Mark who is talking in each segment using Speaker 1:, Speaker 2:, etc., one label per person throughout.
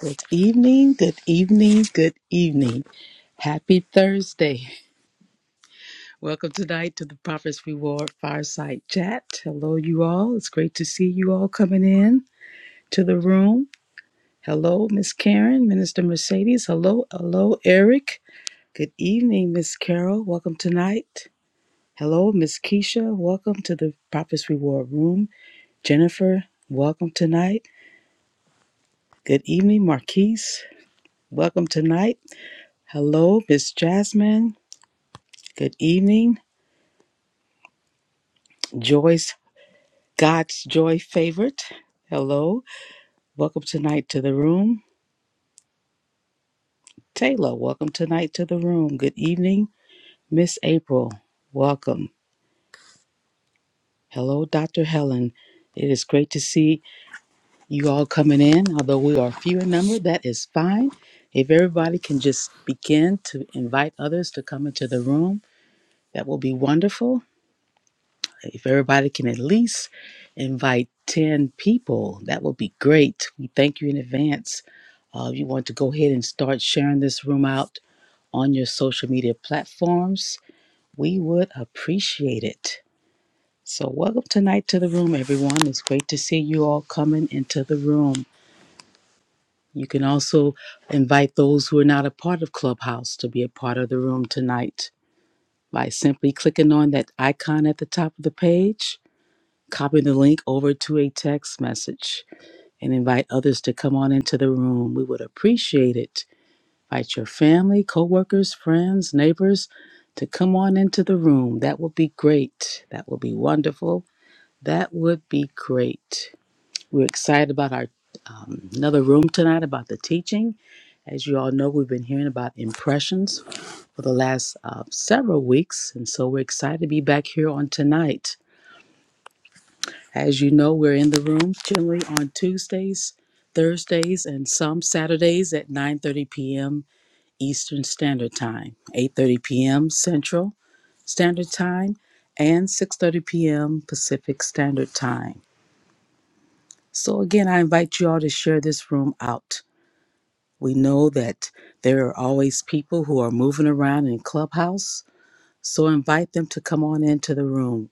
Speaker 1: Good evening, good evening, good evening. Happy Thursday. Welcome tonight to the Prophet's Reward Fireside Chat. Hello, you all. It's great to see you all coming in to the room. Hello, Miss Karen, Minister Mercedes. Hello, hello, Eric. Good evening, Miss Carol. Welcome tonight. Hello, Miss Keisha. Welcome to the Prophet's Reward Room. Jennifer, welcome tonight. Good evening, Marquise. Welcome tonight. Hello, Miss Jasmine. Good evening, Joyce, God's Joy favorite. Hello. Welcome tonight to the room. Taylor, welcome tonight to the room. Good evening, Miss April. Welcome. Hello, Dr. Helen. It is great to see you all coming in. Although we are few in number, that is fine. If everybody can just begin to invite others to come into the room, that will be wonderful. If everybody can at least invite 10 people, that will be great. We thank you in advance Uh, you want to go ahead and start sharing this room out on your social media platforms, we would appreciate it. So, welcome tonight to the room, everyone. It's great to see you all coming into the room. You can also invite those who are not a part of Clubhouse to be a part of the room tonight by simply clicking on that icon at the top of the page, copying the link over to a text message, and invite others to come on into the room. We would appreciate it. Invite your family, coworkers, friends, neighbors to come on into the room. That will be great. That will be wonderful. That would be great. We're excited about our um, another room tonight about the teaching. As you all know, we've been hearing about impressions for the last uh, several weeks, and so we're excited to be back here on tonight. As you know, we're in the room generally on Tuesdays, Thursdays, and some Saturdays at 9:30 p.m. Eastern Standard Time, 8:30 p.m. Central Standard Time and 6:30 p.m. Pacific Standard Time. So again, I invite you all to share this room out. We know that there are always people who are moving around in Clubhouse, so invite them to come on into the room.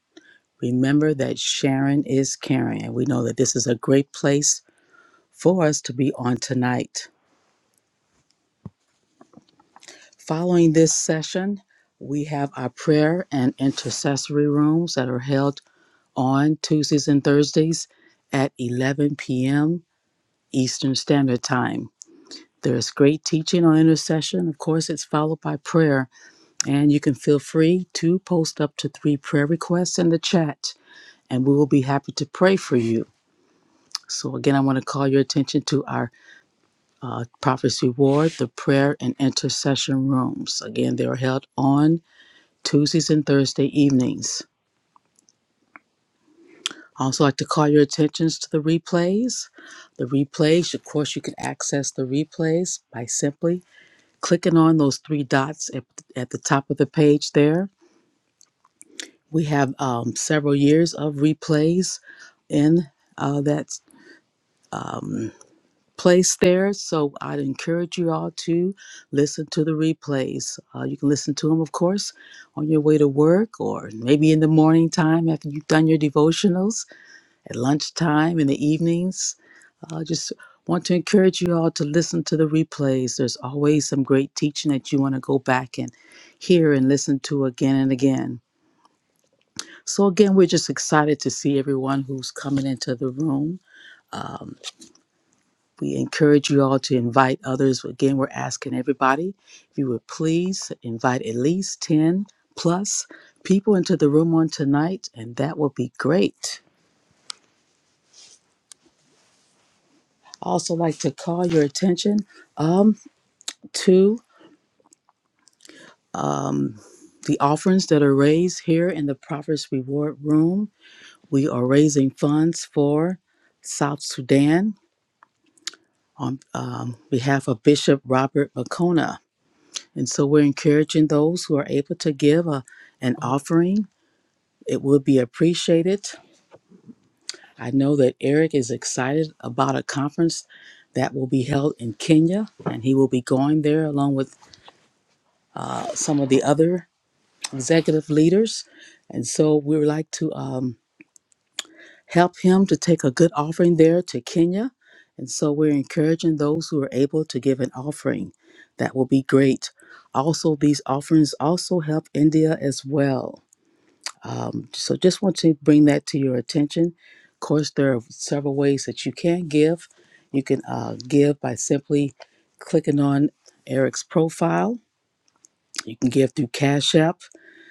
Speaker 1: Remember that Sharon is caring, and we know that this is a great place for us to be on tonight. Following this session, we have our prayer and intercessory rooms that are held on Tuesdays and Thursdays at 11 p.m. Eastern Standard Time. There's great teaching on intercession. Of course, it's followed by prayer. And you can feel free to post up to three prayer requests in the chat, and we will be happy to pray for you. So, again, I want to call your attention to our uh, Prophet's Reward, the prayer and intercession rooms. Again, they are held on Tuesdays and Thursday evenings. I also like to call your attentions to the replays. The replays, of course, you can access the replays by simply clicking on those three dots at, at the top of the page there. We have um, several years of replays in uh, that place there, so I'd encourage you all to listen to the replays. Uh, you can listen to them, of course, on your way to work or maybe in the morning time after you've done your devotionals, at lunchtime, in the evenings I just want to encourage you all to listen to the replays. There's always some great teaching that you want to go back and hear and listen to again and again. So, again, we're just excited to see everyone who's coming into the room. Um, we encourage you all to invite others. Again, we're asking everybody if you would please invite at least 10 plus people into the room on tonight, and that will be great. I also like to call your attention um, to um, The offerings that are raised here in the Prophet's Reward Room, we are raising funds for South Sudan on um, behalf of Bishop Robert Makona. And so we're encouraging those who are able to give a, an offering. It would be appreciated. I know that Eric is excited about a conference that will be held in Kenya, and he will be going there along with uh, some of the other executive leaders. And so we would like to. Um, help him to take a good offering there to Kenya. And so we're encouraging those who are able to give an offering. That will be great. Also, these offerings also help India as well. Um, so just want to bring that to your attention. Of course, there are several ways that you can give. You can uh, give by simply clicking on Eric's profile. You can give through Cash App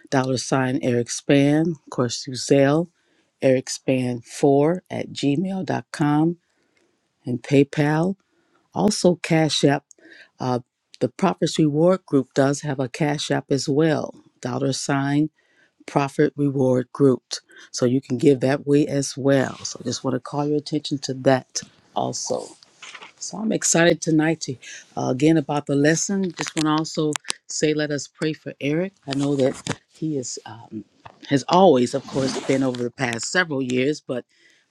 Speaker 1: dollar sign Eric Span, of course, through Zelle, Eric Span 4 at gmail dot com and PayPal. Also, Cash App. Uh, the Profits Reward Group does have a Cash App as well, dollar sign Profit Reward Group. So you can give that way as well. So just want to call your attention to that also. So I'm excited tonight to uh, again about the lesson. Just want to also say, let us pray for Eric. I know that he is um, has always, of course, been over the past several years, but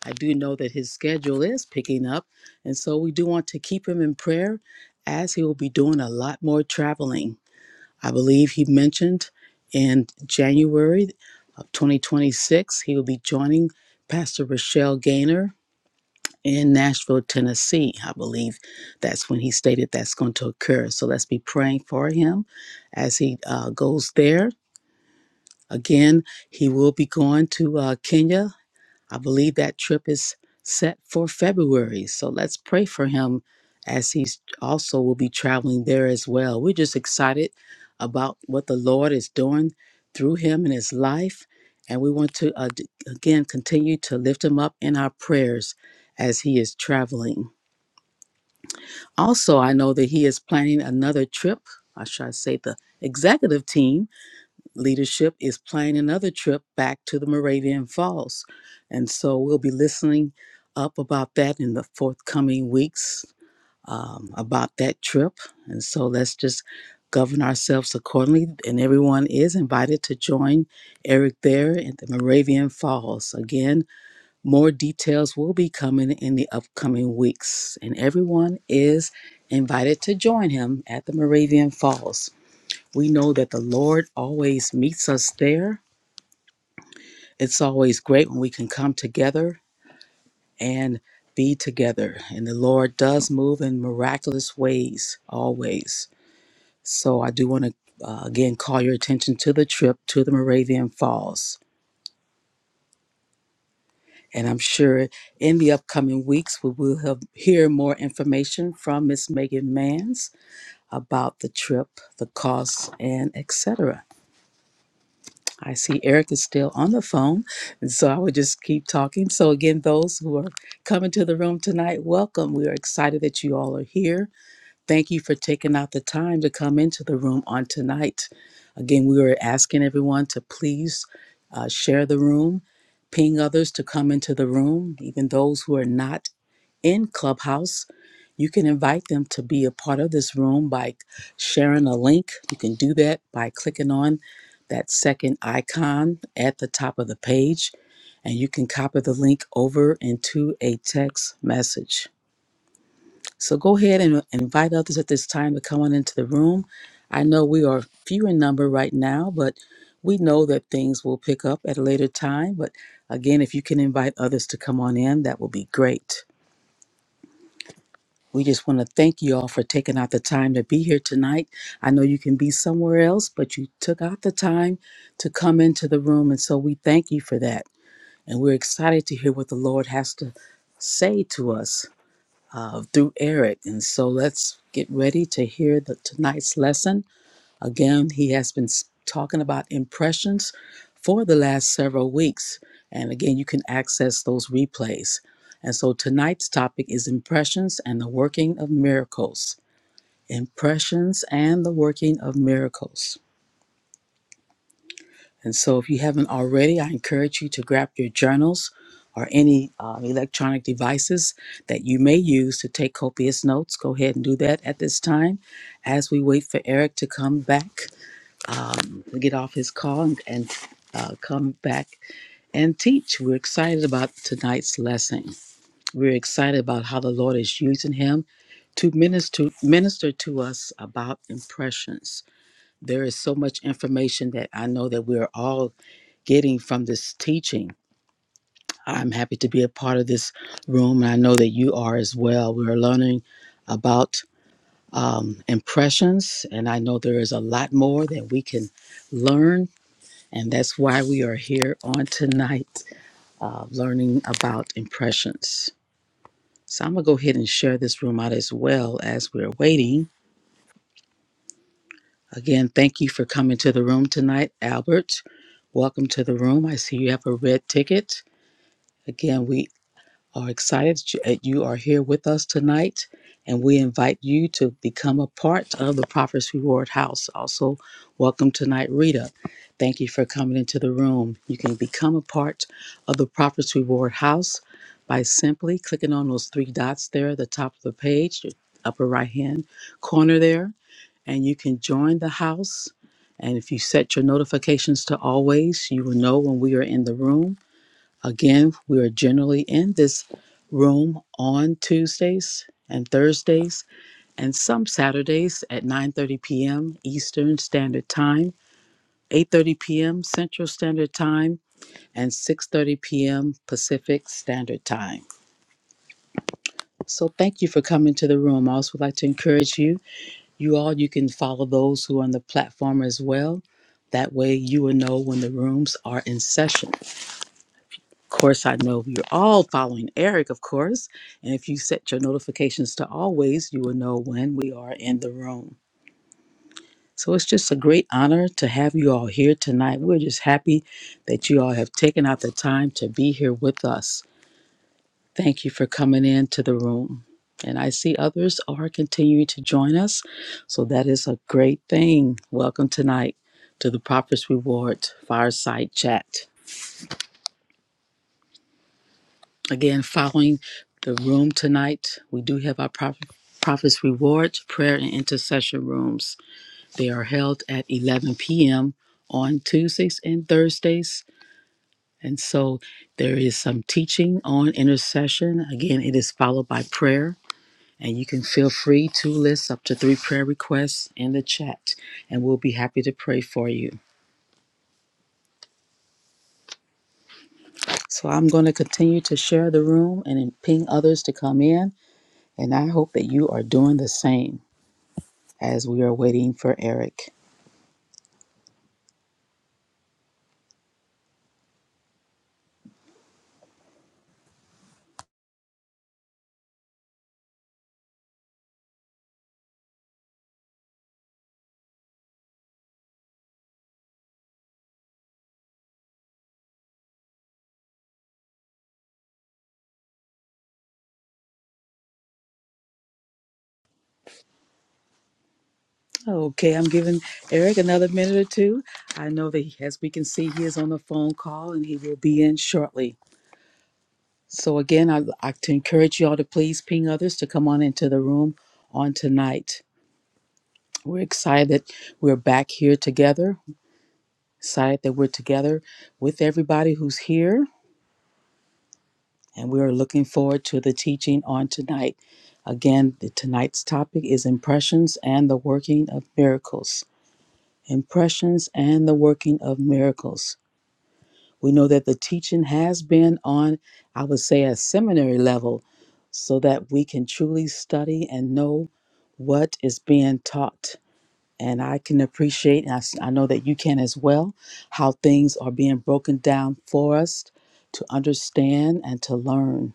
Speaker 1: I do know that his schedule is picking up, and so we do want to keep him in prayer, as he will be doing a lot more traveling. I believe he mentioned in January of 2026 he will be joining Pastor Rochelle Gaynor in Nashville, Tennessee. I believe that's when he stated that's going to occur. So let's be praying for him as he uh, goes there. Again, he will be going to uh, Kenya. I believe that trip is set for February. So let's pray for him as he's also will be traveling there as well. We're just excited about what the Lord is doing through him in his life. And we want to, uh, d- again, continue to lift him up in our prayers as he is traveling. Also, I know that he is planning another trip. I should say the executive team leadership is planning another trip back to the Moravian Falls. And so we'll be listening up about that in the forthcoming weeks um, about that trip. And so let's just govern ourselves accordingly. And everyone is invited to join Eric there at the Moravian Falls. Again, more details will be coming in the upcoming weeks, and everyone is invited to join him at the Moravian Falls. We know that the Lord always meets us there. It's always great when we can come together and be together, and the Lord does move in miraculous ways always. So, I do want to uh, again call your attention to the trip to the Moravian Falls. And I'm sure in the upcoming weeks, we will have, hear more information from Miss Megan Manns about the trip, the costs, and etc. I see Eric is still on the phone, and so I would just keep talking. So again, those who are coming to the room tonight, welcome. We are excited that you all are here. Thank you for taking out the time to come into the room on tonight. Again, we were asking everyone to please uh, share the room, ping others to come into the room, even those who are not in Clubhouse. You can invite them to be a part of this room by sharing a link. You can do that by clicking on that second icon at the top of the page, and you can copy the link over into a text message. So go ahead and and invite others at this time to come on into the room. I know we are few in number right now, but we know that things will pick up at a later time. But again, if you can invite others to come on in, that will be great. We just want to thank you all for taking out the time to be here tonight. I know you can be somewhere else, but you took out the time to come into the room. And so we thank you for that. And we're excited to hear what the Lord has to say to us uh, through Eric. And so let's get ready to hear the, tonight's lesson. Again, he has been s- talking about impressions for the last several weeks. And again, you can access those replays. And so tonight's topic is impressions and the working of miracles. Impressions and the working of miracles. And so, if you haven't already, I encourage you to grab your journals or any um, electronic devices that you may use to take copious notes. Go ahead and do that at this time as we wait for Eric to come back, um, get off his call and, and uh, come back and teach. We're excited about tonight's lesson. We're excited about how the Lord is using him to minister minister to us about impressions. There is so much information that I know that we're all getting from this teaching. I'm happy to be a part of this room, and I know that you are as well. We're learning about um, impressions, and I know there is a lot more that we can learn, and that's why we are here on tonight, uh, learning about impressions. So I'm gonna go ahead and share this room out as well as we're waiting. Again, thank you for coming to the room tonight, Albert. Welcome to the room. I see you have a red ticket. Again, we are excited that you are here with us tonight, and we invite you to become a part of the Prophet's Reward House. Also, welcome tonight, Rita. Thank you for coming into the room. You can become a part of the Prophet's Reward House by simply clicking on those three dots there at the top of the page, your upper right hand corner there, and you can join the house. And if you set your notifications to always, you will know when we are in the room Again, we are generally in this room on Tuesdays and Thursdays and some Saturdays at 9:30 p.m. Eastern Standard Time, 8:30 p.m. Central Standard Time, and 6:30 p.m. Pacific Standard Time. So thank you for coming to the room. I also would like to encourage you, you all you can follow those who are on the platform as well. That way you will know when the rooms are in session. Of course, I know you're all following Eric, of course. And if you set your notifications to always, you will know when we are in the room. So it's just a great honor to have you all here tonight. We're just happy that you all have taken out the time to be here with us. Thank you for coming into the room. And I see others are continuing to join us. So that is a great thing. Welcome tonight to the Prophet's Reward Fireside Chat. Again, following the room tonight, we do have our Prophet, Prophet's Rewards prayer and intercession rooms. They are held at 11 p.m. on Tuesdays and Thursdays. And so there is some teaching on intercession. Again, it is followed by prayer. And you can feel free to list up to three prayer requests in the chat, and we'll be happy to pray for you. So I'm going to continue to share the room and then ping others to come in, and I hope that you are doing the same. as we are waiting for Eric. Okay, I'm giving Eric another minute or two. I know that he, as we can see, he is on a phone call and he will be in shortly. So again, I'd like to encourage y'all to please ping others to come on into the room on tonight. We're excited that we're back here together, excited that we're together with everybody who's here, and we are looking forward to the teaching on tonight. Again, the, tonight's topic is impressions and the working of miracles. impressions, and the working of miracles. We know that the teaching has been on, I would say, a seminary level so that we can truly study and know what is being taught. And I can appreciate, and I, s- I know that you can as well, how things are being broken down for us to understand and to learn.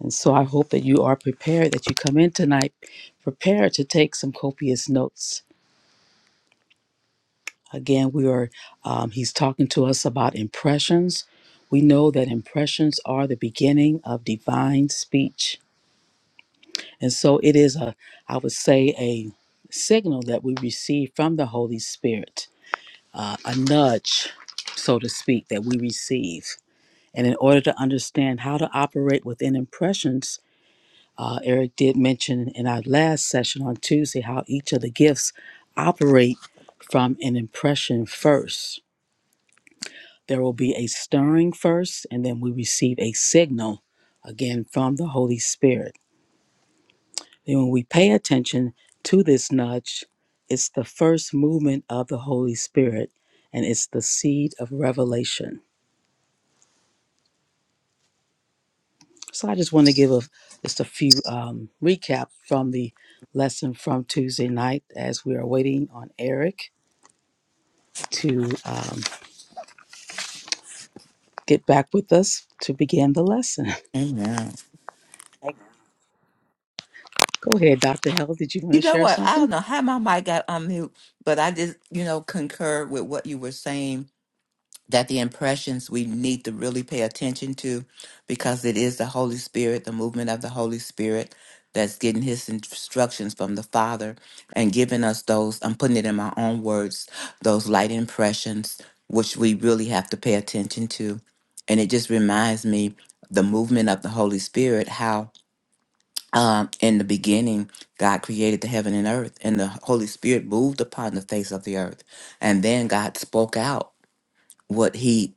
Speaker 1: And so I hope that you are prepared, that you come in tonight prepared to take some copious notes Again, we are, um, he's talking to us about impressions. We know that impressions are the beginning of divine speech. And so it is a, I would say, a signal that we receive from the Holy Spirit, uh, a nudge, so to speak, that we receive. And in order to understand how to operate within impressions, uh, Eric did mention in our last session on Tuesday how each of the gifts operate from an impression first There will be a stirring first, and then we receive a signal again from the Holy Spirit. Then, when we pay attention to this nudge, it's the first movement of the Holy Spirit and it's the seed of revelation. So, I just want to give a, just a few um, recap from the lesson from Tuesday night as we are waiting on Eric to um, get back with us to begin the lesson.
Speaker 2: Amen.
Speaker 1: Go ahead, Dr. Hell. Did you want to
Speaker 2: You know
Speaker 1: share
Speaker 2: what? I
Speaker 1: something?
Speaker 2: don't know how my mic got on mute, but I just, you know, concur with what you were saying that the impressions we need to really pay attention to because it is the Holy Spirit, the movement of the Holy Spirit that's getting his instructions from the Father and giving us those, I'm putting it in my own words, those light impressions, which we really have to pay attention to. And it just reminds me the movement of the Holy Spirit, how um, in the beginning, God created the heaven and earth, and the Holy Spirit moved upon the face of the earth. And then God spoke out what He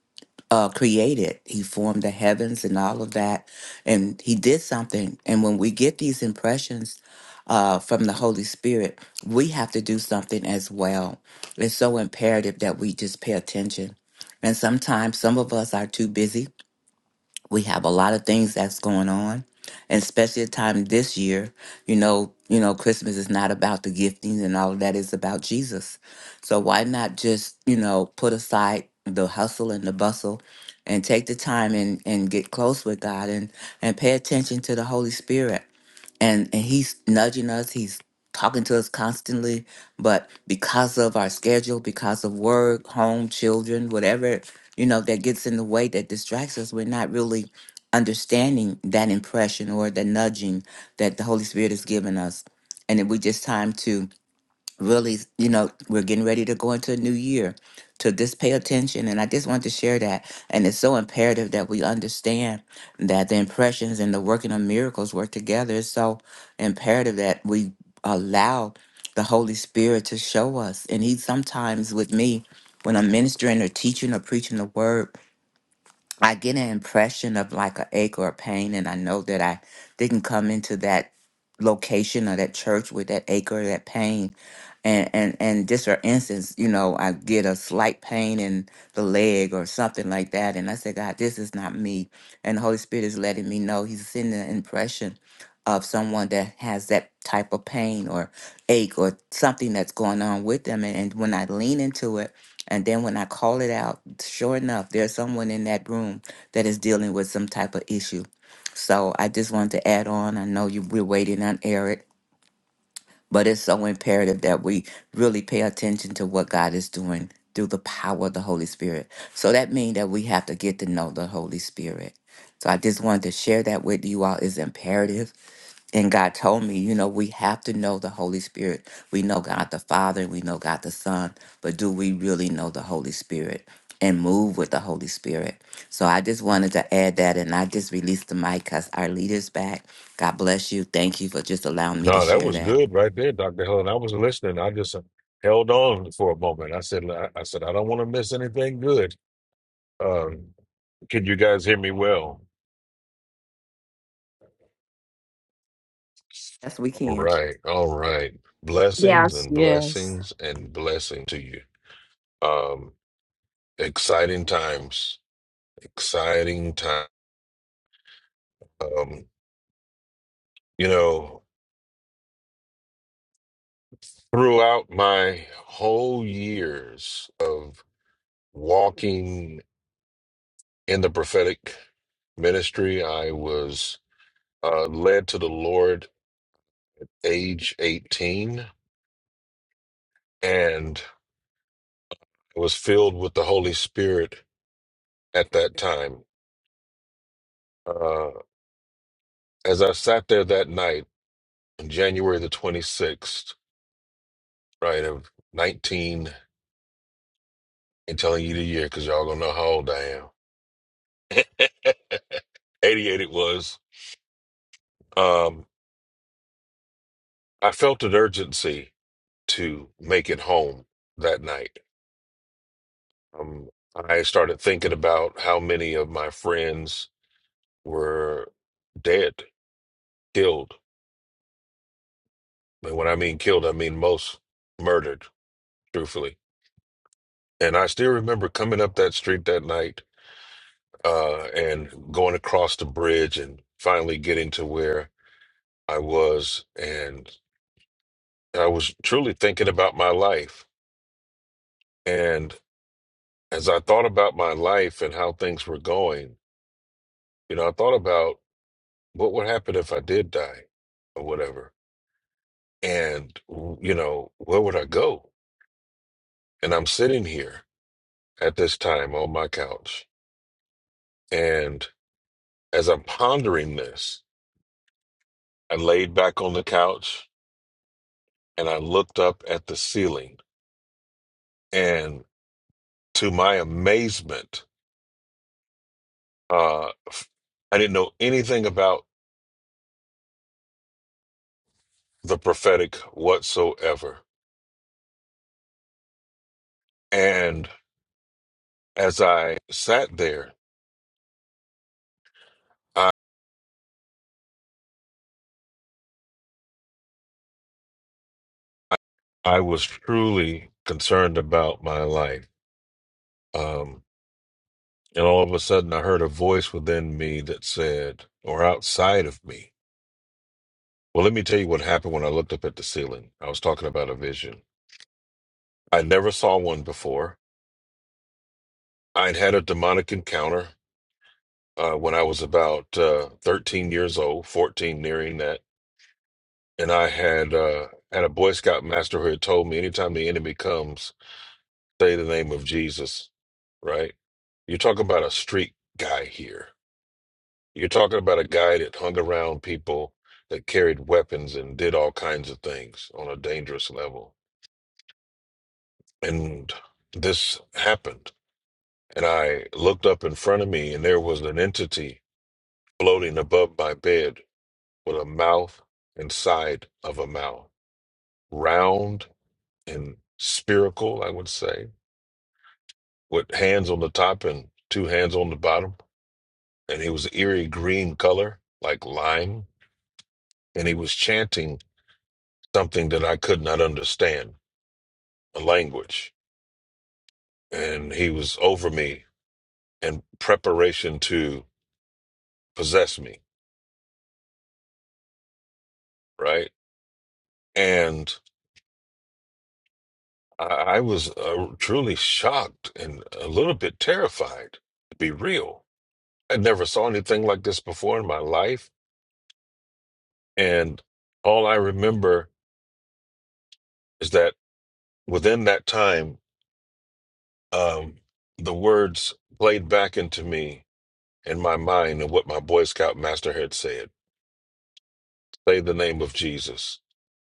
Speaker 2: uh, created. He formed the heavens and all of that, and He did something. And when we get these impressions uh, from the Holy Spirit, we have to do something as well. It's so imperative that we just pay attention. And sometimes some of us are too busy we have a lot of things that's going on and especially at time this year you know you know christmas is not about the giftings and all of that it's about jesus so why not just you know put aside the hustle and the bustle and take the time and and get close with god and and pay attention to the holy spirit and and he's nudging us he's talking to us constantly but because of our schedule because of work home children whatever you know that gets in the way that distracts us we're not really understanding that impression or the nudging that the holy spirit has given us and it we just time to really, you know, we're getting ready to go into a new year. To just pay attention. And I just want to share that. And it's so imperative that we understand that the impressions and the working of miracles work together. It's so imperative that we allow the Holy Spirit to show us. And He sometimes, with me, when I'm ministering or teaching or preaching the word, I get an impression of like a ache or a pain, and I know that I didn't come into that location or that church with that ache or that pain. And and and just for instance, you know, I get a slight pain in the leg or something like that, and I say, God, this is not me. And the Holy Spirit is letting me know He's sending an impression of someone that has that type of pain or ache or something that's going on with them. And, and when I lean into it and then when I call it out, sure enough, there's someone in that room that is dealing with some type of issue. So I just wanted to add on. I know you we're waiting on Eric, but it's so imperative that we really pay attention to what God is doing through the power of the Holy Spirit. So that means that we have to get to know the Holy Spirit. So I just wanted to share that with you all. It's imperative and God told me, you know, we have to know the Holy Spirit. We know God the Father, we know God the Son, but do we really know the Holy Spirit and move with the Holy Spirit? So I just wanted to add that, and I just released the mic because our leader's back. God bless you. Thank you for just allowing me to
Speaker 3: No, that
Speaker 2: share
Speaker 3: was
Speaker 2: that.
Speaker 3: good right there, Dr. Helen. I was listening. I just held on for a moment. I said, I I said, I don't want to miss anything good. Um, can you guys hear me well?
Speaker 2: Yes, we
Speaker 3: All
Speaker 2: can.
Speaker 3: right. All right. Blessings
Speaker 4: Yes.
Speaker 3: and
Speaker 1: Yes.
Speaker 3: blessings and blessings to you. Um, exciting times, exciting time. Um, you know, throughout my whole years of walking in the prophetic ministry, I was uh, led to the Lord age 18 and was filled with the Holy Spirit at that time. Uh, as I sat there that night, on January the 26th, right, of 19, and telling you the year because y'all gonna know how old I am. 88 it was. Um, I felt an urgency to make it home that night. Um, I started thinking about how many of my friends were dead, killed. And when I mean killed, I mean most murdered, truthfully. And I still remember coming up that street that night uh, and going across the bridge and finally getting to where I was. And I was truly thinking about my life. And as I thought about my life and how things were going, you know, I thought about what would happen if I did die or whatever. And, you know, where would I go? And I'm sitting here at this time on my couch. And as I'm pondering this, I laid back on the couch and I looked up at the ceiling. And to my amazement, uh, f- I didn't know anything about the prophetic whatsoever. And as I sat there, I, I was truly concerned about my life. Um, and all of a sudden, I heard a voice within me that said, or outside of me, Well, let me tell you what happened when I looked up at the ceiling. I was talking about a vision. I never saw one before. I'd had a demonic encounter uh, when I was about uh, 13 years old, 14 nearing that, and I had uh, had a Boy Scout master who had told me, anytime the enemy comes, say the name of Jesus. Right? You're talking about a street guy here. You're talking about a guy that hung around people that carried weapons and did all kinds of things on a dangerous level And this happened. And I looked up in front of me, and there was an entity floating above my bed with a mouth and side of a mouth, round and spherical, I would say, with hands on the top and two hands on the bottom. And he was eerie green color, like lime. And he was chanting something that I could not understand, a language. And he was over me in preparation to possess me, right? And I, I was uh, truly shocked and a little bit terrified, to be real. I never saw anything like this before in my life. And all I remember is that within that time, um, the words played back into me in my mind and what my Boy Scout master had said say the name of Jesus.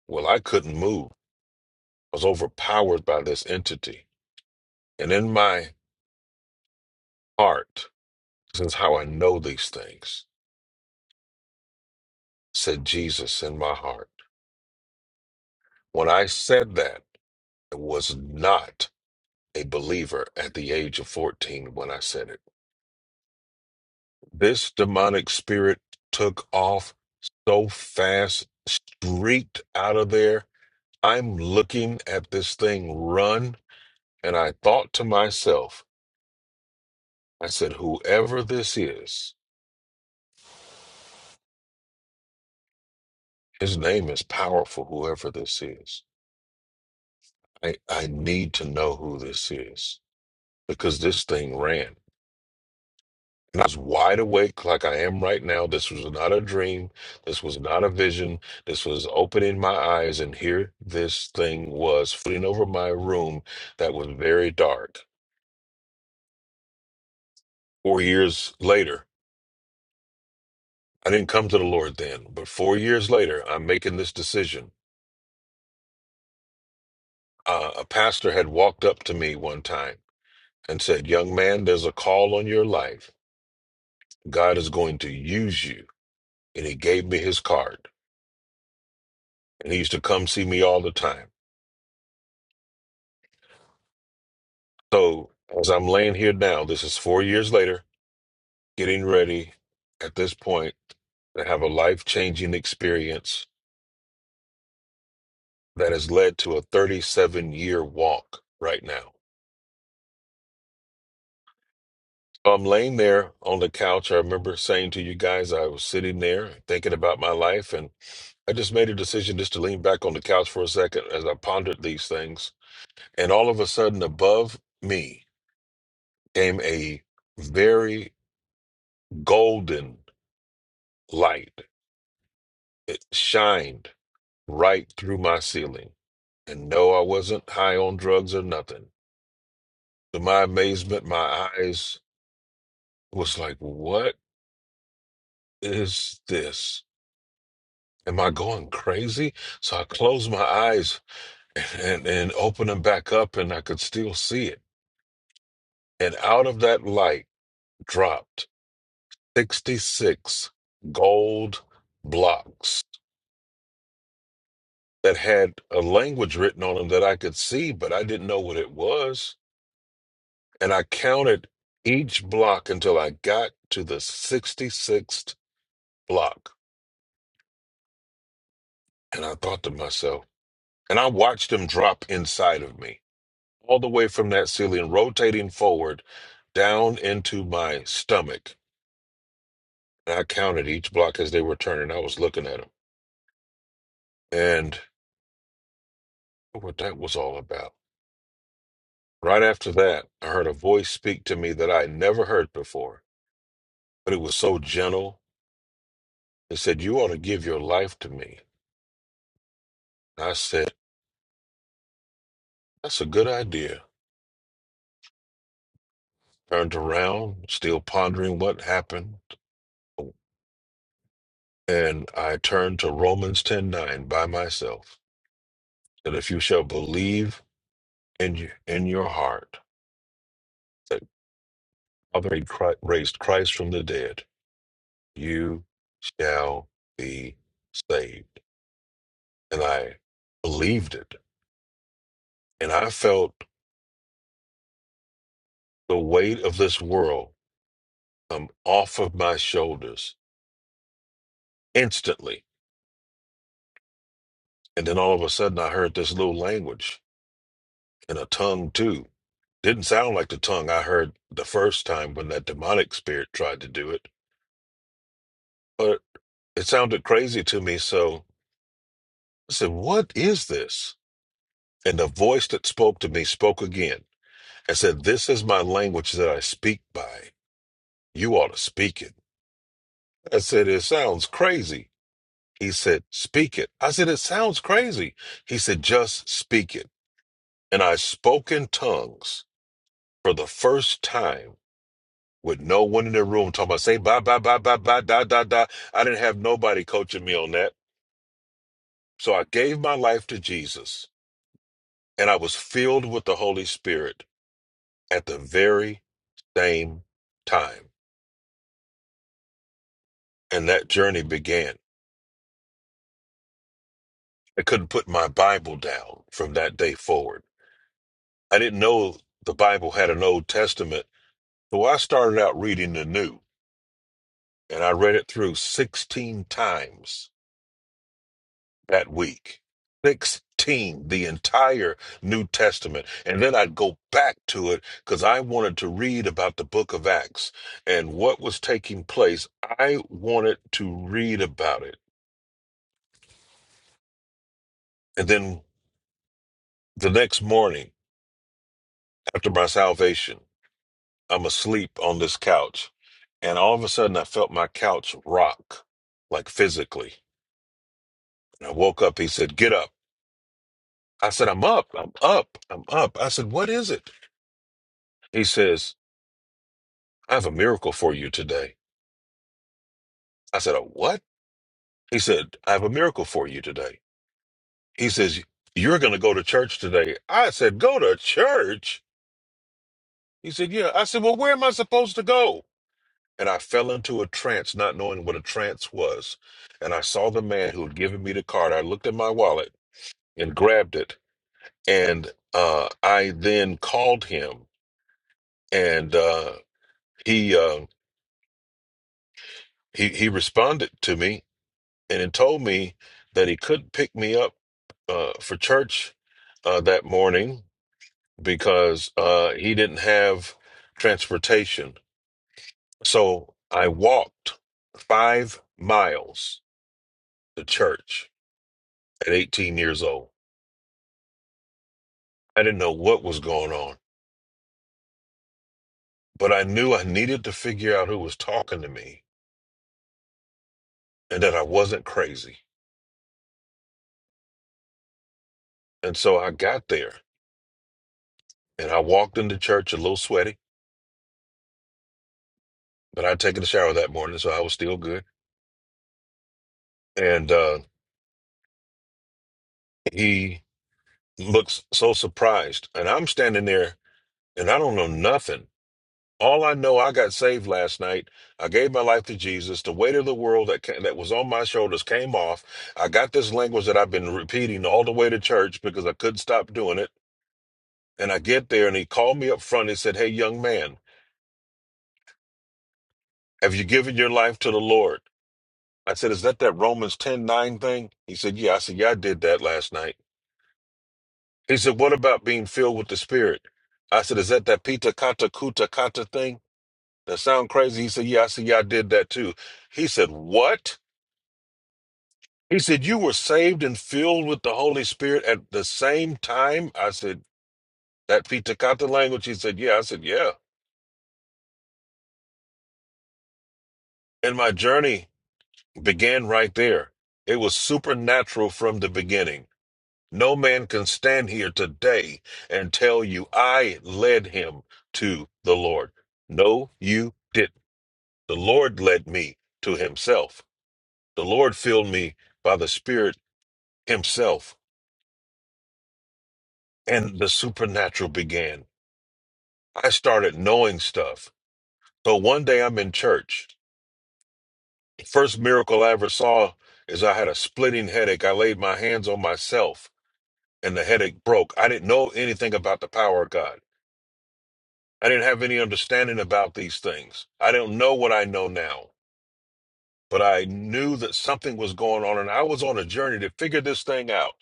Speaker 3: Well, I couldn't move. I was overpowered by this entity. And in my heart, this is how I know these things. said Jesus in my heart. When I said that, I was not a believer at the age of 14 when I said it. This demonic spirit took off so fast, streaked out of there. I'm looking at this thing run, and I thought to myself, I said, whoever this is, his name is powerful, whoever this is. I, I need to know who this is because this thing ran. And I was wide awake like I am right now. This was not a dream. This was not a vision. This was opening my eyes, and here this thing was floating over my room that was very dark. Four years later, I didn't come to the Lord then, but four years later, I'm making this decision. Uh, a pastor had walked up to me one time and said, Young man, there's a call on your life. God is going to use you. And he gave me his card. And he used to come see me all the time. So as I'm laying here now, this is four years later, getting ready at this point to have a life changing experience that has led to a 37 year walk right now. So, I'm laying there on the couch. I remember saying to you guys, I was sitting there thinking about my life, and I just made a decision just to lean back on the couch for a second as I pondered these things. And all of a sudden, above me came a very golden light. It shined right through my ceiling. And no, I wasn't high on drugs or nothing. To my amazement, my eyes was like, what is this? Am I going crazy? So I closed my eyes and, and opened them back up and I could still see it. And out of that light dropped 66 gold blocks that had a language written on them that I could see, but I didn't know what it was. and I counted each block until I got to the 66th block. And I thought to myself, and I watched them drop inside of me, all the way from that ceiling, rotating forward down into my stomach. And I counted each block as they were turning. I was looking at them and what that was all about. Right after that, I heard a voice speak to me that I had never heard before, but it was so gentle. It said, You ought to give your life to me. I said, That's a good idea. Turned around, still pondering what happened, and I turned to Romans ten nine by myself. That if you shall believe in you, in your heart that God raised Chri- raised Christ from the dead, you shall be saved. And I believed it, and I felt the weight of this world come off of my shoulders instantly. And then all of a sudden, I heard this little language and a tongue too. Didn't sound like the tongue I heard the first time when that demonic spirit tried to do it, but it sounded crazy to me, so I said, What is this? And the voice that spoke to me spoke again and said, This is my language that I speak by. You ought to speak it. I said, It sounds crazy. He said, Speak it. I said, It sounds crazy. He said, Just speak it. And I spoke in tongues for the first time with no one in the room talking about say bye bye bye bye bye da da da. I didn't have nobody coaching me on that. So I gave my life to Jesus and I was filled with the Holy Spirit at the very same time. And that journey began. I couldn't put my Bible down from that day forward. I didn't know the Bible had an Old Testament. So I started out reading the New and I read it through 16 times that week. 16, the entire New Testament. And then I'd go back to it because I wanted to read about the book of Acts and what was taking place. I wanted to read about it. And then the next morning, after my salvation, I'm asleep on this couch. And all of a sudden, I felt my couch rock, like physically. And I woke up. He said, Get up. I said, I'm up. I'm up. I'm up. I said, What is it? He says, I have a miracle for you today. I said, "A what? He said, I have a miracle for you today. He says, You're going to go to church today. I said, Go to church? He said, Yeah. I said, Well, where am I supposed to go? And I fell into a trance, not knowing what a trance was. And I saw the man who had given me the card. I looked at my wallet and grabbed it. And uh, I then called him, and uh, he, uh, he he responded to me and it told me that he couldn't pick me up uh, for church uh, that morning because uh, he didn't have transportation. So I walked five miles to church at 18 years old. I didn't know what was going on, but I knew I needed to figure out who was talking to me and that I wasn't crazy. And so I got there and I walked into church a little sweaty, but I'd taken a shower that morning, so I was still good. And uh, he looks so surprised. And I'm standing there and I don't know nothing. All I know, I got saved last night. I gave my life to Jesus. The weight of the world that came, that was on my shoulders came off. I got this language that I've been repeating all the way to church because I couldn't stop doing it. And I get there and he called me up front and said, Hey, young man, have you given your life to the Lord? I said, Is that that Romans ten nine thing? He said, Yeah. I said, Yeah, I did that last night. He said, What about being filled with the Spirit? I said, Is that that Pita Kata Kuta Kata thing? That sound crazy. He said, Yeah, I said, Yeah, I did that too. He said, What? He said, You were saved and filled with the Holy Spirit at the same time? I said, That Pitakata language? He said, Yeah. I said, Yeah. And my journey began right there. It was supernatural from the beginning. No man can stand here today and tell you I led him to the Lord. No, you didn't. The Lord led me to himself. The Lord filled me by the Spirit himself. and the supernatural began. I started knowing stuff. So one day I'm in church. The first miracle I ever saw is I had a splitting headache. I laid my hands on myself and the headache broke. I didn't know anything about the power of God. I didn't have any understanding about these things. I don't know what I know now. but I knew that something was going on, and I was on a journey to figure this thing out.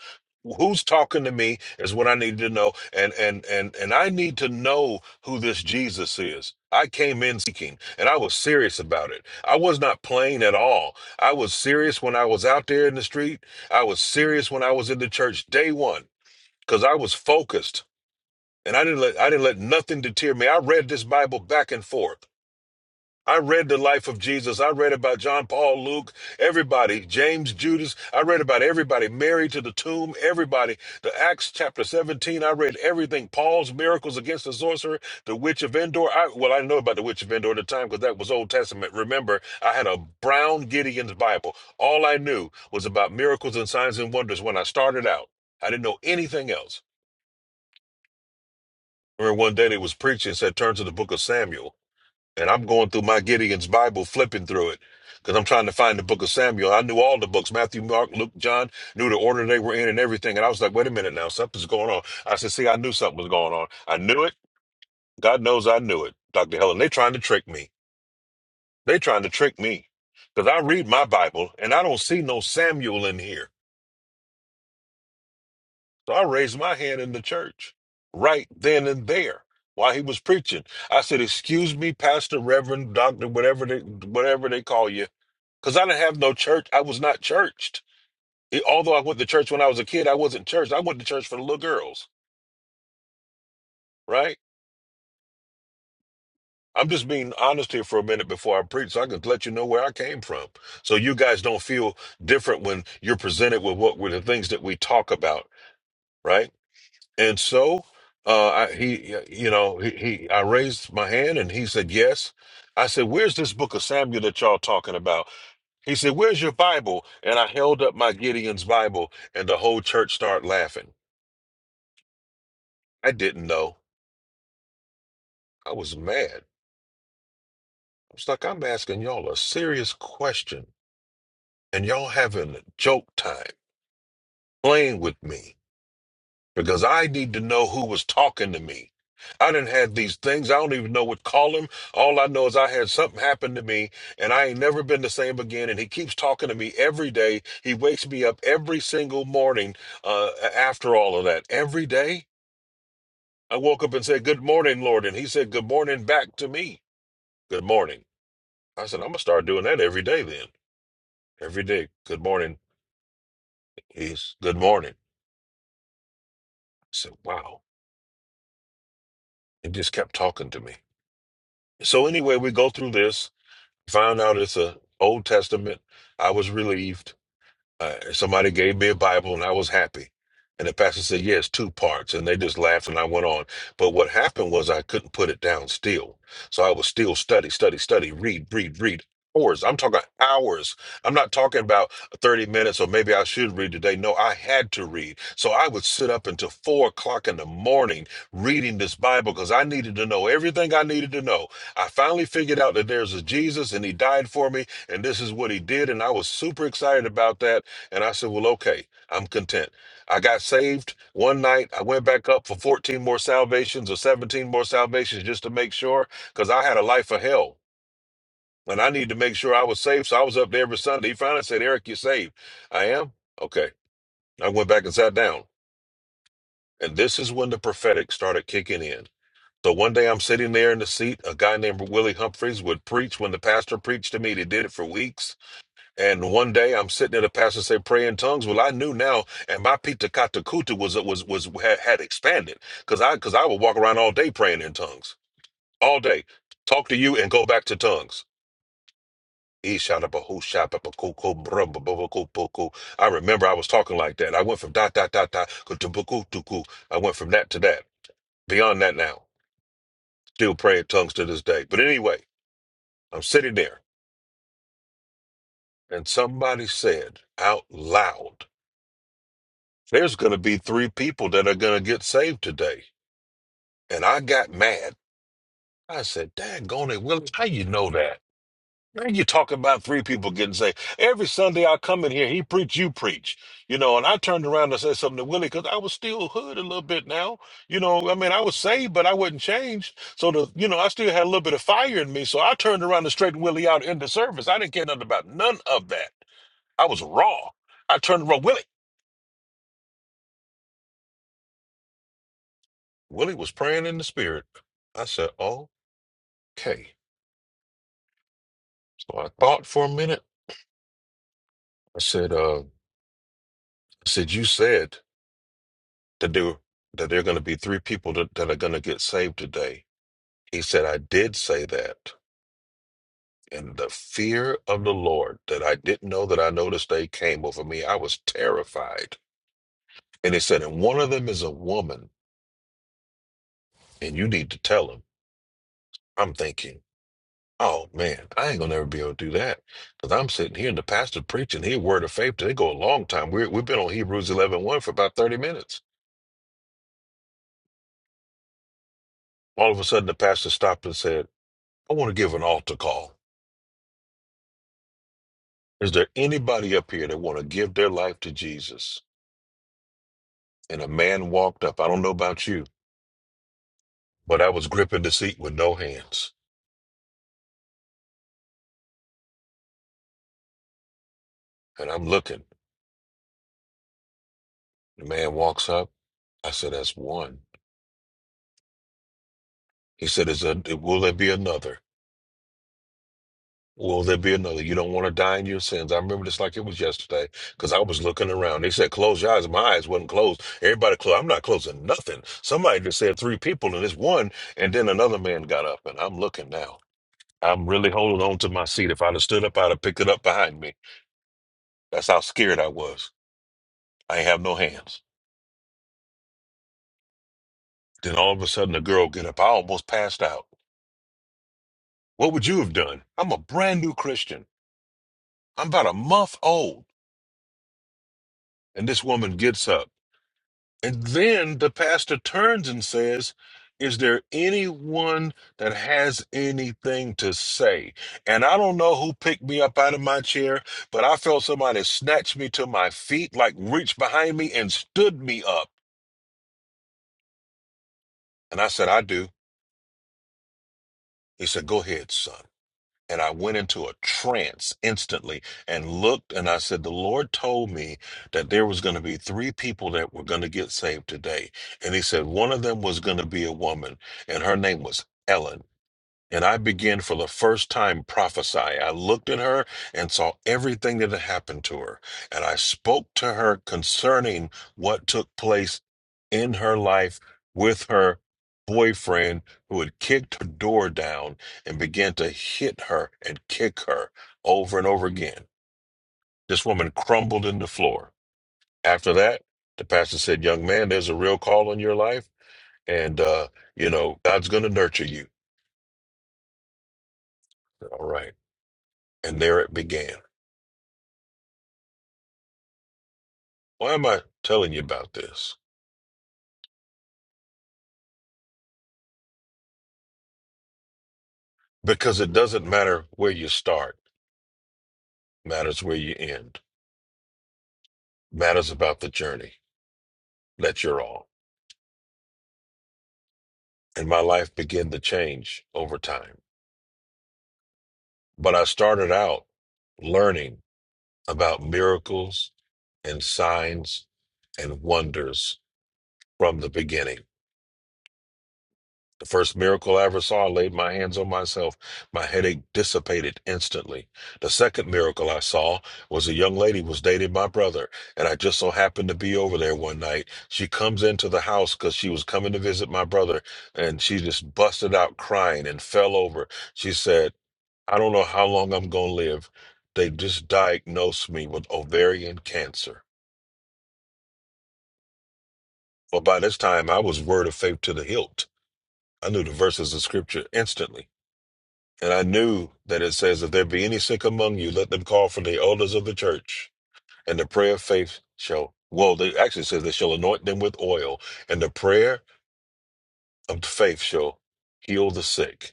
Speaker 3: Who's talking to me is what I needed to know, and and and and I need to know who this Jesus is. I came in seeking, and I was serious about it. I was not playing at all. I was serious when I was out there in the street. I was serious when I was in the church day one, because I was focused, and I didn't let I didn't let nothing deter me. I read this Bible back and forth. I read the life of Jesus. I read about John Paul, Luke, everybody, James, Judas. I read about everybody, Mary to the tomb, everybody. The Acts chapter 17, I read everything. Paul's miracles against the sorcerer, the witch of Endor. I, well, I know about the witch of Endor at the time because that was Old Testament. Remember, I had a Brown Gideon's Bible. All I knew was about miracles and signs and wonders when I started out. I didn't know anything else. I remember one day they was preaching, said, turn to the book of Samuel and I'm going through my Gideon's Bible, flipping through it, because I'm trying to find the book of Samuel. I knew all the books Matthew, Mark, Luke, John, knew the order they were in and everything. And I was like, wait a minute now, something's going on. I said, see, I knew something was going on. I knew it. God knows I knew it, Dr. Helen. They trying to trick me. They trying to trick me. Because I read my Bible and I don't see no Samuel in here. So I raised my hand in the church right then and there while he was preaching. I said, excuse me, Pastor, Reverend, Doctor, whatever they, whatever they call you. because I didn't have no church. I was not churched. It- although I went to church when I was a kid, I wasn't churched. I went to church for the little girls, right? I'm just being honest here for a minute before I preach, so I can let you know where I came from, so you guys don't feel different when you're presented with what were the things that we talk about, right? And so, uh, I, he, you know, he, he, I raised my hand and he said yes. I said, "Where's this book of Samuel that y'all talking about?" He said, "Where's your Bible?" And I held up my Gideon's Bible, and the whole church started laughing. I didn't know. I was mad. I was like, I'm asking y'all a serious question, and y'all having a joke time, playing with me, because I need to know who was talking to me. I didn't have these things. I don't even know what call him. All I know is I had something happen to me, and I ain't never been the same again. And he keeps talking to me every day. He wakes me up every single morning uh, after all of that. Every day, I woke up and said, Good morning, Lord. And he said, Good morning back to me. Good morning. I said, I'm gonna start doing that every day then. Every day. Good morning. He's good morning. I said, Wow. He just kept talking to me. So anyway, we go through this, found out it's a Old Testament. I was relieved. Uh, somebody gave me a Bible and I was happy. And the pastor said, Yes, two parts. And they just laughed and I went on. But what happened was I couldn't put it down still. So I was still study, study, study, read, read, read. Hours. I'm talking hours. I'm not talking about 30 minutes or maybe I should read today. No, I had to read. So I would sit up until four o'clock in the morning reading this Bible because I needed to know everything I needed to know. I finally figured out that there's a Jesus and he died for me and this is what he did. And I was super excited about that and I said, Well, okay, I'm content. I got saved one night. I went back up for 14 more salvations or 17 more salvations just to make sure, because I had a life of hell and I needed to make sure I was safe. So I was up there every Sunday. He finally said, Eric, you're saved. I am? Okay. I went back and sat down. And this is when the prophetic started kicking in. So one day I'm sitting there in the seat. A guy named Willie Humphreys would preach when the pastor preached to me. He did it for weeks. And one day I'm sitting at a pastor say pray in tongues. Well, I knew now, and my pita katakuta was was was had, had expanded because I because I would walk around all day praying in tongues, all day, talk to you and go back to tongues. Ishadabahushapapakukubrumbababakupoko. I remember I was talking like that. I went from dot dot dot dot kutubukutuku. I went from that to that. Beyond that now, still praying in tongues to this day. But anyway, I'm sitting there, and somebody said out loud. There's going to be three people that are going to get saved today. And I got mad. I said, Daggone it, Willie, how you know that? Man, you talking about three people getting saved. Every Sunday I come in here, he preach, you preach. You know, and I turned around and said something to Willie because I was still hood a little bit now. You know, I mean, I was saved, but I wasn't changed. So, the, you know, I still had a little bit of fire in me. So I turned around and straightened Willie out in the service. I didn't care nothing about none of that. I was raw. I turned around, Willie. Willie was praying in the spirit. I said, "Oh." Okay. So I thought for a minute. I said, uh, I said, you said that there that there are going to be three people that, that are going to get saved today. He said, I did say that. And the fear of the Lord that I didn't know that I know this day came over me. I was terrified. And he said, and one of them is a woman, and you need to tell him. I'm thinking, oh man, I ain't gonna never be able to do that. Because I'm sitting here and the pastor preaching, he a word of faith. They go a long time. We're, we've been on Hebrews eleven one for about 30 minutes. All of a sudden, the pastor stopped and said, I want to give an altar call. Is there anybody up here that want to give their life to Jesus? And a man walked up. I don't know about you, but I was gripping the seat with no hands. And I'm looking. The man walks up. I said, That's one. He said, Is there, will there be another? Will there be another? You don't want to die in your sins. I remember this like it was yesterday because I was looking around. They said, close your eyes. My eyes wasn't closed. Everybody closed. I'm not closing nothing. Somebody just said three people and it's one. And then another man got up and I'm looking now. I'm really holding on to my seat. If I'd have stood up, I'd have picked it up behind me. That's how scared I was. I ain't have no hands. Then all of a sudden a girl get up. I almost passed out. What would you have done? I'm a brand new Christian. I'm about a month old. And this woman gets up. And then the pastor turns and says, Is there anyone that has anything to say? And I don't know who picked me up out of my chair, but I felt somebody snatch me to my feet, like reached behind me and stood me up. And I said, I do. He said, Go ahead, son. And I went into a trance instantly and looked, and I said, The Lord told me that there was going to be three people that were going to get saved today. And He said, One of them was going to be a woman, and her name was Ellen. And I began for the first time prophesy. I looked at her and saw everything that had happened to her. And I spoke to her concerning what took place in her life with her boyfriend who had kicked her door down and began to hit her and kick her over and over again. This woman crumbled in the floor. After that, the pastor said, Young man, there's a real call on your life. And, uh, you know, God's going to nurture you. All right. And there it began. Why am I telling you about this? Because it doesn't matter where you start, matters where you end, matters about the journey that you're on. And my life began to change over time. But I started out learning about miracles and signs and wonders from the beginning. The first miracle I ever saw, I laid my hands on myself. My headache dissipated instantly. The second miracle I saw was a young lady was dating my brother, and I just so happened to be over there one night. She comes into the house because she was coming to visit my brother, and she just busted out crying and fell over. She said, I don't know how long I'm going to live. They just diagnosed me with ovarian cancer. Well, by this time, I was word of faith to the hilt. I knew the verses of scripture instantly. And I knew that it says, If there be any sick among you, let them call for the elders of the church, and the prayer of faith shall, well, it actually says they shall anoint them with oil, and the prayer of faith shall heal the sick.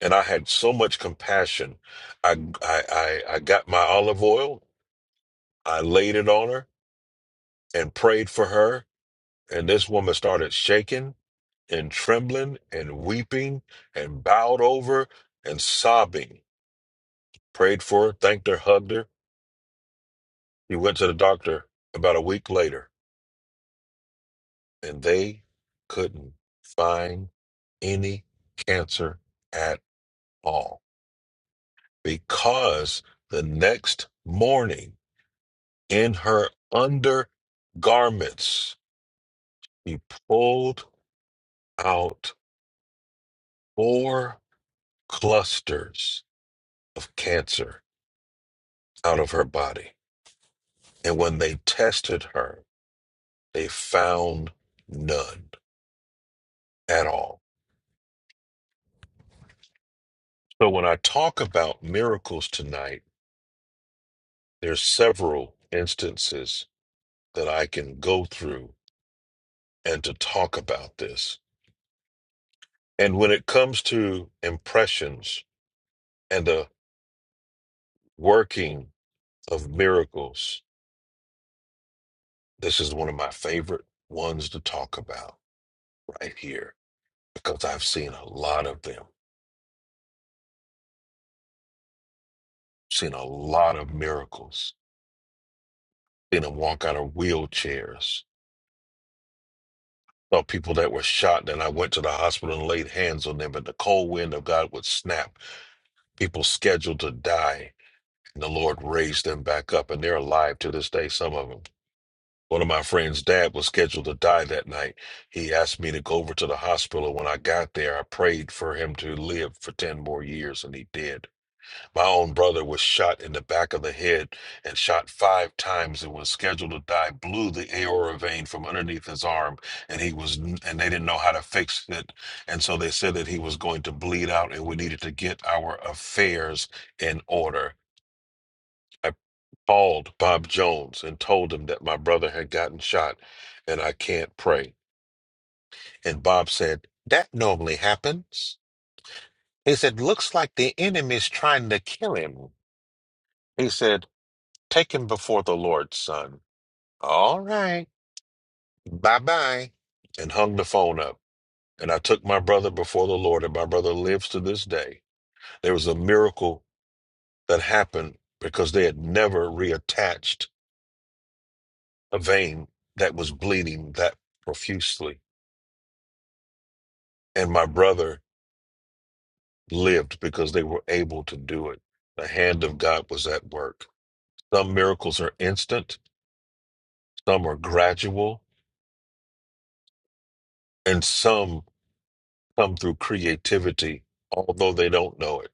Speaker 3: And I had so much compassion. I, I, I, I got my olive oil, I laid it on her and prayed for her. And this woman started shaking and trembling and weeping and bowed over and sobbing. Prayed for her, thanked her, hugged her He went to the doctor about a week later, and they couldn't find any cancer at all because the next morning, in her undergarments, he pulled out four clusters of cancer out of her body. And when they tested her, they found none at all. So when I talk about miracles tonight, There's several instances that I can go through and to talk about this. And when it comes to impressions and the working of miracles, this is one of my favorite ones to talk about right here because I've seen a lot of them, seen a lot of miracles, seen them walk out of wheelchairs. Saw people that were shot, and I went to the hospital and laid hands on them, and the cold wind of God would snap people scheduled to die And the Lord raised them back up, and they're alive to this day, some of them. One of my friend's dad was scheduled to die that night. He asked me to go over to the hospital. When I got there, I prayed for him to live for 10 more years, and he did. My own brother was shot in the back of the head and shot five times and was scheduled to die, blew the aorta vein from underneath his arm, and he was, and they didn't know how to fix it. And so they said that he was going to bleed out, and we needed to get our affairs in order called Bob Jones and told him that my brother had gotten shot and I can't pray. And Bob said, That normally happens. He said, Looks like the enemy's trying to kill him. He said, Take him before the Lord, son. All right. Bye bye. And hung the phone up. And I took my brother before the Lord, and my brother lives to this day. There was a miracle that happened because they had never reattached a vein that was bleeding that profusely and my brother lived because they were able to do it. The hand of God was at work. Some miracles are instant, some are gradual, and some come through creativity, although they don't know it.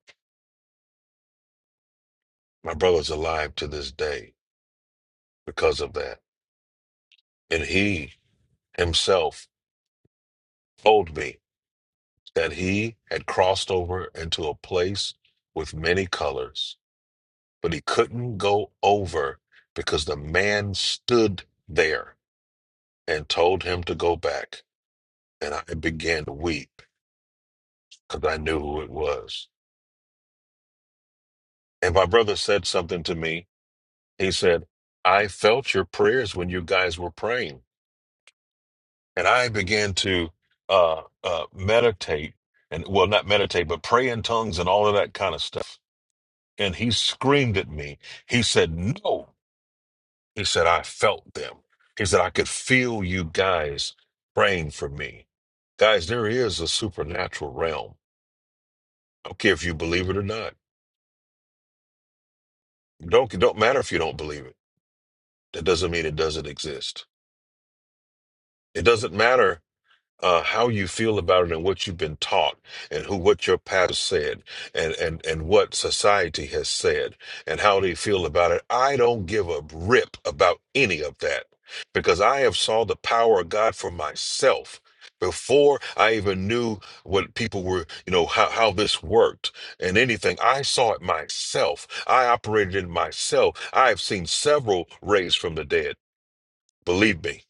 Speaker 3: My brother's alive to this day because of that. And he himself told me that he had crossed over into a place with many colors, but he couldn't go over because the man stood there and told him to go back and I began to weep because I knew who it was. And my brother said something to me. He said, I felt your prayers when you guys were praying. And I began to uh, uh, meditate and, well, not meditate, but pray in tongues and all of that kind of stuff. And he screamed at me. He said, No. He said, I felt them. He said, I could feel you guys praying for me. Guys, there is a supernatural realm. I don't care if you believe it or not. Don't, don't matter if you don't believe it That doesn't mean it doesn't exist. It doesn't matter uh, how you feel about it and what you've been taught and who what your past said and, and and what society has said and how they feel about it. I don't give a rip about any of that because I have saw the power of God for myself before I even knew what people were, you know, how, how this worked and anything. I saw it myself. I operated in myself. I have seen several raised from the dead. Believe me.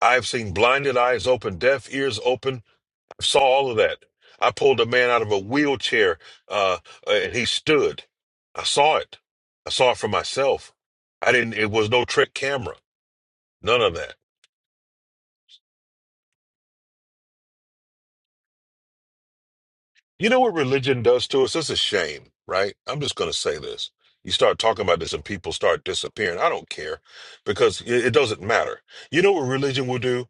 Speaker 3: I've seen blinded eyes open, deaf ears open. I saw all of that. I pulled a man out of a wheelchair uh, and he stood. I saw it. I saw it for myself. I didn't, it was no trick camera, none of that. You know what religion does to us? It's a shame, right? I'm just going to say this. You start talking about this and people start disappearing. I don't care because it it doesn't matter. You know what religion will do?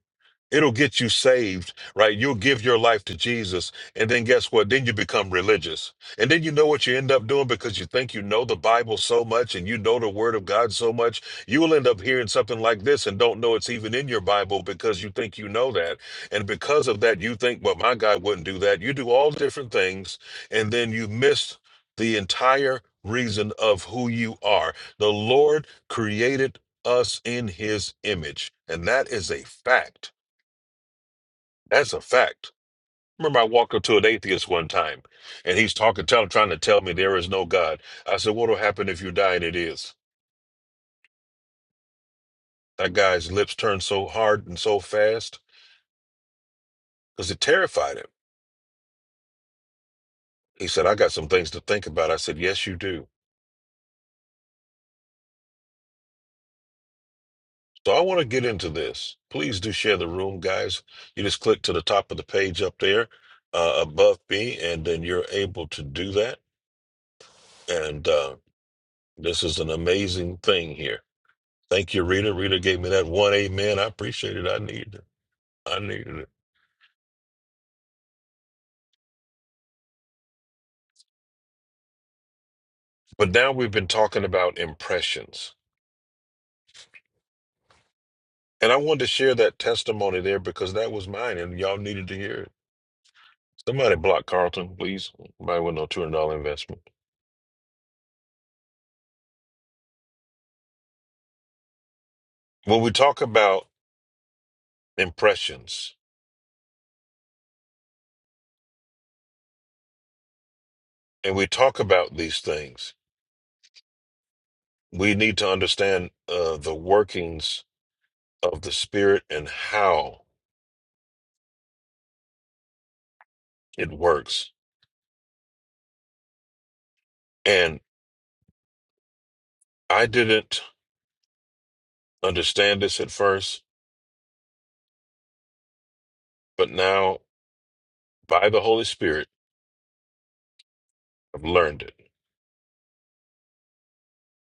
Speaker 3: It'll get you saved, right? You'll give your life to Jesus. And then guess what? Then you become religious. And then you know what you end up doing because you think you know the Bible so much and you know the Word of God so much. You will end up hearing something like this and don't know it's even in your Bible because you think you know that. And because of that, you think, well, my God wouldn't do that. You do all different things. And then you miss the entire reason of who you are. The Lord created us in His image. And that is a fact that's a fact. Remember, I walked up to an atheist one time, and he's talking, tell, trying to tell me there is no God. I said, "What'll happen if you die?" And it is. That guy's lips turned so hard and so fast because it terrified him. He said, "I got some things to think about." I said, "Yes, you do." So I want to get into this. Please do share the room, guys. You just click to the top of the page up there, uh, above me, and then you're able to do that. And uh, this is an amazing thing here. Thank you, Rita. Rita gave me that one amen. I appreciate it. I needed it. I needed it. But now we've been talking about impressions. And I wanted to share that testimony there because that was mine and y'all needed to hear it. Somebody block Carlton, please. Somebody with no $200 investment. When we talk about impressions and we talk about these things, we need to understand uh, the workings of the spirit and how it works. And I didn't understand this at first, but now By the Holy Spirit, I've learned it.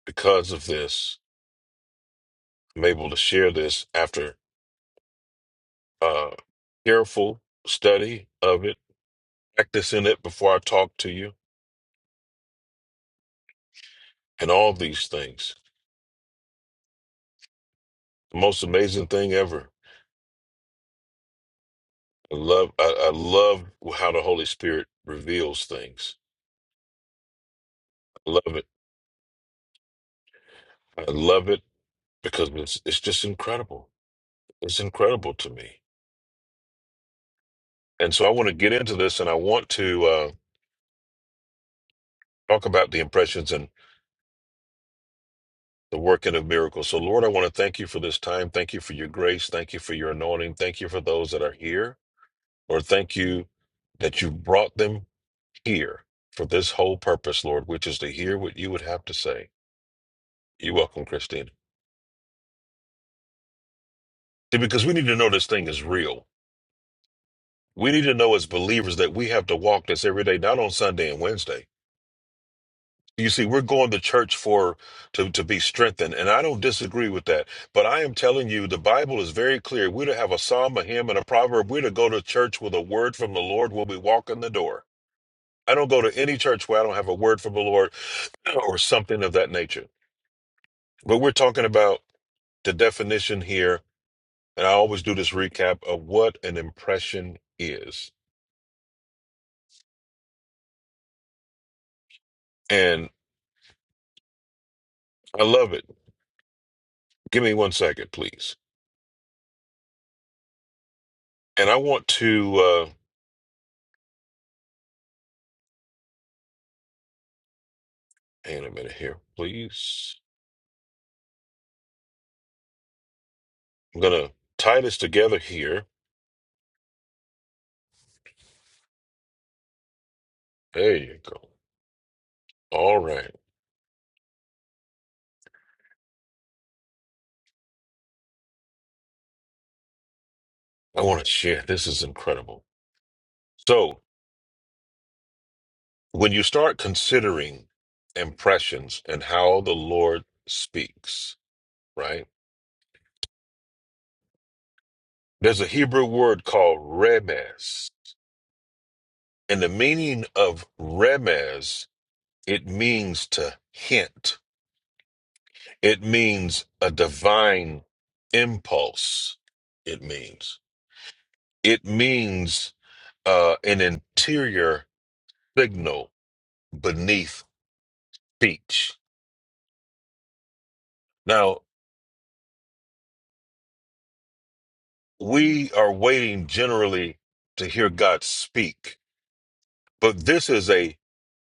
Speaker 3: Because of this, I'm able to share this after uh, careful study of it, practicing it before I talk to you, and all these things. The most amazing thing ever. I love. I, I love how the Holy Spirit reveals things. I love it. I love it because it's it's just incredible. It's incredible to me. And so I want to get into this, and I want to uh, talk about the impressions the working of miracles. So, Lord, I want to thank you for this time. Thank you for your grace. Thank you for your anointing. Thank you for those that are here. Lord, thank you that you brought them here for this whole purpose, Lord, which is to hear what you would have to say. You're welcome, Christina, See, because we need to know this thing is real. We need to know as believers that we have to walk this every day, not on Sunday and Wednesday. You see, we're going to church for to to be strengthened, and I don't disagree with that. But I am telling you, the Bible is very clear. We're to have a psalm, a hymn, and a proverb. We're to go to church with a word from the Lord when we walk in the door. I don't go to any church where I don't have a word from the Lord or something of that nature. But we're talking about the definition here, and I always do this recap of what an impression is, and I love it. Give me one second, please, and I want to. uh Hang on a minute here, please. I'm gonna tie this together here. There you go. All right. I want to share. This is incredible. So when you start considering impressions and how the Lord speaks, right? There's a Hebrew word called remes. And the meaning of remes, it means to hint. It means a divine impulse. It means. It means uh, an interior signal beneath speech. Now, we are waiting generally to hear God speak, but this is a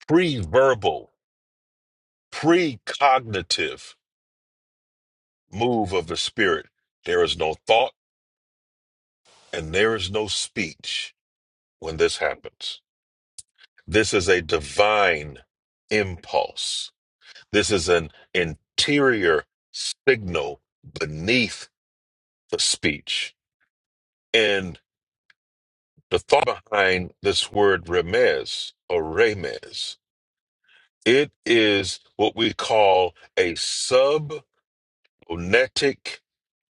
Speaker 3: pre verbal, pre cognitive move of the Spirit. There is no thought and there is no speech when this happens. This is a divine impulse. This is an interior signal beneath the speech. and. The thought behind this word remes or remes, it is what we call a subphonetic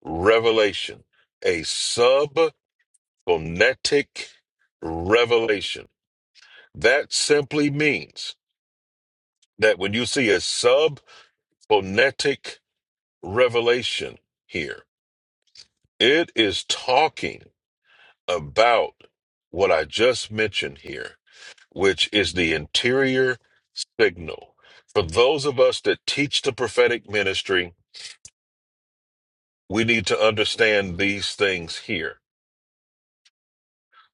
Speaker 3: revelation. A subphonetic revelation. That simply means that when you see a subphonetic revelation here, it is talking about what I just mentioned here which is the interior signal. For those of us that teach the prophetic ministry, we need to understand these things here.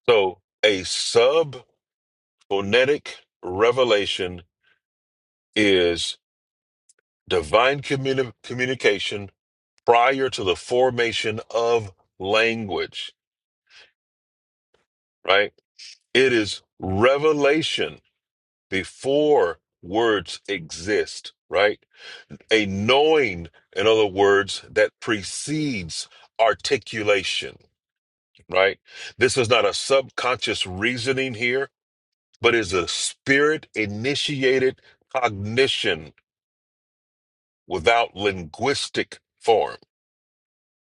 Speaker 3: So, a sub phonetic revelation is divine communi- communication prior to the formation of language, right? It is revelation before words exist, right? a knowing, in other words, that precedes articulation, right? This is not a subconscious reasoning here, but is a spirit initiated cognition without linguistic form,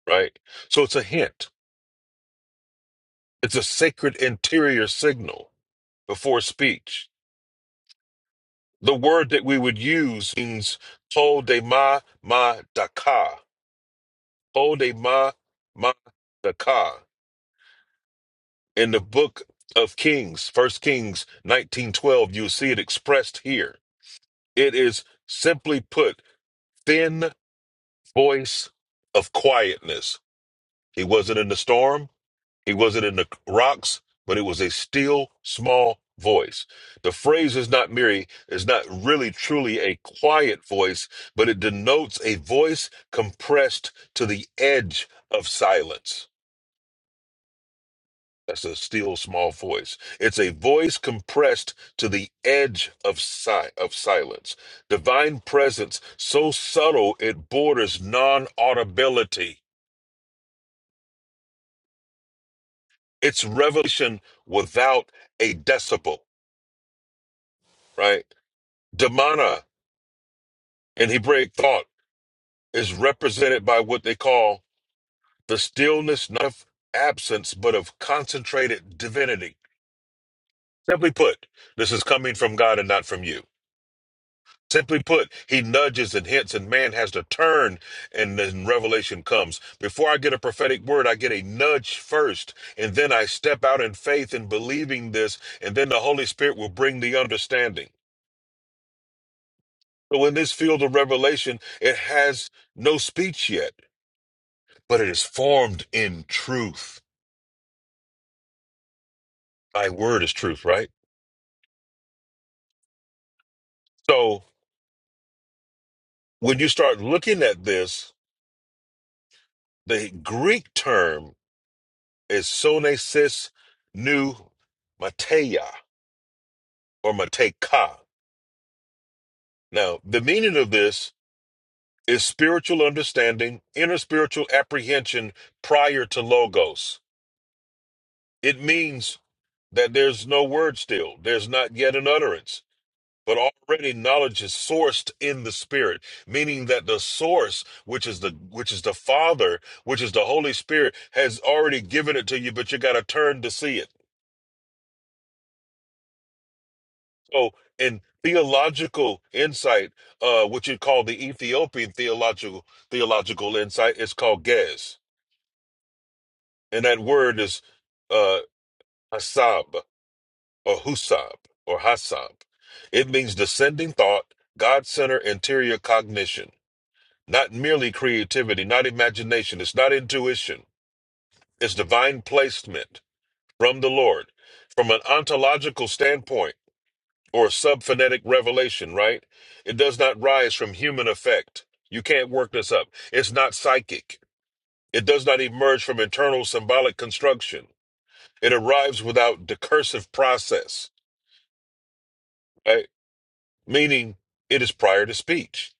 Speaker 3: right? So it's a hint, it's a sacred interior signal before speech. The word that we would use means to de ma ma daka, to de ma ma daka in the book of Kings, First Kings 1912, you see it expressed here. It is simply put, thin voice of quietness. He wasn't in the storm, he wasn't in the rocks, but it was a still small voice. The phrase is not merely is not really truly a quiet voice, but it denotes a voice compressed to the edge of silence. That's a still small voice. It's a voice compressed to the edge of si- of silence. Divine presence so subtle it borders non-audibility. It's revelation without a decibel, right? Demana in Hebraic thought is represented by what they call the stillness not of absence but of concentrated divinity. Simply put, this is coming from God and not from you. Simply put, he nudges and hints, and man has to turn, and then revelation comes. Before I get a prophetic word, I get a nudge first, and then I step out in faith and believing this, and then the Holy Spirit will bring the understanding. So, in this field of revelation, it has no speech yet, but it is formed in truth. Thy word is truth, right? So, when you start looking at this, the Greek term is sonesis nu mateia or mateka. Now, the meaning of this is spiritual understanding, inner spiritual apprehension prior to logos. It means that there's no word still, there's not yet an utterance, but already knowledge is sourced in the spirit, meaning that the source, which is the which is the Father, which is the Holy Spirit, has already given it to you, but you got to turn to see it. Oh, and theological insight, uh, which you call the Ethiopian theological theological insight, is called Gez, and that word is uh, Hasab or Husab or Hasab. It means descending thought, God-centered interior cognition, not merely creativity, not imagination. It's not intuition. It's divine placement from the Lord, from an ontological standpoint. or subphonetic revelation, right? It does not rise from human effect. You can't work this up. It's not psychic. It does not emerge from internal symbolic construction. It arrives without decursive process, right? Meaning it is prior to speech.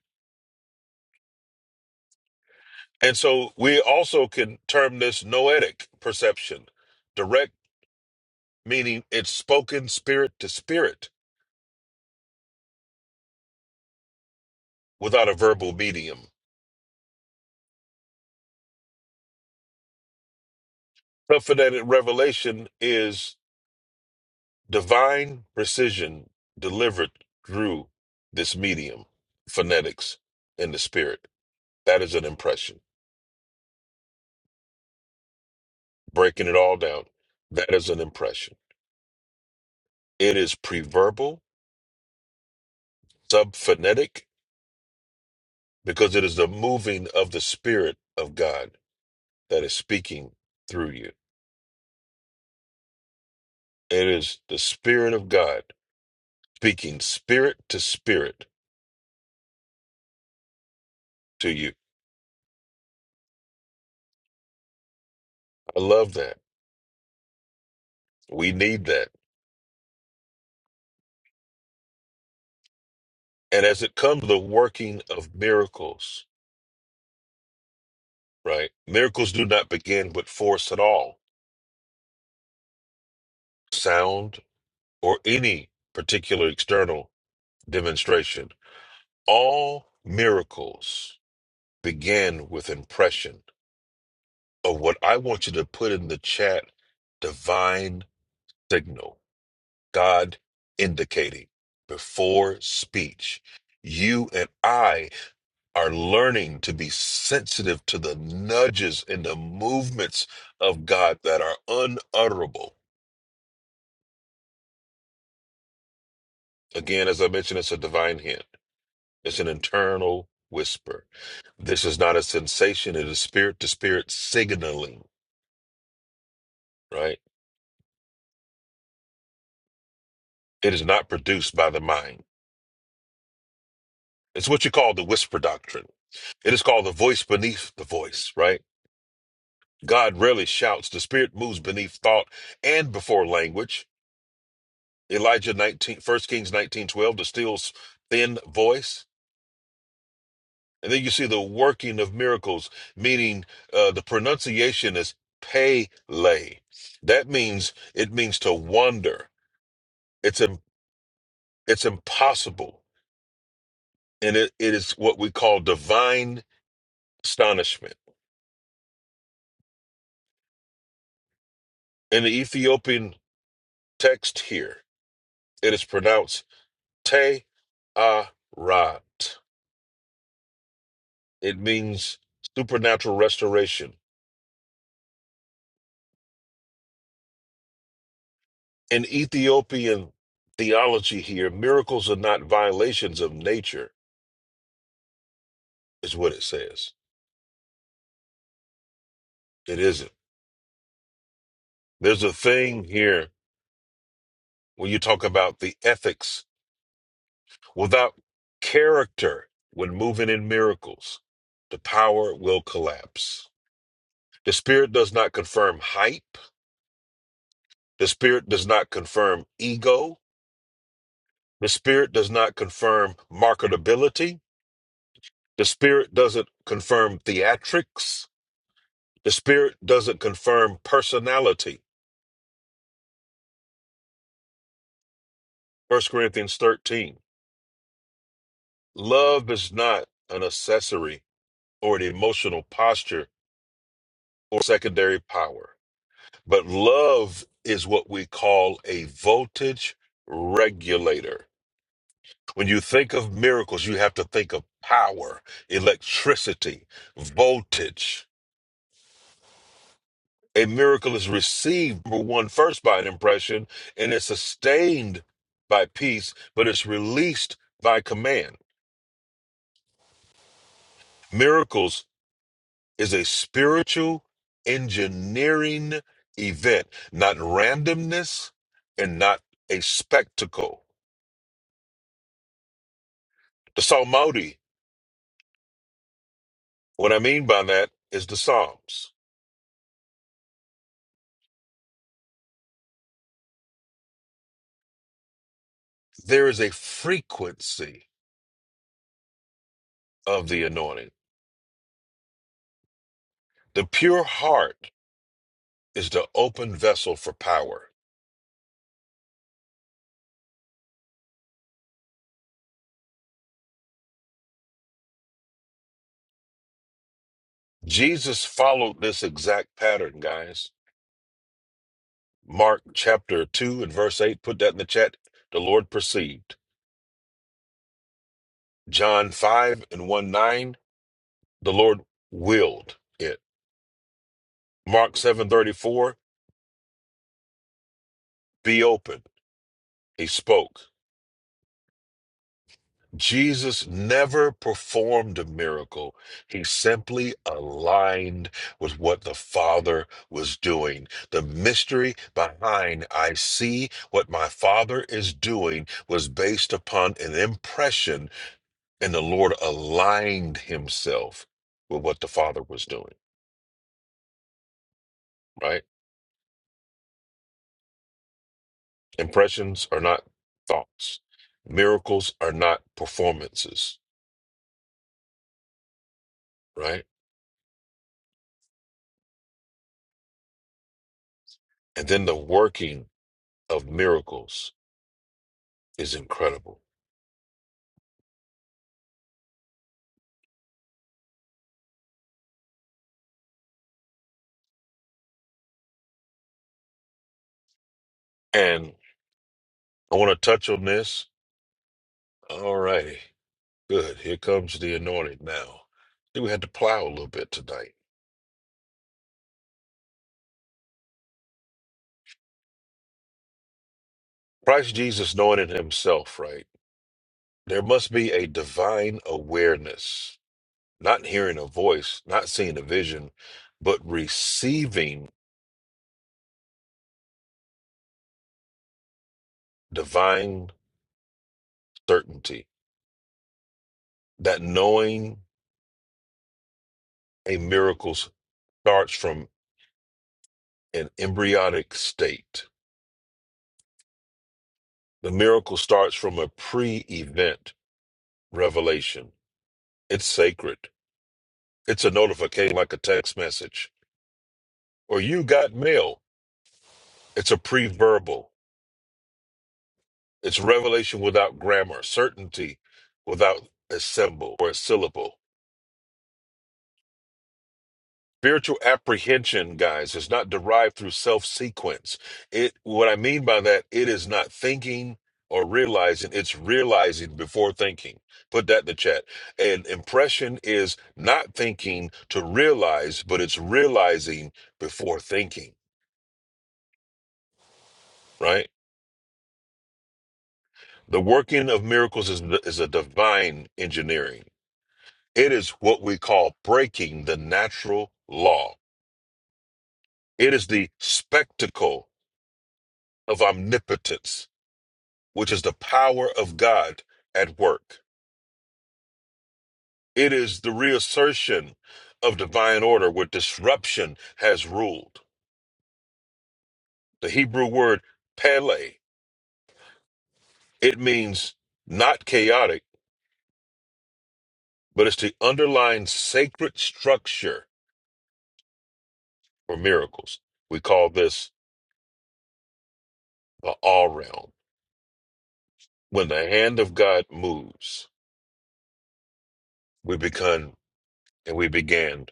Speaker 3: And so we also can term this noetic perception, direct, meaning it's spoken spirit to spirit without a verbal medium. Subphonetic revelation is Divine precision delivered through this medium, phonetics in the spirit. That is an impression. Breaking it all down, that is an impression. It is preverbal, subphonetic, because it is the moving of the spirit of God that is speaking through you. It is the spirit of God speaking spirit to spirit to you. I love that. We need that. And as it comes to the working of miracles, right? Miracles do not begin with force at all, sound, or any particular external demonstration. All miracles begin with impression of what I want you to put in the chat divine signal, God indicating before speech. You and I are learning to be sensitive to the nudges and the movements of God that are unutterable Again, as I mentioned, it's a divine hint. It's an internal whisper. This is not a sensation. It is spirit to spirit signaling, right? It is not produced by the mind. It's what you call the whisper doctrine. It is called the voice beneath the voice, right? God rarely shouts. The spirit moves beneath thought and before language. Elijah 19, First Kings nineteen twelve, the still thin voice. And then you see the working of miracles, meaning uh, the pronunciation is pele. That means it means to wander. It's im- it's impossible, and it, it is what we call divine astonishment. In the Ethiopian text here, it is pronounced te arat. It means supernatural restoration. In Ethiopian theology here, miracles are not violations of nature, is what it says It isn't. There's a thing here when you talk about the ethics. Without character, when moving in miracles, the power will collapse. The spirit does not confirm hype. The spirit does not confirm ego. The spirit does not confirm marketability. The spirit doesn't confirm theatrics. The spirit doesn't confirm personality. First Corinthians 13. Love is not an accessory or an emotional posture or secondary power. But love is what we call a voltage regulator. When you think of miracles, you have to think of power, electricity, voltage. A miracle is received, number one, first by an impression, and it's sustained by peace, but it's released by command. Miracles is a spiritual engineering event, not randomness and not a spectacle. The Psalmody, what I mean by that is the Psalms. There is a frequency of the anointing. The pure heart is the open vessel for power. Jesus followed this exact pattern, guys. Mark chapter 2 and verse 8, put that in the chat. The Lord perceived. John 5 and 1 9 The Lord willed it. Mark 7:34, be open. He spoke. Jesus never performed a miracle. He simply aligned with what the Father was doing. The mystery behind I see what my Father is doing was based upon an impression, and the Lord aligned himself with what the Father was doing, right? Impressions are not thoughts. Miracles are not performances, right? And then the working of miracles is incredible. And I want to touch on this. All righty. Good. Here comes the anointed now. We had to plow a little bit tonight. Christ Jesus anointed himself, right? There must be a divine awareness, not hearing a voice, not seeing a vision, but receiving divine certainty that knowing a miracle starts from an embryonic state. The miracle starts from a pre event revelation. It's sacred. It's a notification like a text message. Or you got mail. It's a pre verbal. It's revelation without grammar, certainty without a symbol or a syllable. Spiritual apprehension, guys, is not derived through self sequence. It what I mean by that, it is not thinking or realizing, it's realizing before thinking. Put that in the chat. And impression is not thinking to realize, but it's realizing before thinking, right? The working of miracles is, is a divine engineering. It is what we call breaking the natural law. It is the spectacle of omnipotence which is the power of God at work. It is the reassertion of divine order where disruption has ruled. The Hebrew word pele, it means not chaotic, but it's the underlying sacred structure for miracles. We call this the all realm. When the hand of God moves, we become and we began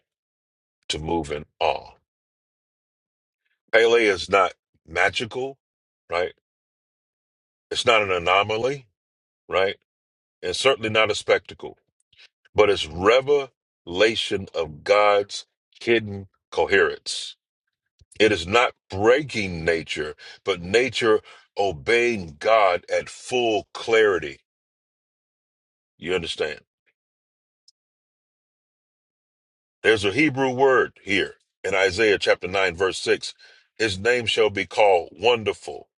Speaker 3: to move in awe. Pele is not magical, right? It's not an anomaly, right? and certainly not a spectacle, but it's revelation of God's hidden coherence. It is not breaking nature, but nature obeying God at full clarity. You understand? There's a Hebrew word here in Isaiah chapter 9, verse 6. His name shall be called Wonderful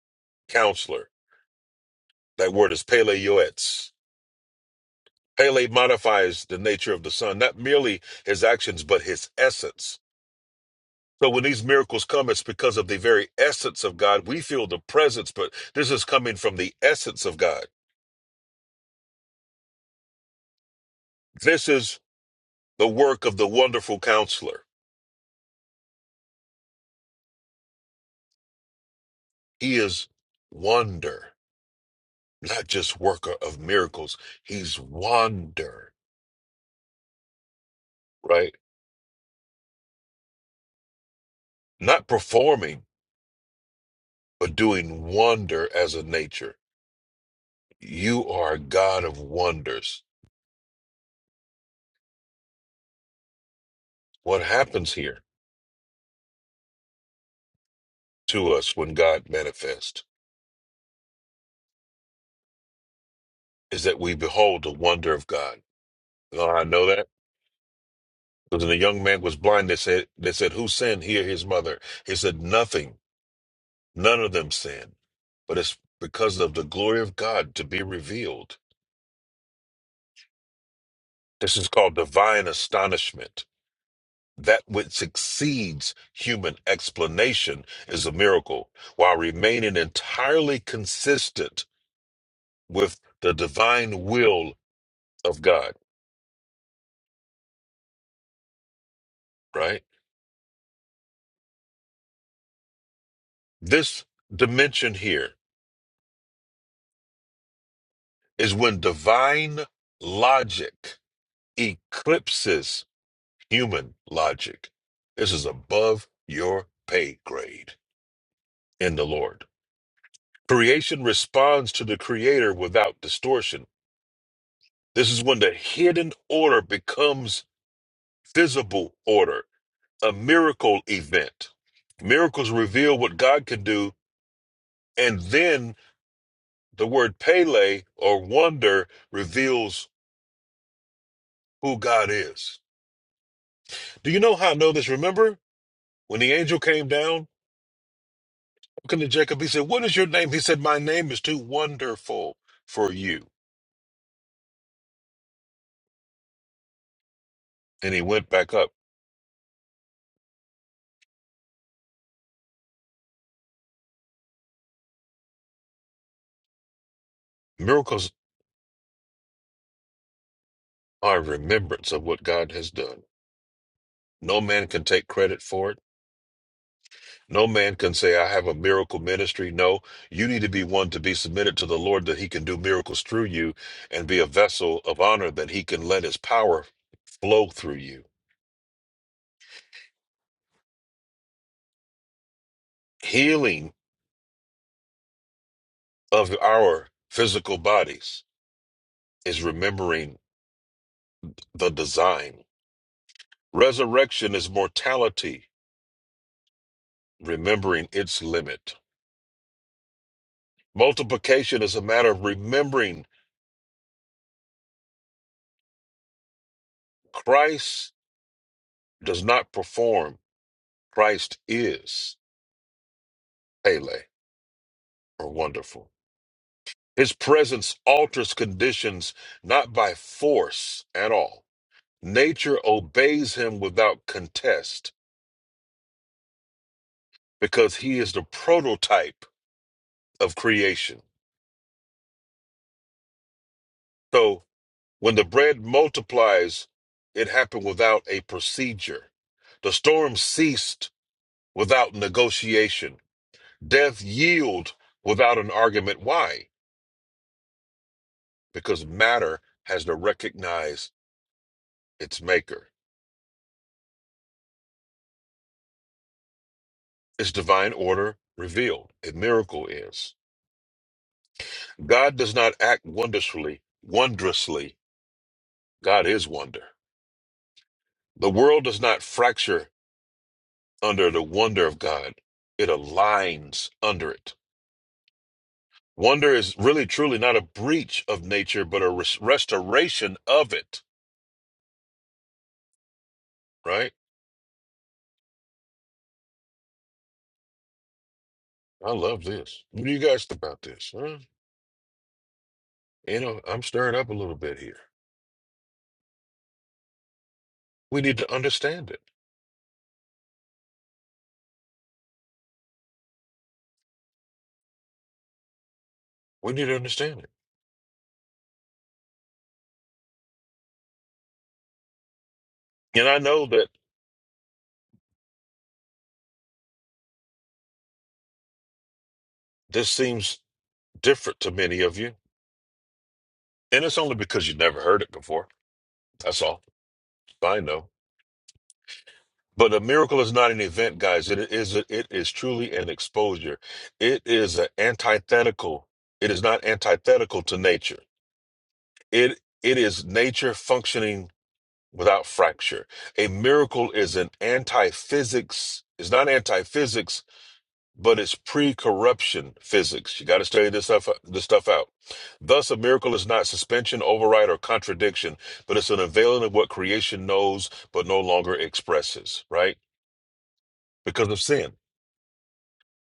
Speaker 3: Counselor. That word is Pele Yoetz. Pele modifies the nature of the Son, not merely his actions, but his essence. So when these miracles come, it's because of the very essence of God. We feel the presence, but this is coming from the essence of God. This is the work of the wonderful counselor. He is wonder, not just worker of miracles. He's wonder, right? Not performing, but doing wonder as a nature. You are a God of wonders. What happens here to us when God manifests is that we behold the wonder of God. Oh, I know that. Because when the young man was blind, they said, they said, Who sinned? He or his mother? He said, Nothing. None of them sinned. But it's because of the glory of God to be revealed. This is called divine astonishment. That which exceeds human explanation is a miracle, while remaining entirely consistent with the divine will of God, right? This dimension here is when divine logic eclipses human logic. This is above your pay grade in the Lord. Creation responds to the Creator without distortion. This is when the hidden order becomes visible order, a miracle event. Miracles reveal what God can do, and then the word Pele or wonder reveals who God is. Do you know how I know this? Remember when the angel came down Looking at Jacob, he said, What is your name? He said, My name is too wonderful for you. And he went back up. Miracles are remembrance of what God has done. No man can take credit for it. No man can say, I have a miracle ministry. No, you need to be one to be submitted to the Lord that he can do miracles through you and be a vessel of honor that he can let his power flow through you. Healing of our physical bodies is remembering the design. Resurrection is mortality remembering its limit. Multiplication is a matter of remembering Christ does not perform, Christ is Pele or wonderful. His presence alters conditions not by force at all. Nature obeys him without contest because he is the prototype of creation. So when the bread multiplies, it happened without a procedure. The storm ceased without negotiation. Death yield without an argument. Why? Because matter has to recognize its maker. Its divine order revealed. A miracle is. God does not act wondrously. wondrously. God is wonder. The world does not fracture under the wonder of God. It aligns under it. Wonder is really truly not a breach of nature, but a res- restoration of it, right? I love this. What do you guys think about this? Huh? You know, I'm stirred up a little bit here. We need to understand it. We need to understand it. And I know that this seems different to many of you, and it's only because you never heard it before. That's all. I know. But a miracle is not an event, guys. It is it is truly an exposure. It is an antithetical. It is not antithetical to nature. It it is nature functioning without fracture. A miracle is an anti-physics. It's not anti-physics but it's pre-corruption physics. You got to study this stuff this stuff out. Thus, a miracle is not suspension, override, or contradiction, but it's an unveiling of what creation knows but no longer expresses. Right? Because of sin,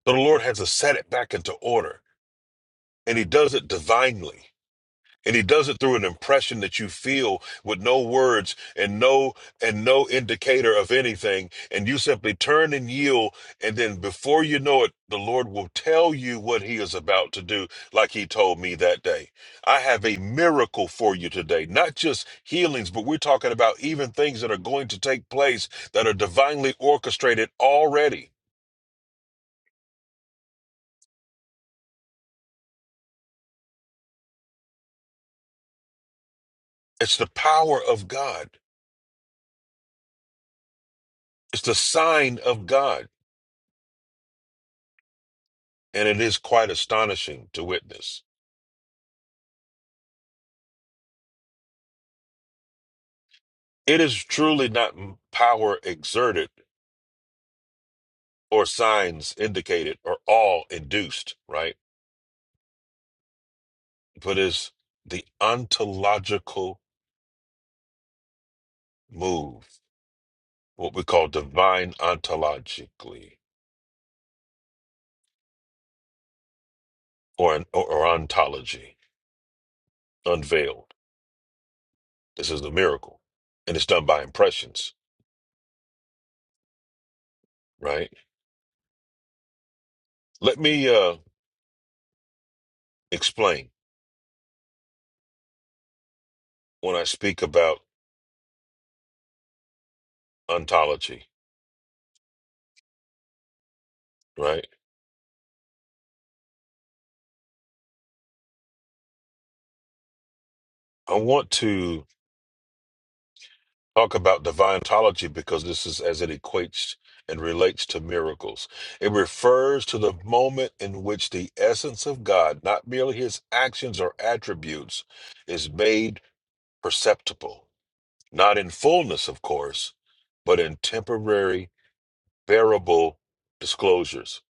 Speaker 3: so the Lord has to set it back into order, and He does it divinely. And he does it through an impression that you feel with no words and no and no indicator of anything. And you simply turn and yield. And then before you know it, the Lord will tell you what he is about to do, like he told me that day. I have a miracle for you today, not just healings, but we're talking about even things that are going to take place that are divinely orchestrated already. It's the power of God. It's the sign of God. And it is quite astonishing to witness. It is truly not m- power exerted or signs indicated or all induced, right? But is the ontological move, what we call divine ontologically or, an, or, or ontology unveiled. This is the miracle, and it's done by impressions, right? Let me uh, explain when I speak about ontology, right? I want to talk about divine because this is as it equates and relates to miracles. It refers to the moment in which the essence of God, not merely his actions or attributes, is made perceptible. Not in fullness, of course, but in temporary, bearable disclosures.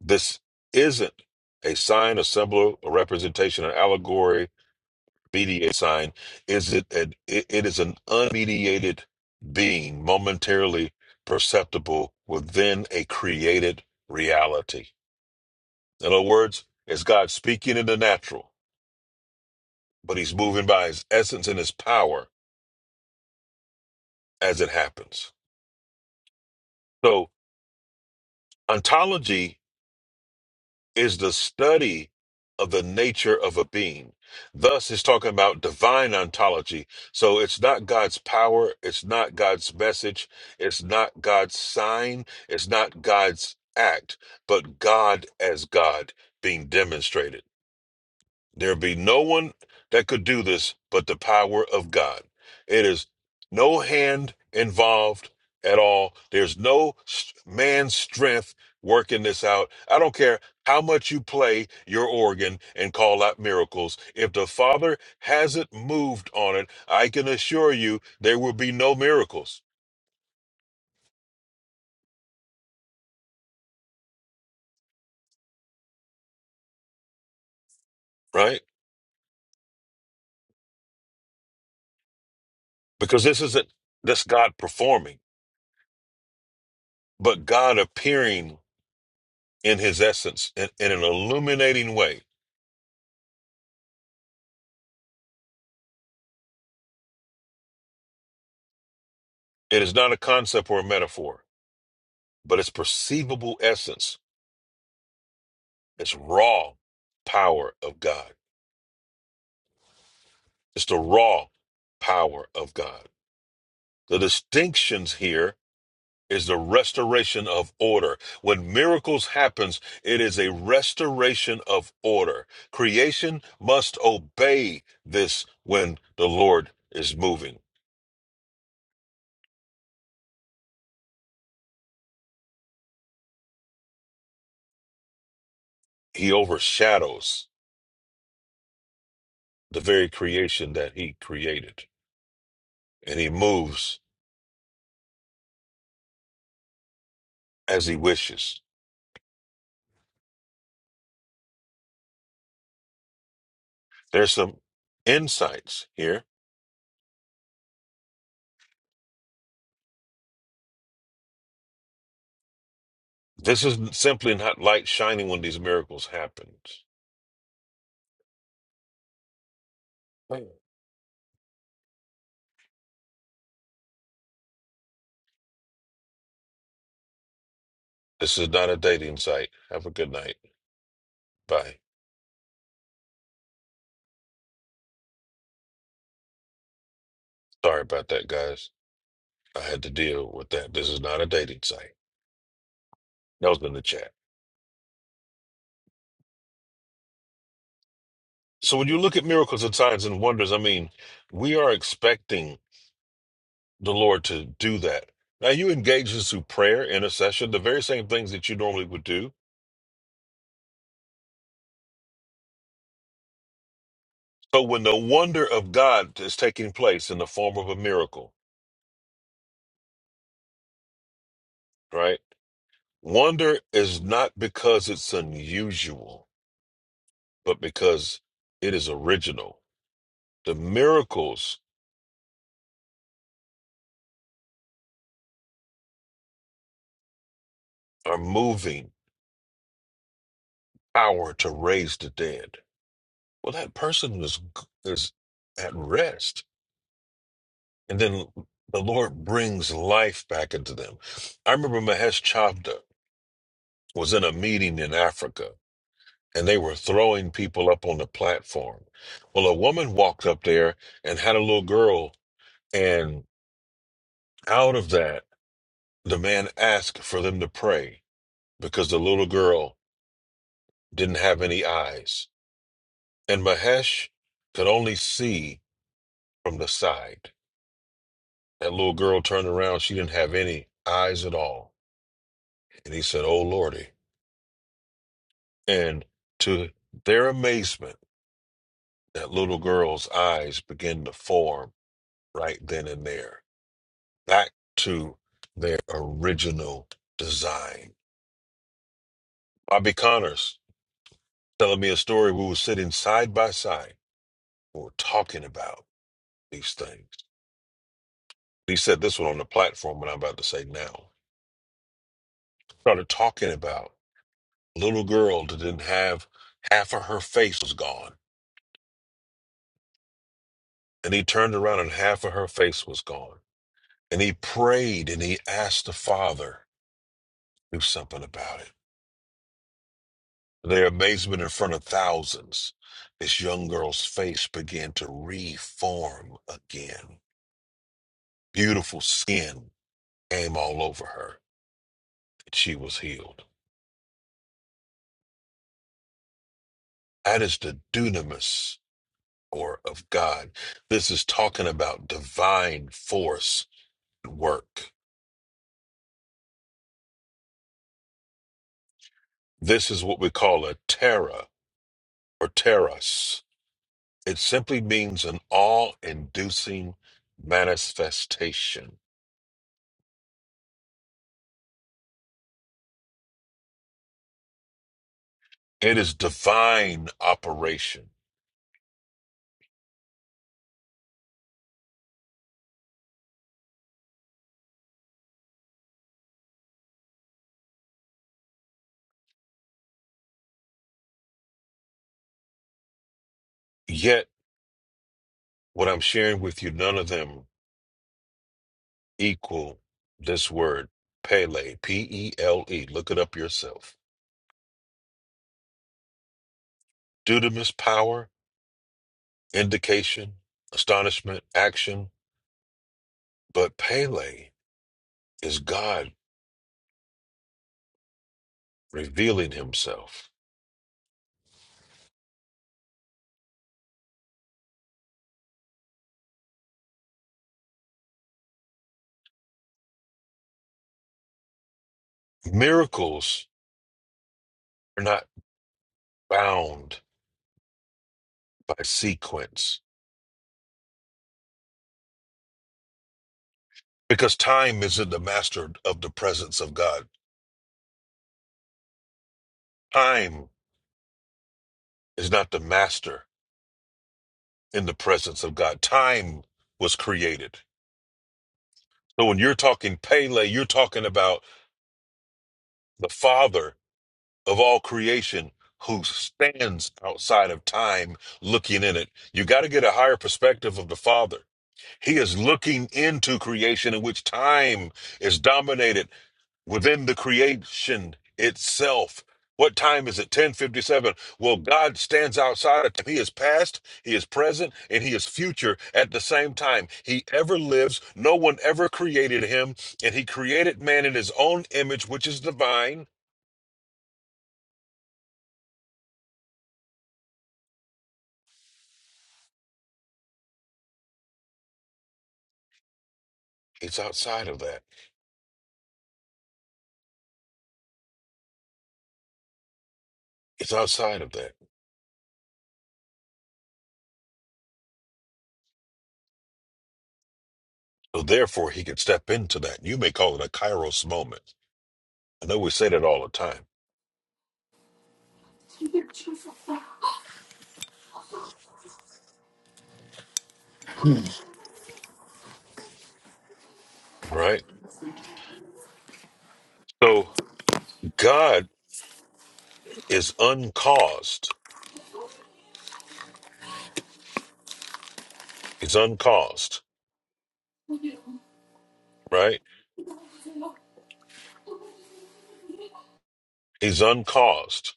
Speaker 3: This isn't a sign, a symbol, a representation, an allegory, mediate sign is it an, it, it is an unmediated being momentarily perceptible within a created reality in other words it's god speaking in the natural but he's moving by his essence and his power as it happens so ontology is the study of the nature of a being. Thus, it's talking about divine ontology. So, it's not God's power, it's not God's message, it's not God's sign, it's not God's act, but God as God being demonstrated. There be no one that could do this but the power of God. It is no hand involved at all. There's no s- man's strength working this out. I don't care how much you play your organ and call out miracles. If the Father hasn't moved on it, I can assure you there will be no miracles, right? Because this isn't this God performing, but God appearing in his essence in, in an illuminating way It is not a concept or a metaphor, but it's perceivable essence. It's raw power of God. It's the raw power of God. The distinctions here is the restoration of order. When miracles happens, it is a restoration of order. Creation must obey this when the Lord is moving. He overshadows the very creation that he created and he moves as he wishes. There's some insights here. This is simply not light shining when these miracles happen. This is not a dating site. Have a good night. Bye. Sorry about that, guys. I had to deal with that. This is not a dating site. That was in the chat. So when you look at miracles and signs and wonders, I mean, we are expecting the Lord to do that. Now you engage this through prayer, intercession, the very same things that you normally would do. So when the wonder of God is taking place in the form of a miracle, right? Wonder is not because it's unusual, but because it is original. The miracles are moving power to raise the dead. Well, that person is is at rest, and then the Lord brings life back into them. I remember Mahesh Chabda was in a meeting in Africa, and they were throwing people up on the platform. Well, a woman walked up there and had a little girl, and out of that. The man asked for them to pray because the little girl didn't have any eyes, and Mahesh could only see from the side. That little girl turned around, she didn't have any eyes at all. And he said, Oh Lordy. And to their amazement, that little girl's eyes began to form right then and there, back to their original design. Bobby Connors telling me a story. We were sitting side by side, we were talking about. these things. He said this one on the platform, and I'm about to say now. Started talking about a little girl that didn't have half of her face was gone. And he turned around and half of her face was gone. And he prayed and he asked the Father to do something about it. To Their amazement in front of thousands, this young girl's face began to reform again. Beautiful skin came all over her. and She was healed. That is the dunamis power of God. This is talking about divine force at work. This is what we call a terra or terras. It simply means an awe inducing manifestation. It is divine operation. Yet, what I'm sharing with you, none of them equal this word, Pele, P E L E. Look it up yourself. Dudamus power, indication, astonishment, action, but Pele. is God revealing himself. Miracles are not bound by sequence because time isn't the master of the presence of God. Time is not the master in the presence of God. Time was created. So when you're talking Pele, you're talking about the father of all creation who stands outside of time looking in it. You got to get a higher perspective of the father. He is looking into creation in which time is dominated within the creation itself. What time is it? 1057. Well, God stands outside of time. He is past, he is present, and he is future at the same time. He ever lives. No one ever created him. And he created man in his own image, which is divine. It's outside of that. It's outside of that. So therefore he can step into that. You may call it a kairos moment. I know we say that all the time, right? So. God is uncaused. He's uncaused, right? He's uncaused.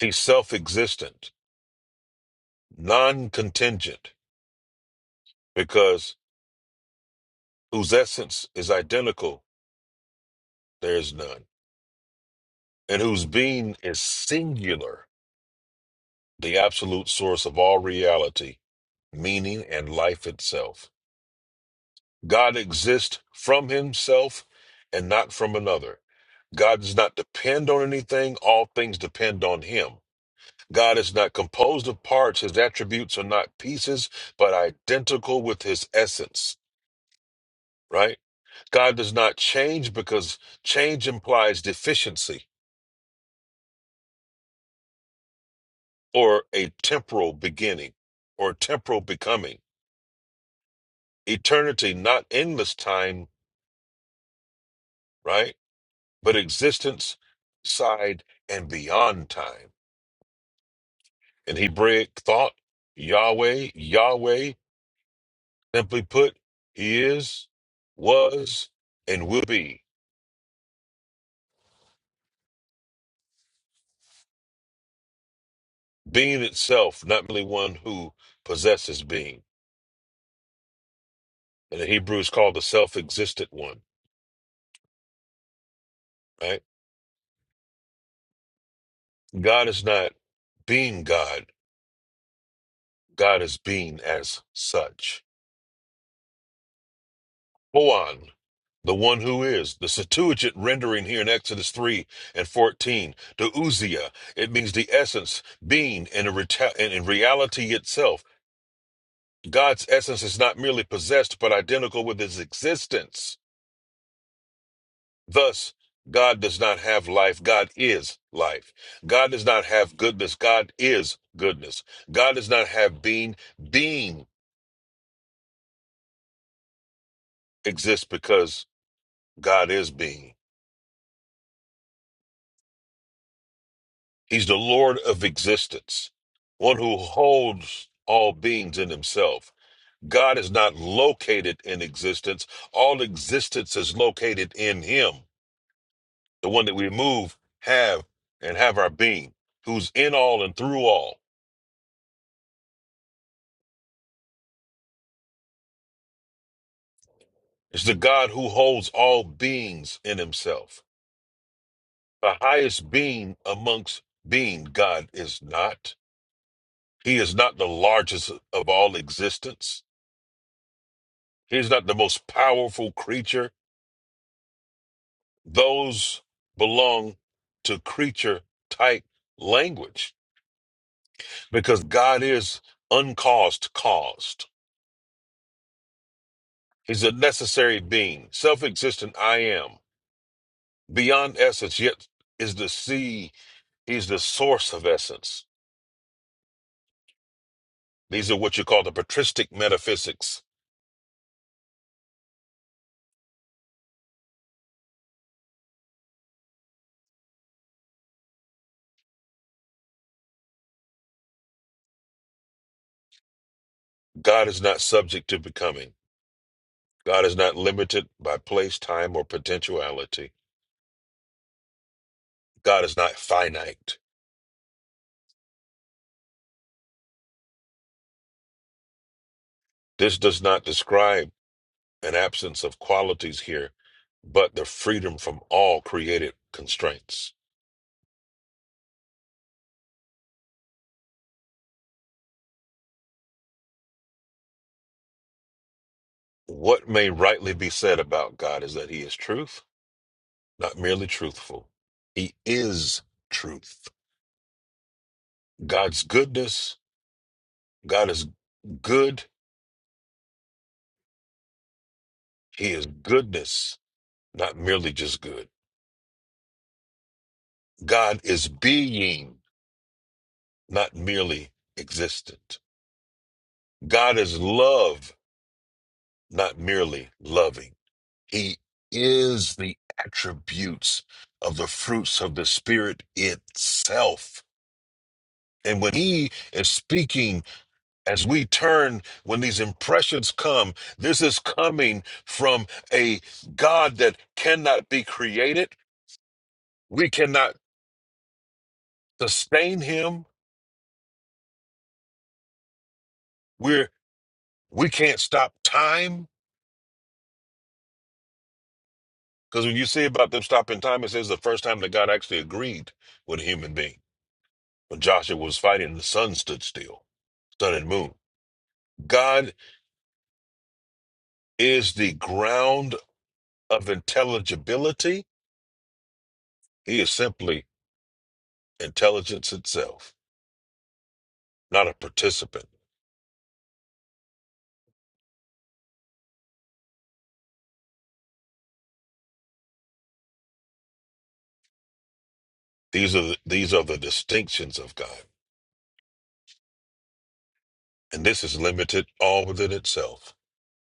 Speaker 3: He's self existent, non contingent, because whose essence is identical, there is none. And whose being is singular, the absolute source of all reality, meaning, and life itself. God exists from himself and not from another. God does not depend on anything, all things depend on him. God is not composed of parts, his attributes are not pieces, but identical with his essence, right? God does not change because change implies deficiency or a temporal beginning or temporal becoming. Eternity, not endless time, right? But existence, side, and beyond time. In Hebraic thought, Yahweh, Yahweh, simply put, he is, was, and will be. being itself, not merely one who possesses being. And the Hebrew is called the self existent one, right? God is not being God, God is being as such. Hoan, the one who is, the Septuagint rendering here in Exodus 3 and 14, the Uzia, it means the essence, being, and, a reta- and in reality itself. God's essence is not merely possessed, but identical with his existence Thus, God does not have life. God is life. God does not have goodness. God is goodness. God does not have being. Being exists because God is being. He's the Lord of existence, one who holds all beings in himself. God is not located in existence. All existence is located in him, the one that we move, have, and have our being, who's in all and through all. is the God who holds all beings in himself. The highest being amongst being, God is not. He is not the largest of all existence. He is not the most powerful creature. Those belong to creature type language because God is uncaused, caused. He's a necessary being, self existent I am, beyond essence, yet is the sea. He's the source of essence. These are what you call the patristic metaphysics. God is not subject to becoming. God is not limited by place, time, or potentiality. God is not finite. This does not describe an absence of qualities here, but the freedom from all created constraints. What may rightly be said about God is that he is truth, not merely truthful. He is truth. God's goodness, God is good. He is goodness, not merely just good. God is being, not merely existent. God is love, not merely loving. He is the attributes of the fruits of the Spirit itself. And when he is speaking, as we turn, when these impressions come, this is coming from a God that cannot be created. We cannot sustain him. We're, we can't stop time Because when you see about them stopping time, it says the first time that God actually agreed with a human being. When Joshua was fighting, the sun stood still, sun and moon. God is the ground of intelligibility. He is simply intelligence itself, not a participant. These are the, these are the distinctions of God, and this is limited all within itself.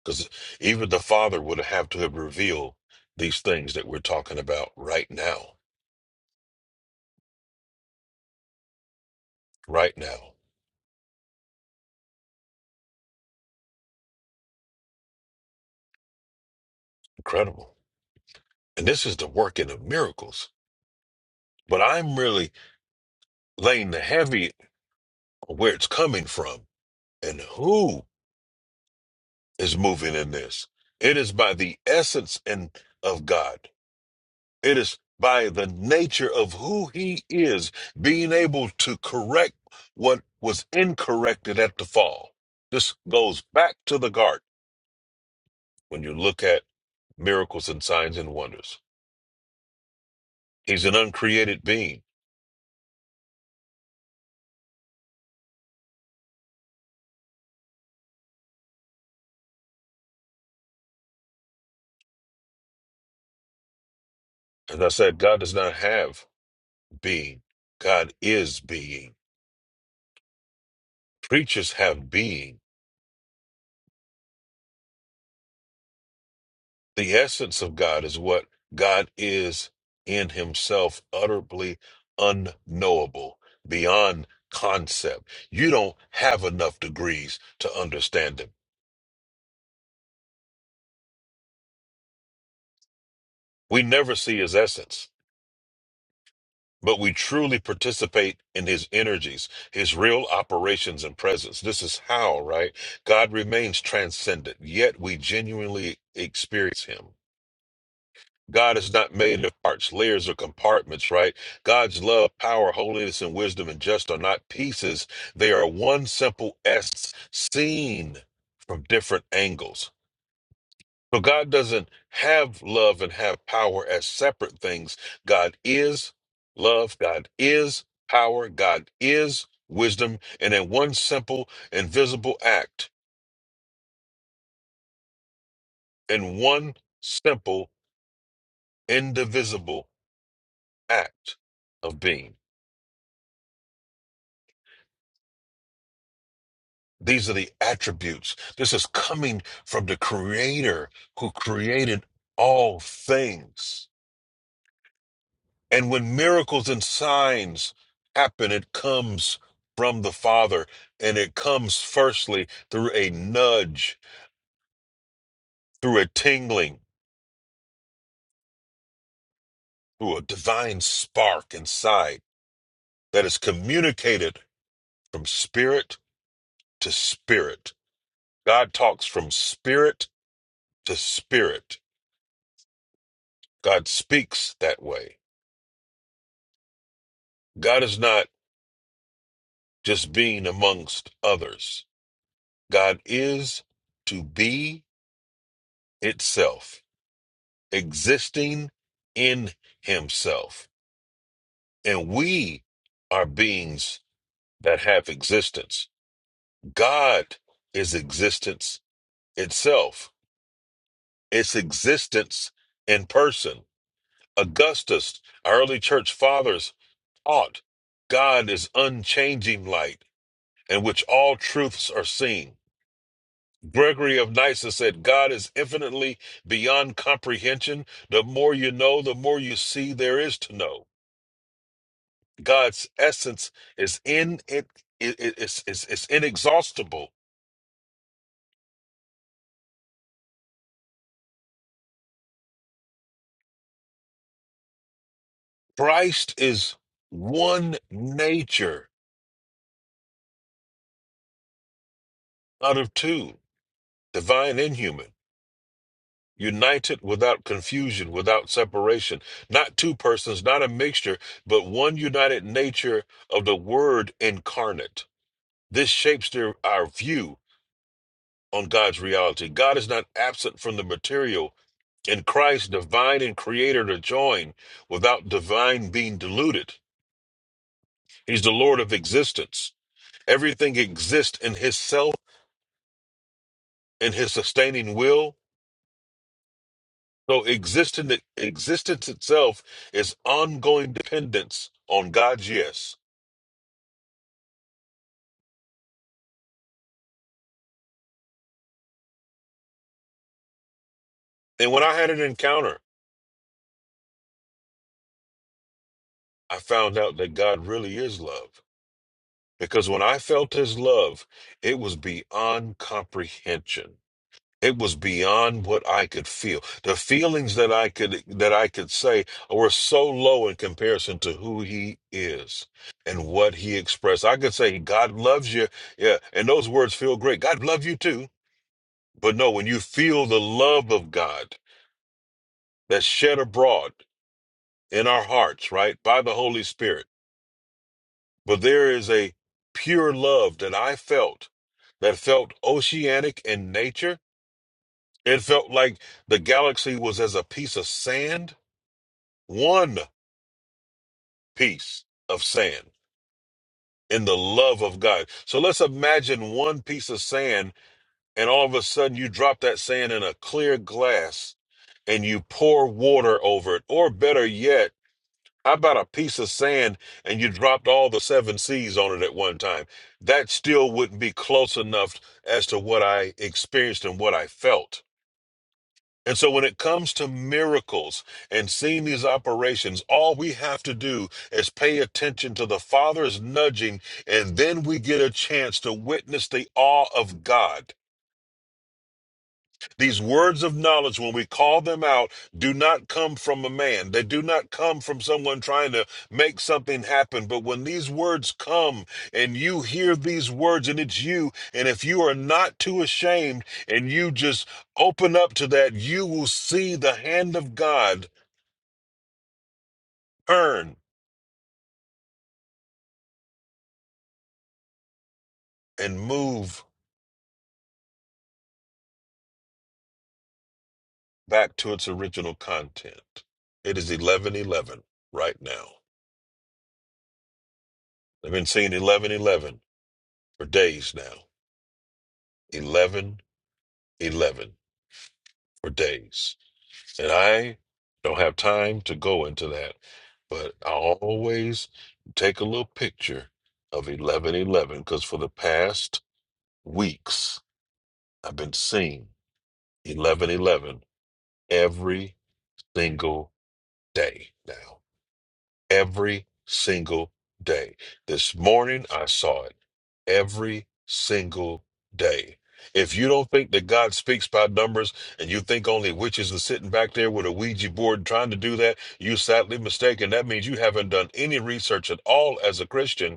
Speaker 3: Because even the Father would have to have revealed these things that we're talking about right now, right now. Incredible. And this is the working of miracles. But I'm really laying the heavy on where it's coming from and who is moving in this. It is by the essence and of God. It is by the nature of who he is being able to correct what was incorrected at the fall. This goes back to the garden when you look at miracles and signs and wonders. He's an uncreated being. As I said, God does not have being. God is being. creatures have being. The essence of God is what God is in himself, utterly unknowable, beyond concept. You don't have enough degrees to understand him. We never see his essence, but we truly participate in his energies, his real operations and presence. This is how, right? God remains transcendent, yet we genuinely experience him. God is not made of parts, layers, or compartments, right? God's love, power, holiness, and wisdom and just are not pieces. They are one simple essence seen from different angles. So God doesn't have love and have power as separate things. God is love, God is power, God is wisdom. And in one simple, invisible act, in one simple, indivisible act of being. These are the attributes. This is coming from the Creator who created all things. And when miracles and signs happen, it comes from the Father. And it comes firstly through a nudge, through a tingling, through a divine spark inside that is communicated from spirit to spirit. God talks from spirit to spirit. God speaks that way. God is not. just being amongst others. God is to be itself, existing in himself. And we are beings that have existence. God is existence itself, it's existence in person. Augustus, our early church fathers taught God is unchanging light in which all truths are seen. Gregory of Nyssa said, God is infinitely beyond comprehension. The more you know, the more you see there is to know. God's essence is in it, it, it- it's, it's, it's inexhaustible. Christ is one nature out of two, divine and human, united without confusion, without separation. Not two persons, not a mixture, but one united nature of the Word incarnate. This shapes their, our view on God's reality. God is not absent from the material. In Christ, divine and creator are joined without divine being diluted. He's the Lord of existence. Everything exists in his self and his sustaining will. So existence, existence itself is ongoing dependence on God's yes. And when I had an encounter, I found out that God really is love. Because when I felt his love, it was beyond comprehension. it was beyond what I could feel. The feelings that I could that I could say were so low in comparison to who he is and what he expressed. I could say God loves you, yeah, and those words feel great. God loves you too. But no, when you feel the love of God that's shed abroad in our hearts, right, by the Holy Spirit. But there is a pure love that I felt that felt oceanic in nature. It felt like the galaxy was as a piece of sand one piece of sand in the love of God. So let's imagine one piece of sand, and all of a sudden you drop that sand in a clear glass and you pour water over it. Or better yet, how about a piece of sand and you dropped all the seven seas on it at one time? That still wouldn't be close enough as to what I experienced and what I felt. And so when it comes to miracles and seeing these operations, all we have to do is pay attention to the Father's nudging, and then we get a chance to witness the awe of God. These words of knowledge, when we call them out, do not come from a man. They do not come from someone trying to make something happen. But when these words come and you hear these words and it's you, and if you are not too ashamed and you just open up to that, you will see the hand of God turn and move back to its original content. It is 1111 right now. I've been seeing 1111 for days now. 1111. for days. And I don't have time to go into that, but I always take a little picture of 1111 because for the past weeks, I've been seeing 1111 every single day now. every single day. This morning, I saw it every single day. If you don't think that God speaks by numbers and you think only witches are sitting back there with a Ouija board trying to do that, you're sadly mistaken. That means you haven't done any research at all as a Christian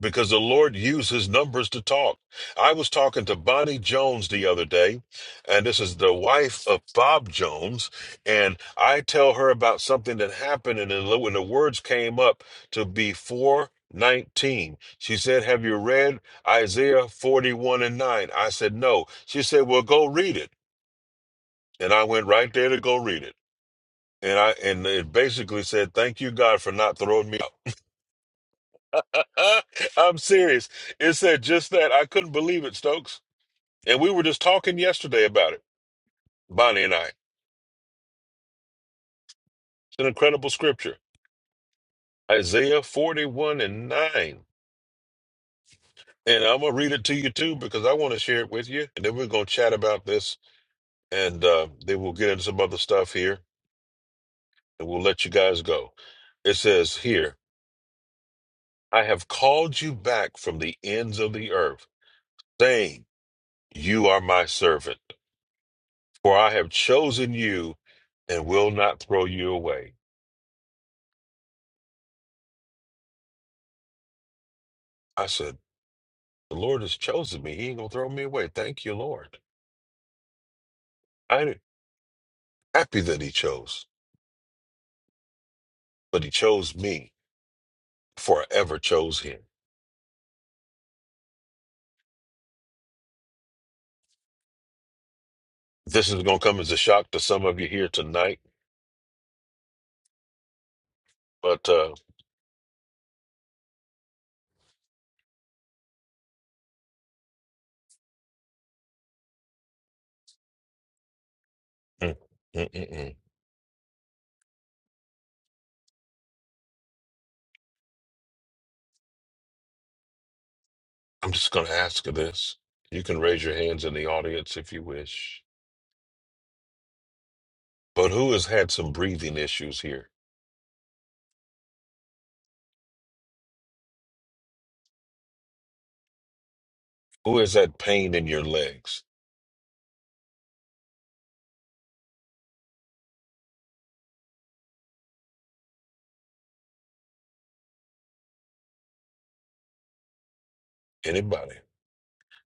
Speaker 3: because the Lord uses numbers to talk. I was talking to Bonnie Jones the other day, and this is the wife of Bob Jones. And I tell her about something that happened, and then when the words came up to be 419, she said, Have you read Isaiah 41 and 9? I said, No. She said, Well, go read it. And I went right there to go read it. And I and it basically said, Thank you, God, for not throwing me. I'm serious. It said just that. I couldn't believe it, Stokes. And we were just talking yesterday about it, Bonnie and I. It's an incredible scripture, Isaiah 41 and 9. And I'm going to read it to you too because I want to share it with you. And then we're going to chat about this and uh, then we'll get into some other stuff here and we'll let you guys go. It says here, I have called you back from the ends of the earth, saying, You are my servant. For I have chosen you and will not throw you away. I said, The Lord has chosen me. He ain't gonna throw me away. Thank you, Lord. I'm happy that He chose, but He chose me before I ever chose Him. This is gonna come as a shock to some of you here tonight, but uh, mm, mm, mm, mm. I'm just gonna ask you this. You can raise your hands in the audience if you wish. But who has had some breathing issues here? Who has had pain in your legs? Anybody?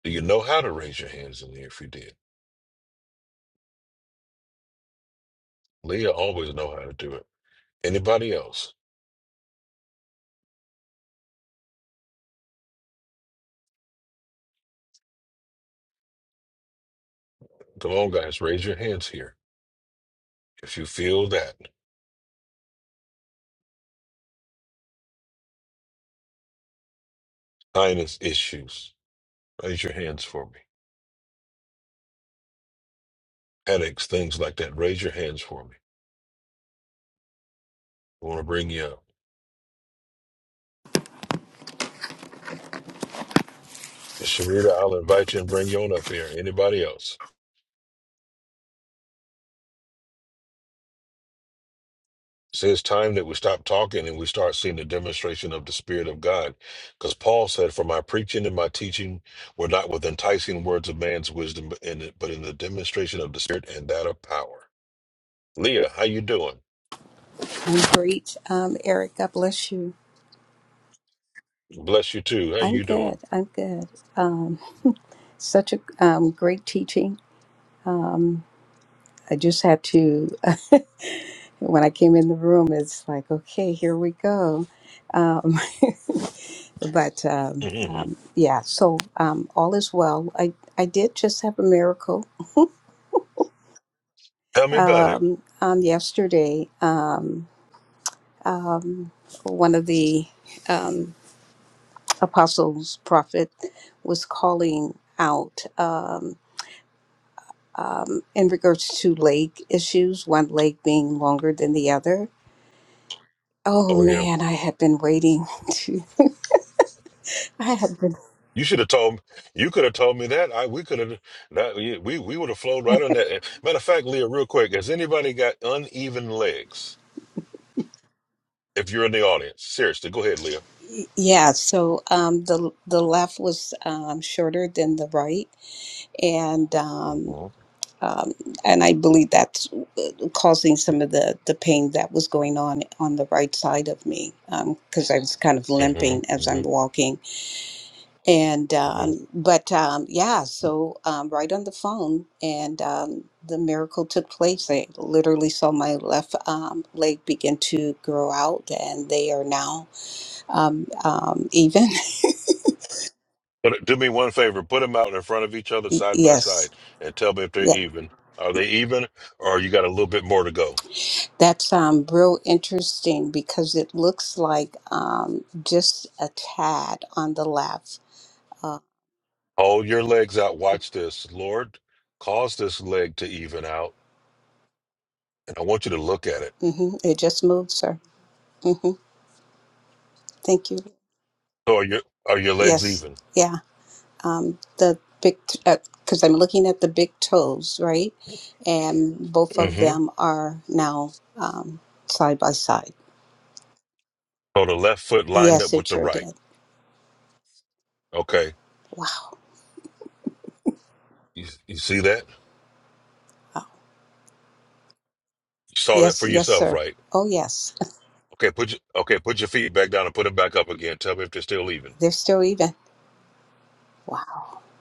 Speaker 3: Do you know how to raise your hands in the air if you did? Leah always know how to do it. Anybody else? Come on, guys, raise your hands here. If you feel that sinus issues, raise your hands for me. Headaches, things like that, raise your hands for me. I want to bring you up. Sharita, I'll invite you and bring you on up here. Anybody else? See, it's time that we stop talking and we start seeing the demonstration of the Spirit of God. Because Paul said, For my preaching and my teaching were not with enticing words of man's wisdom, but in, the, but in the demonstration of the Spirit and that of power. Leah, how you doing?
Speaker 5: I'm great. Um, Eric, God bless you.
Speaker 3: Bless you too. How
Speaker 5: I'm
Speaker 3: you
Speaker 5: good.
Speaker 3: doing?
Speaker 5: I'm good. Um, such a um, great teaching. I just had to, when I came in the room, it's like, okay, here we go. Um, but um, um,
Speaker 3: Tell
Speaker 5: yeah, so um, all is well. I, I did just have a miracle
Speaker 3: me about it.
Speaker 5: um, um, yesterday. Um, um, one of the um, apostles, prophet, was calling out. Um, in regards to leg issues, one leg being longer than the other. Oh
Speaker 3: Oh yeah.
Speaker 5: man, I had been waiting to. I had been.
Speaker 3: You should have told you could have told me that. I we could have that yeah, we we would have flown right on that. Matter of fact, Leah, real quick, has anybody got uneven legs? If you're in the audience, seriously, go ahead, Leah.
Speaker 5: Yeah, so um, the the left was um, shorter than the right, and um,
Speaker 3: hmm
Speaker 5: um, and I believe that's uh, causing some of the the pain that was going on on the right side of me because I was kind of
Speaker 3: hmm
Speaker 5: limping as
Speaker 3: hmm
Speaker 5: I'm walking And
Speaker 3: hmm
Speaker 5: um, but um, yeah, so um, right on the phone, and um, the miracle took place. I literally saw my left um, leg begin to grow out, and they are now um, um, even.
Speaker 3: But do me one favor, put them out in front of each other side by
Speaker 5: yes,
Speaker 3: side and tell me if they're
Speaker 5: yeah,
Speaker 3: even. Are they even or you got a little bit more to go?
Speaker 5: that's um, real interesting because it looks like um, just a tad on the left. Uh,
Speaker 3: Hold your legs out. Watch this. Lord, cause this leg to even out and I want you to look at it.
Speaker 5: mhm, It just moved, sir. hmm Thank you.
Speaker 3: So are your are your legs
Speaker 5: Yes,
Speaker 3: even?
Speaker 5: yeah. um, the big because I'm looking at the big toes, right? And both of
Speaker 3: Mm-hmm.
Speaker 5: them are now um, side by side.
Speaker 3: So the left foot lined
Speaker 5: Yes,
Speaker 3: up
Speaker 5: it
Speaker 3: with the
Speaker 5: sure
Speaker 3: right.
Speaker 5: did.
Speaker 3: Okay.
Speaker 5: Wow.
Speaker 3: You you see that? You saw that
Speaker 5: Yes,
Speaker 3: for
Speaker 5: yes,
Speaker 3: yourself,
Speaker 5: sir.
Speaker 3: right?
Speaker 5: Oh, yes.
Speaker 3: Okay, put your okay, put your feet back down and put them back up again. Tell me if they're still even.
Speaker 5: They're still even. Wow.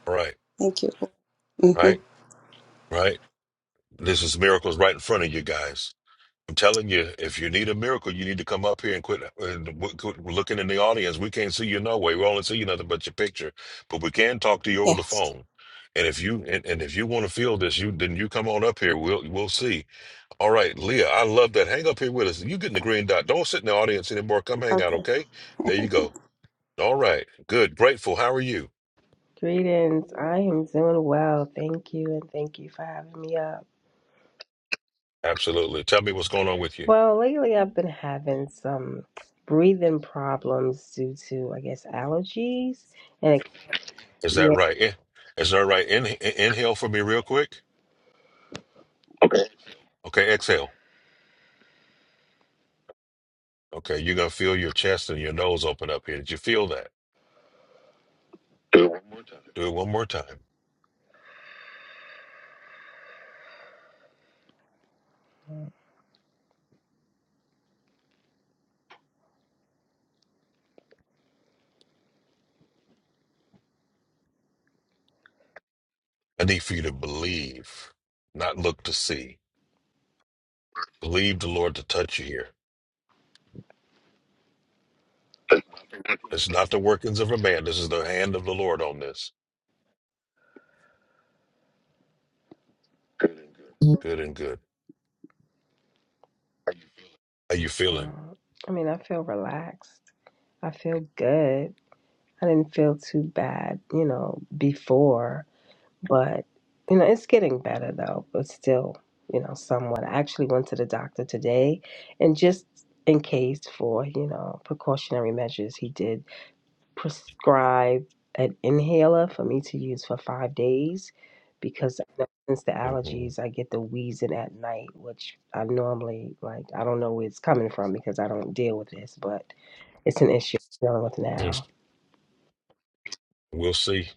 Speaker 3: All right.
Speaker 5: Thank you. hmm
Speaker 3: Right? Right? This is miracles right in front of you guys. I'm telling you, if you need a miracle, you need to come up here and quit, uh, and w- quit looking in the audience. We can't see you no way. We only see you nothing but your picture, but we can talk to you over the
Speaker 5: Yes.
Speaker 3: phone. And if you and, and if you want to feel this, you then you come on up here. We'll we'll see. All right, Leah, I love that. Hang up here with us. You getting the green dot? Don't sit in the audience anymore. Come hang out,
Speaker 5: Okay.
Speaker 3: okay? There you go. All right, good, grateful. How are you?
Speaker 6: Greetings. I am doing well. Thank you, and thank you for having me up.
Speaker 3: Absolutely. Tell me what's going on with you.
Speaker 6: Well, lately I've been having some breathing problems due to, I guess, allergies. And it,
Speaker 3: Is that right? Eh, Is that right? In, in- inhale for me, real quick. Okay, exhale. Okay, you're gonna feel your chest and your nose open up here. Did you feel that? Do it one more time.
Speaker 6: yeah,
Speaker 3: I need for you to believe, not look to see. Believe the Lord to touch you here. It's not the workings of a man. This is the hand of the Lord on this. Good and good. How you feeling?
Speaker 6: mm, I mean, I feel relaxed. I feel good. I didn't feel too bad, you know, before. But, you know, it's getting better though, but still, you know, somewhat. I actually went to the doctor today and just in case for, you know, precautionary measures, he did prescribe an inhaler for me to use for five days because I know since the
Speaker 3: hmm
Speaker 6: allergies, I get the wheezing at night, which I normally like, I don't know where it's coming from because I don't deal with this, but it's an issue I'm dealing with now.
Speaker 3: We'll see.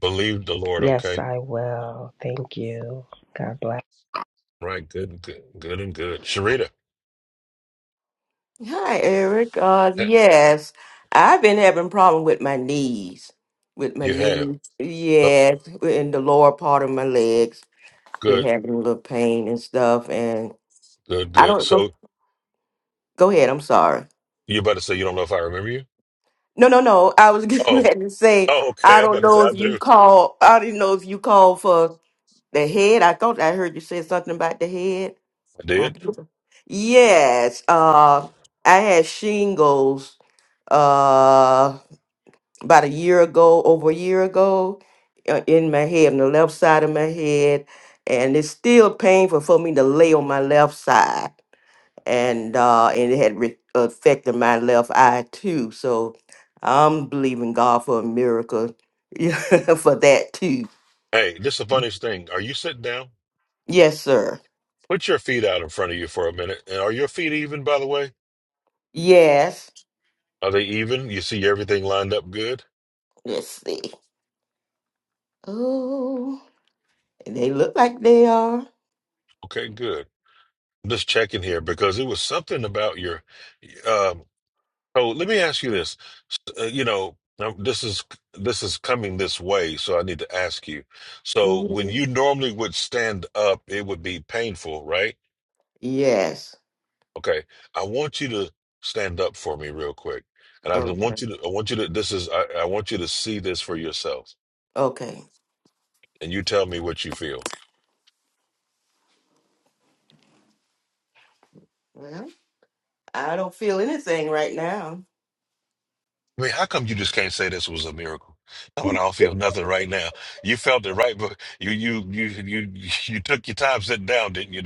Speaker 3: Believe the Lord,
Speaker 6: Yes,
Speaker 3: okay?
Speaker 6: I will. Thank you. God bless.
Speaker 3: Right. Good and good. Good and good. Sharita,
Speaker 7: Hi, Eric. Uh, yes, I've been having problem with my knees, with my
Speaker 3: you have.
Speaker 7: knees.
Speaker 3: Oh,
Speaker 7: Yes, in the lower part of my legs, been
Speaker 3: good.
Speaker 7: having a little pain and stuff. And
Speaker 3: Good.
Speaker 7: I
Speaker 3: Good.
Speaker 7: don't go,
Speaker 3: So
Speaker 7: go ahead. I'm sorry.
Speaker 3: you about to say you don't know if I remember you?
Speaker 7: No, no, no. I was getting
Speaker 3: Oh.
Speaker 7: ready to say
Speaker 3: Oh. Okay.
Speaker 7: I
Speaker 3: I'm
Speaker 7: don't
Speaker 3: about to say
Speaker 7: know
Speaker 3: I
Speaker 7: if you
Speaker 3: do.
Speaker 7: call. I didn't know if you called for the head. I thought I heard you say something about the head.
Speaker 3: I
Speaker 7: I-
Speaker 3: did.
Speaker 7: yes. Uh, I had shingles. Uh. about a year ago, over a year ago, uh, in my head, on the left side of my head, and it's still painful for me to lay on my left side, and uh, and it had re- affected my left eye too. So I'm believing God for a miracle yeah, for that too.
Speaker 3: Hey, this is the funniest thing. Are you sitting down?
Speaker 7: Yes, sir.
Speaker 3: Put your feet out in front of you for a minute. And are your feet even, by the way?
Speaker 7: Yes.
Speaker 3: Are they even? You see everything lined up good?
Speaker 7: Let's see. Oh, they look like they are.
Speaker 3: Okay, good. I'm just checking here because it was something about your. Um, oh, let me ask you this. Uh, you know, now this is this is coming this way, so I need to ask you. So, when
Speaker 7: hmm
Speaker 3: you normally would stand up, it would be painful, right?
Speaker 7: Yes.
Speaker 3: Okay, I want you to stand up for me real quick, and I just
Speaker 7: Okay.
Speaker 3: want you to. I want you to. This is. I, I want you to see this for yourself,
Speaker 7: Okay.
Speaker 3: and you tell me what you feel.
Speaker 7: Well, I don't feel anything right now.
Speaker 3: I mean, how come you just can't say this was a miracle? I mean, I don't feel nothing right now. You felt it right, but you you you you you took your time sitting down, didn't you?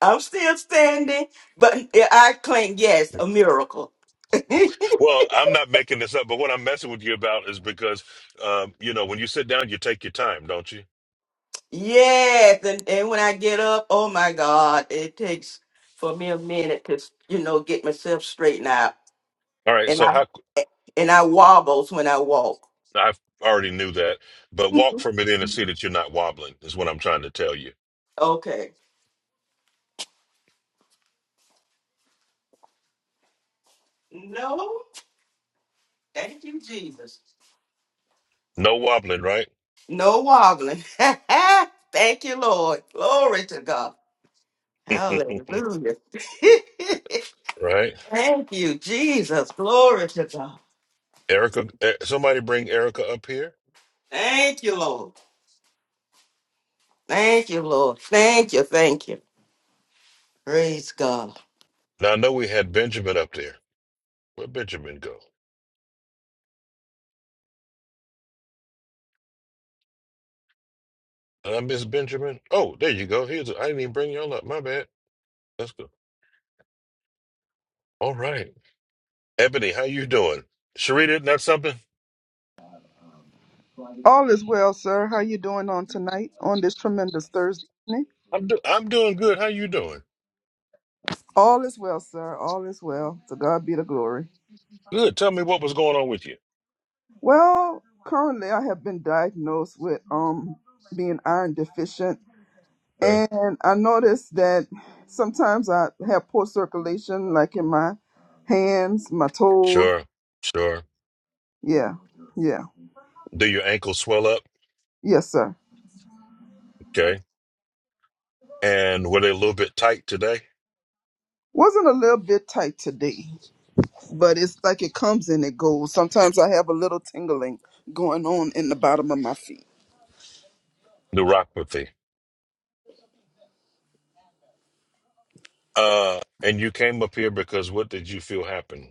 Speaker 7: I'm still standing, but I claim, yes, a miracle.
Speaker 3: Well, I'm not making this up, but what I'm messing with you about is because, um, you know, when you sit down, you take your time, don't you?
Speaker 7: yes, and, and when I get up, oh my God, it takes for me a minute to, you know, get myself straightened out.
Speaker 3: All right.
Speaker 7: And
Speaker 3: So
Speaker 7: I
Speaker 3: how
Speaker 7: and I wobbles when I walk.
Speaker 3: I already knew that, but walk from it in and see that you're not wobbling is what I'm trying to tell you.
Speaker 7: Okay. No, thank you, Jesus.
Speaker 3: No wobbling, right?
Speaker 7: No wobbling. thank you, Lord. Glory to God. Hallelujah.
Speaker 3: right?
Speaker 7: thank you, Jesus. Glory to God.
Speaker 3: Erica, eh, somebody bring Erica up here.
Speaker 7: Thank you, Lord. Thank you, Lord. Thank you. Thank you. Praise God.
Speaker 3: Now I know we had Benjamin up there. Where Benjamin go? Did I miss Benjamin? Oh, there you go. Here's I didn't even bring y'all up. My bad. Let's go. All right, Ebony, how you doing? Sharita, not something.
Speaker 8: All is well, sir. How you doing on tonight on this tremendous Thursday evening?
Speaker 3: I'm do- I'm doing good. How you doing?
Speaker 8: All is well, sir. All is well. To God be the glory.
Speaker 3: Good. Tell me what was going on with you.
Speaker 8: Well, currently I have been diagnosed with um being iron deficient,
Speaker 3: Okay.
Speaker 8: and I noticed that sometimes I have poor circulation, like in my hands, my toes.
Speaker 3: Sure. Sure.
Speaker 8: Yeah, yeah,
Speaker 3: Do your ankles swell up?
Speaker 8: yes, sir.
Speaker 3: Okay. And were they a little bit tight today?
Speaker 8: Wasn't a little bit tight today, but it's like it comes and it goes. Sometimes I have a little tingling going on in the bottom of my feet.
Speaker 3: Neuropathy. Uh, and you came up here because what did you feel happened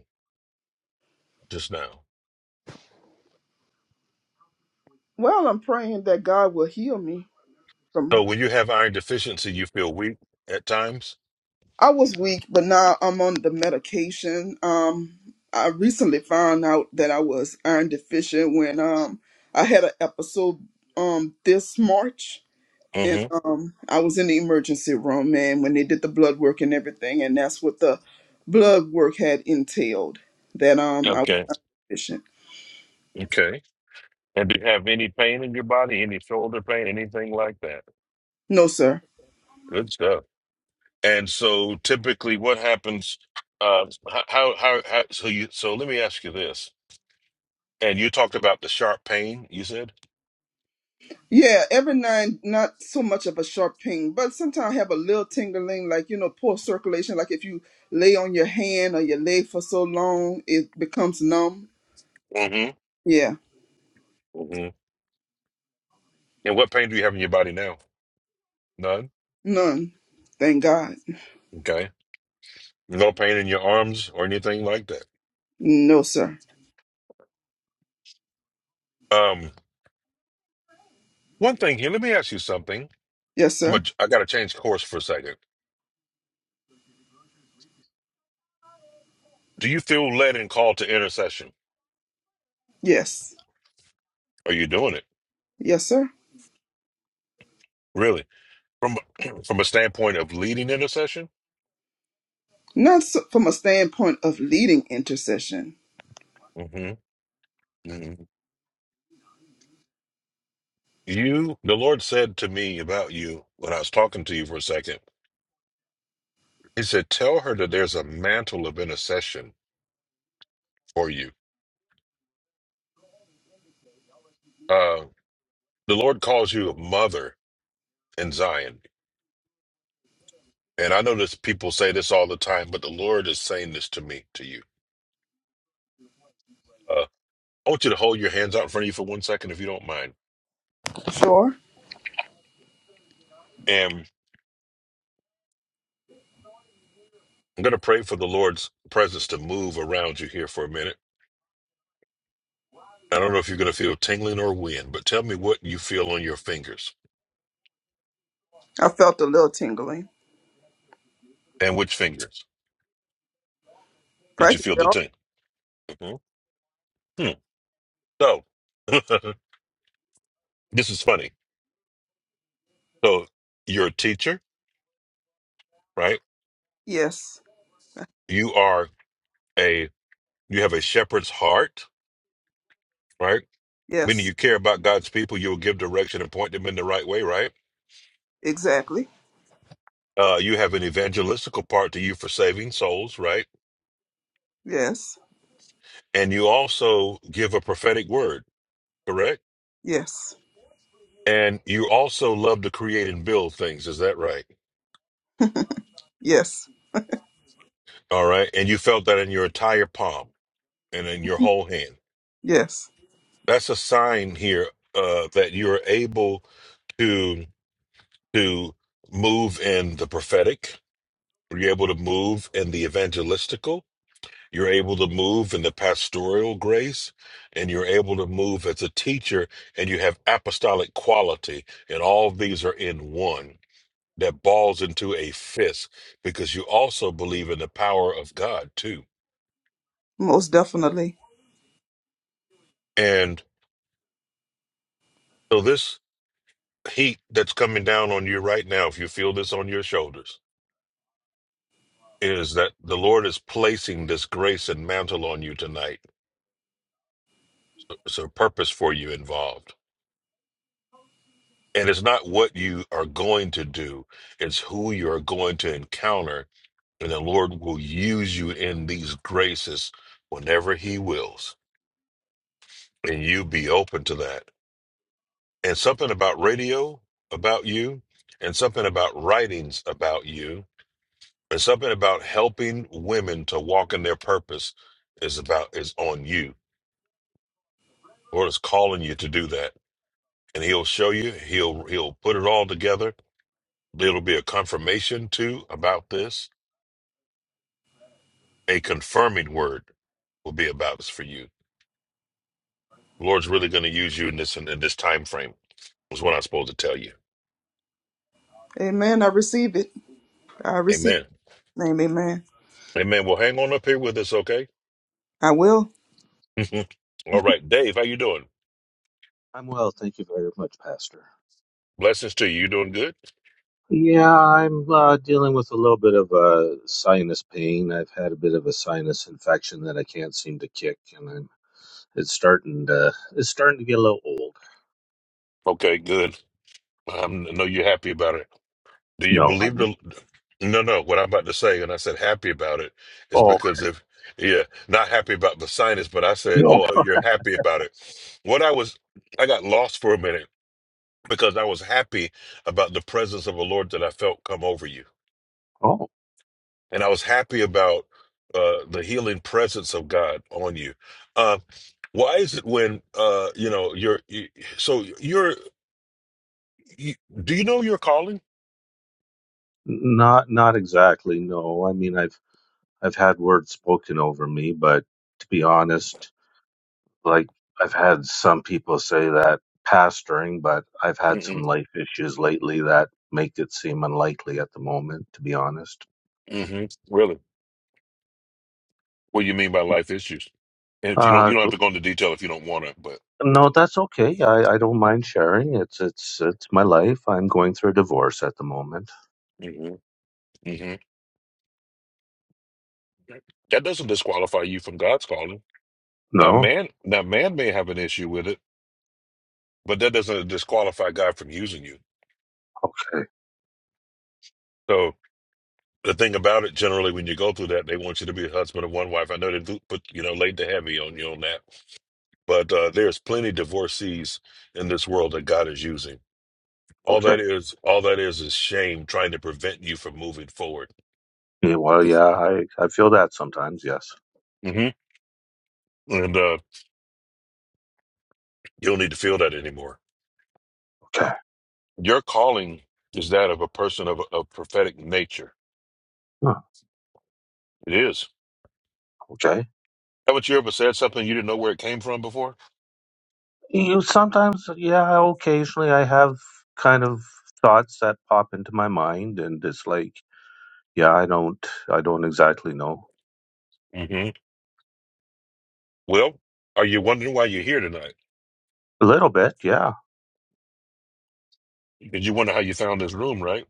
Speaker 3: just now?
Speaker 8: Well, I'm praying that God will heal me
Speaker 3: So
Speaker 8: from.
Speaker 3: when you have iron deficiency, you feel weak at times.
Speaker 8: I was weak, but now I'm on the medication. Um, I recently found out that I was iron deficient when um I had an episode um this March, and
Speaker 3: hmm
Speaker 8: um I was in the emergency room, and when they did the blood work and everything, and that's what the blood work had entailed that um I was
Speaker 3: Okay.
Speaker 8: deficient.
Speaker 3: Okay. And do you have any pain in your body, any shoulder pain, anything like that?
Speaker 8: No, sir.
Speaker 3: Good stuff. And so typically, what happens? Uh, h- how, how how so you so let me ask you this. And you talked about the sharp pain. You said.
Speaker 8: Yeah, every nine, not so much of a sharp pain, but sometimes have a little tingling, like you know, poor circulation. Like if you lay on your hand or your leg for so long, it becomes numb.
Speaker 3: Mm-hmm.
Speaker 8: Yeah,
Speaker 3: Mm-hmm. And what pain do you have in your body now? None.
Speaker 8: none. Thank God.
Speaker 3: Okay. No pain in your arms or anything like that.
Speaker 8: No, sir.
Speaker 3: Um. One thing here, let me ask you something.
Speaker 8: Yes,
Speaker 3: I'm a,
Speaker 8: sir.
Speaker 3: I got to change course for a second. Do you feel led and called to intercession?
Speaker 8: Yes.
Speaker 3: Are you doing it
Speaker 8: Yes, sir.
Speaker 3: really from from a standpoint of leading intercession?
Speaker 8: Not so, from a standpoint of leading intercession.
Speaker 3: hmm hmm You, the Lord said to me about you when I was talking to you for a second. He said, "Tell her that there's a mantle of intercession for you." Uh, the Lord calls you a mother in Zion, and I know this. People say this all the time, but the Lord is saying this to me, to you. Uh, I want you to hold your hands out in front of you for one second, if you don't mind.
Speaker 8: Sure.
Speaker 3: And I'm going to pray for the Lord's presence to move around you here for a minute. I don't know if you're going to feel tingling or wind, but tell me what you feel on your fingers
Speaker 8: I felt a little tingling.
Speaker 3: and which fingers did you feel
Speaker 8: Practically
Speaker 3: the
Speaker 8: all.
Speaker 3: tingle? hmm Hmm. So, this is funny. So, you're a teacher, right?
Speaker 8: Yes.
Speaker 3: You are a you have a shepherd's heart, right? Meaning
Speaker 8: Yes.
Speaker 3: you care about God's people, you'll give direction and point them in the right way, right?
Speaker 8: Exactly.
Speaker 3: Uh, you have an evangelistical part to you for saving souls, right?
Speaker 8: Yes.
Speaker 3: And you also give a prophetic word, correct?
Speaker 8: Yes.
Speaker 3: And you also love to create and build things. Is that right?
Speaker 8: Yes.
Speaker 3: All right. And you felt that in your entire palm and in your whole hand.
Speaker 8: Yes.
Speaker 3: That's a sign here uh, that you're able to to move in the prophetic. You're able to move in the evangelistical. You're able to move in the pastoral grace, and you're able to move as a teacher, and you have apostolic quality, and all of these are in one. that balls into a fist because you also believe in the power of God too.
Speaker 8: Most definitely.
Speaker 3: And so this heat that's coming down on you right now, if you feel this on your shoulders, is that the Lord is placing this grace and mantle on you tonight. It's a purpose for you involved. And it's not what you are going to do, it's who you're going to encounter. And the Lord will use you in these graces whenever He wills. And you be open to that and something about radio about you, and something about writings about you, and something about helping women to walk in their purpose is about is on you. Lord is calling you to do that, and He'll show you. He'll He'll put it all together. It'll be a confirmation too about this. A confirming word will be about this for you. The Lord's really going to use you in this in, this time frame. Is what I'm supposed to tell you.
Speaker 8: Amen. I receive it. I receive
Speaker 3: Amen.
Speaker 8: it. Amen.
Speaker 3: Amen. Well, hang on up here with us, okay?
Speaker 8: I will.
Speaker 3: all right, Dave. How you doing?
Speaker 9: I'm well, thank you very much, Pastor.
Speaker 3: Blessings to you. You doing good?
Speaker 9: Yeah, I'm uh, dealing with a little bit of uh, sinus pain. I've had a bit of a sinus infection that I can't seem to kick, and I'm, it's starting to it's starting to get a little old.
Speaker 3: Okay, good. I'm, I know you're happy about it. Do you
Speaker 9: No,
Speaker 3: believe
Speaker 9: I'm
Speaker 3: the? No, no. What I'm about to say, and I said happy about it, is
Speaker 9: oh
Speaker 3: because if yeah, not happy about the sinus, but I said,
Speaker 9: no
Speaker 3: oh, I know you're happy about it. What I was, I got lost for a minute because I was happy about the presence of the Lord that I felt come over you,
Speaker 9: oh
Speaker 3: and I was happy about uh, the healing presence of God on you. Uh, why is it when uh, you know you're you, so you're you, do you know your calling?
Speaker 9: not not exactly no. I mean, I've I've had words spoken over me, but to be honest. Like I've had some people say that pastoring, but I've had some
Speaker 3: Mm-mm.
Speaker 9: life issues lately that make it seem unlikely at the moment, to be honest.
Speaker 3: hmm Really? What do you mean by life issues? And if you don't, you
Speaker 9: Uh,
Speaker 3: don't have
Speaker 9: go-
Speaker 3: to go into detail if you don't want to. But
Speaker 9: no, that's okay. I, I don't mind sharing. It's it's it's my life. I'm going through a divorce at the moment.
Speaker 3: hmm hmm that doesn't disqualify you from God's calling. Now,
Speaker 9: No,
Speaker 3: man, now man may have an issue with it, but that doesn't disqualify God from using you.
Speaker 9: okay,
Speaker 3: So the thing about it, generally, when you go through that, they want you to be a husband of one wife. I know they do put, you know, laid the heavy on you on that, but uh, there's plenty divorcees in this world that God is using. All
Speaker 9: okay.
Speaker 3: that is, all that is, is shame trying to prevent you from moving forward.
Speaker 9: Yeah, well, yeah, I I feel that sometimes. Yes.
Speaker 3: and uh, you don't need to feel that anymore.
Speaker 9: Okay.
Speaker 3: Your calling is that of a person of a prophetic nature.
Speaker 9: Huh,
Speaker 3: It is.
Speaker 9: okay.
Speaker 3: Haven't you ever said something you didn't know where it came from before?
Speaker 9: You sometimes, yeah, occasionally I have kind of thoughts that pop into my mind, and it's like Yeah, I don't I don't exactly know.
Speaker 3: hmm Well, are you wondering why you're here tonight?
Speaker 9: A little bit, yeah.
Speaker 3: Did you wonder how you found this room, right?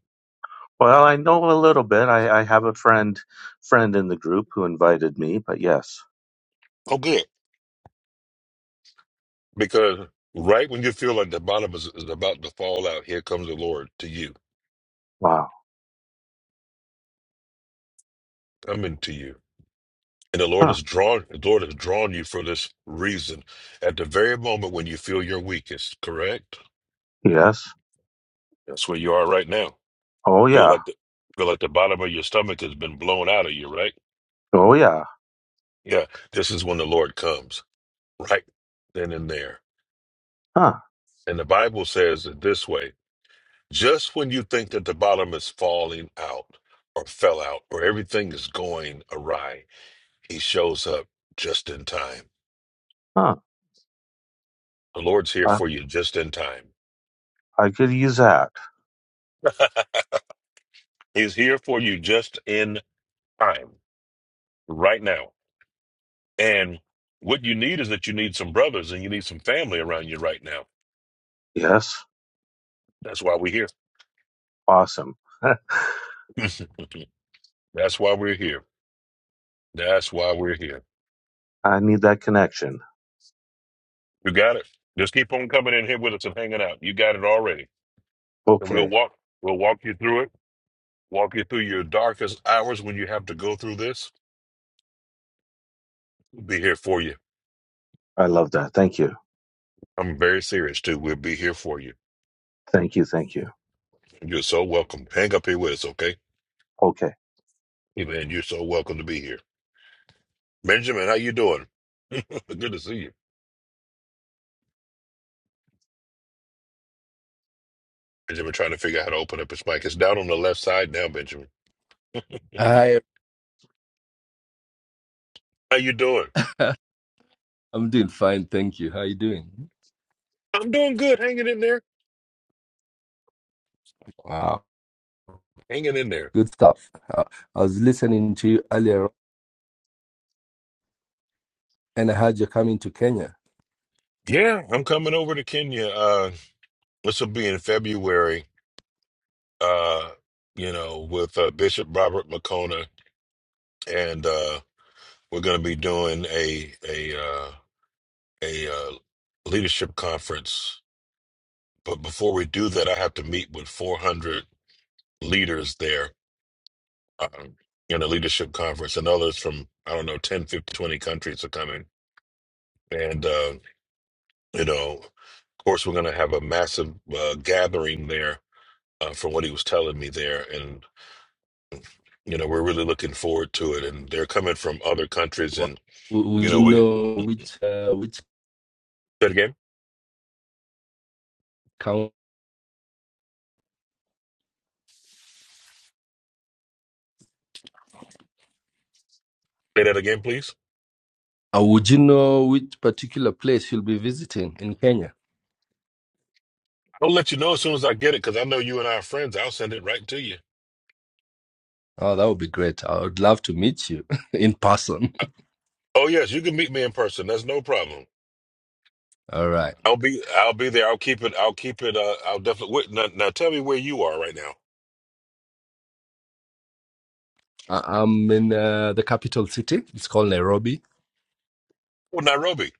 Speaker 9: Well, I know a little bit. I, I have a friend friend in the group who invited me, but yes.
Speaker 3: Oh, good. Because right when you feel like the bottom is, is about to fall out, here comes the Lord to you,
Speaker 9: Wow.
Speaker 3: coming to you. And the Lord
Speaker 9: Huh.
Speaker 3: has drawn the Lord has drawn you for this reason. At the very moment when you feel your weakest, correct?
Speaker 9: Yes.
Speaker 3: That's where you are right now.
Speaker 9: Oh
Speaker 3: Feel
Speaker 9: yeah.
Speaker 3: like the feel like the bottom of your stomach has been blown out of you, right?
Speaker 9: Oh yeah.
Speaker 3: Yeah. This is when the Lord comes, right then and there.
Speaker 9: Huh.
Speaker 3: And the Bible says it this way just when you think that the bottom is falling out or fell out or everything is going awry, he shows up just in time.
Speaker 9: Huh.
Speaker 3: The Lord's here
Speaker 9: I,
Speaker 3: for you just in time.
Speaker 9: I could use that.
Speaker 3: He's here for you just in time, right now. And what you need is that you need some brothers and you need some family around you right now.
Speaker 9: Yes.
Speaker 3: That's why we're here.
Speaker 9: Awesome.
Speaker 3: That's why we're here. That's why we're here.
Speaker 9: I need that connection.
Speaker 3: You got it. Just keep on coming in here with us and hanging out. You got it already. And we'll
Speaker 9: Okay.
Speaker 3: walk. We'll walk you through it. Walk you through your darkest hours when you have to go through this. We'll be here for you.
Speaker 9: I love that. Thank you.
Speaker 3: I'm very serious too. We'll be here for you.
Speaker 9: Thank you. Thank you.
Speaker 3: You're so welcome. Hang up here with us, okay?
Speaker 9: Okay.
Speaker 3: Hey, man, you're so welcome to be here. Benjamin, how you doing? Good to see you. Benjamin trying to figure out how to open up his mic. It's down on the left side now, Benjamin.
Speaker 10: Hi,
Speaker 3: How you doing?
Speaker 10: I'm doing fine, thank you. How are you doing?
Speaker 3: I'm doing good. Hanging in there.
Speaker 10: Wow,
Speaker 3: Hanging in there.
Speaker 10: good stuff. Uh, I was listening to you earlier, and I heard you're coming to Kenya.
Speaker 3: Yeah, I'm coming over to Kenya. Uh, this will be in February. Uh, you know, with uh, Bishop Robert Makona, and uh, we're going to be doing a a uh, a uh, leadership conference. But before we do that, I have to meet with 400 leaders there um, in a leadership conference, and others from I don't know 10, fifteen, twenty countries are coming. And uh, you know, of course, we're going to have a massive uh, gathering there uh, from what he was telling me there. You know, we're really looking forward to it, and they're coming from other countries.
Speaker 10: Wow.
Speaker 3: And
Speaker 10: W-
Speaker 3: you
Speaker 10: Would you
Speaker 3: know, we say
Speaker 10: know which uh, which
Speaker 3: that again.
Speaker 10: count?
Speaker 3: Say that again, please.
Speaker 10: Uh, would you know which particular place you'll be visiting in Kenya?
Speaker 3: I'll let you know as soon as I get it because I know you and I are friends. I'll send it right to you.
Speaker 10: Oh, that would be great. I would love to meet you in person.
Speaker 3: I- oh yes, you can meet me in person. That's no problem.
Speaker 10: All right.
Speaker 3: I'll be I'll be there. I'll keep it. I'll keep it. Uh, I'll definitely. Wait, now, now tell me where you are right now.
Speaker 10: I- I'm in uh, the capital city. It's called Nairobi.
Speaker 3: Oh, Nairobi.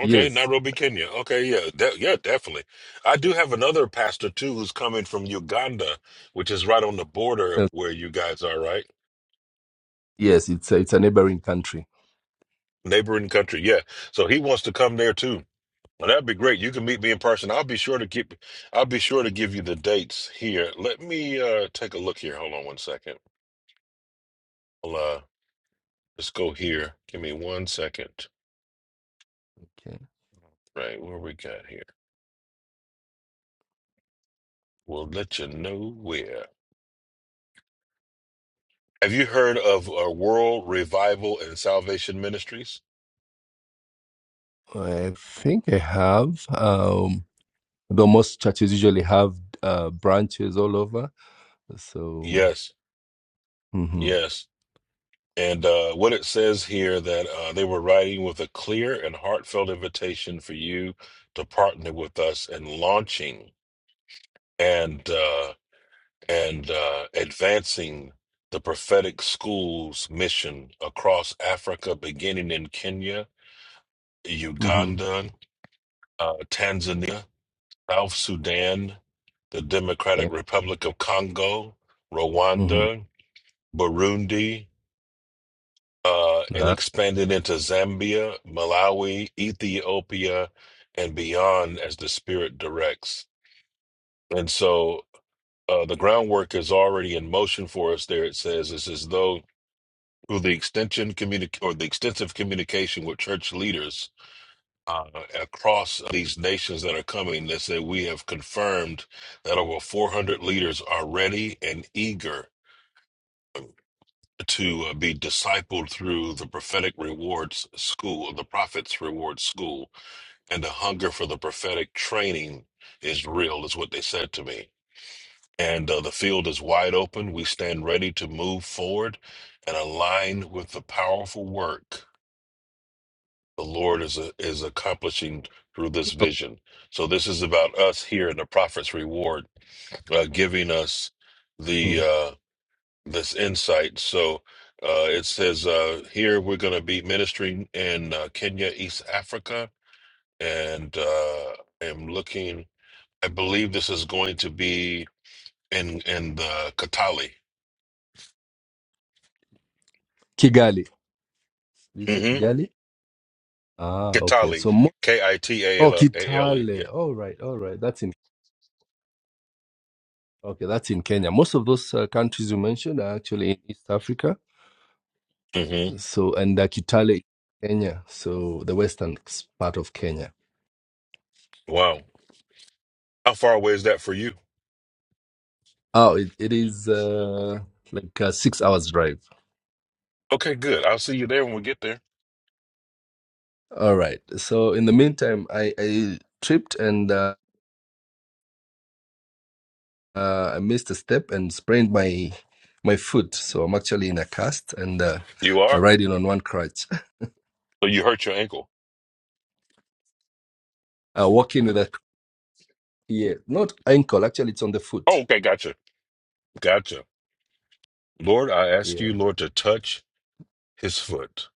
Speaker 3: Okay, Nairobi, Kenya. Okay, yeah, de- yeah, definitely. I do have another pastor too who's coming from Uganda, which is right on the border
Speaker 10: Uh,
Speaker 3: of where you guys are, right?
Speaker 10: Yes, it's a, it's a neighboring country.
Speaker 3: neighboring country. Yeah. So he wants to come there too. Well, that'd be great. You can meet me in person. I'll be sure to keep I'll be sure to give you the dates here. Let me uh take a look here. Hold on one second. Well, uh let's go here. Give me one second.
Speaker 10: Okay.
Speaker 3: Right, where we got here. We'll let you know where. Have you heard of uh, World Revival and Salvation Ministries?
Speaker 10: I think I have. Um, Though most churches usually have uh, branches all over. So,
Speaker 3: Yes.
Speaker 10: mm-hmm,
Speaker 3: Yes. And uh, what it says here that uh, they were writing with a clear and heartfelt invitation for you to partner with us in launching and uh, and uh, advancing the prophetic school's mission across Africa, beginning in Kenya,
Speaker 10: mm-hmm,
Speaker 3: Uganda, uh, Tanzania, South Sudan, the
Speaker 10: yeah,
Speaker 3: Democratic Republic of Congo,
Speaker 10: mm-hmm.
Speaker 3: Rwanda, Burundi. uh, and
Speaker 10: Ah,
Speaker 3: expanded into Zambia, Malawi, Ethiopia, and beyond as the Spirit directs. And so uh, the groundwork is already in motion for us there. It says it's as though through the extension communic- or the extensive communication with church leaders uh, across these nations that are coming, they say we have confirmed that over 400 leaders are ready and eager to uh, be discipled through the prophetic rewards school, the prophet's rewards school, and the hunger for the prophetic training is real, is what they said to me. And uh, the field is wide open. We stand ready to move forward and align with the powerful work the Lord is uh, is accomplishing through this
Speaker 10: oh,
Speaker 3: vision. So this is about us here in the prophet's reward, uh, giving us the.
Speaker 10: mm.
Speaker 3: uh, this insight. So uh, it says uh, here we're going to be ministering in uh, Kenya, East Africa, and uh, I'm looking. I believe this is going to be in in the Kitale.
Speaker 10: Kigali. Did you say
Speaker 3: Mm-hmm.
Speaker 10: Kigali? Ah, okay.
Speaker 3: Kitale,
Speaker 10: So, mo-
Speaker 3: K I T A
Speaker 10: oh,
Speaker 3: L A L E. Yeah.
Speaker 10: Kitale. All right, all right. That's in okay. That's in Kenya. Most of those uh, countries you mentioned are actually in East Africa.
Speaker 3: Mm-hmm.
Speaker 10: So, and uh, Kitale, Kenya. So, the western s- part of Kenya.
Speaker 3: Wow. How far away is that for you?
Speaker 10: Oh, it, it is uh, like a six hours drive.
Speaker 3: Okay, good. I'll see you there when we get there.
Speaker 10: All right. So in the meantime, I, I tripped and uh, uh, I missed a step and sprained my my foot. So I'm actually in a cast and uh,
Speaker 3: You
Speaker 10: I'm
Speaker 3: are.
Speaker 10: riding on one crutch.
Speaker 3: So you hurt your ankle.
Speaker 10: Uh, walking with a yeah, not ankle. Actually, it's on the
Speaker 3: Oh,
Speaker 10: foot.
Speaker 3: okay. Gotcha. Gotcha. Lord, I ask you,
Speaker 10: Yeah,
Speaker 3: Lord, to touch his foot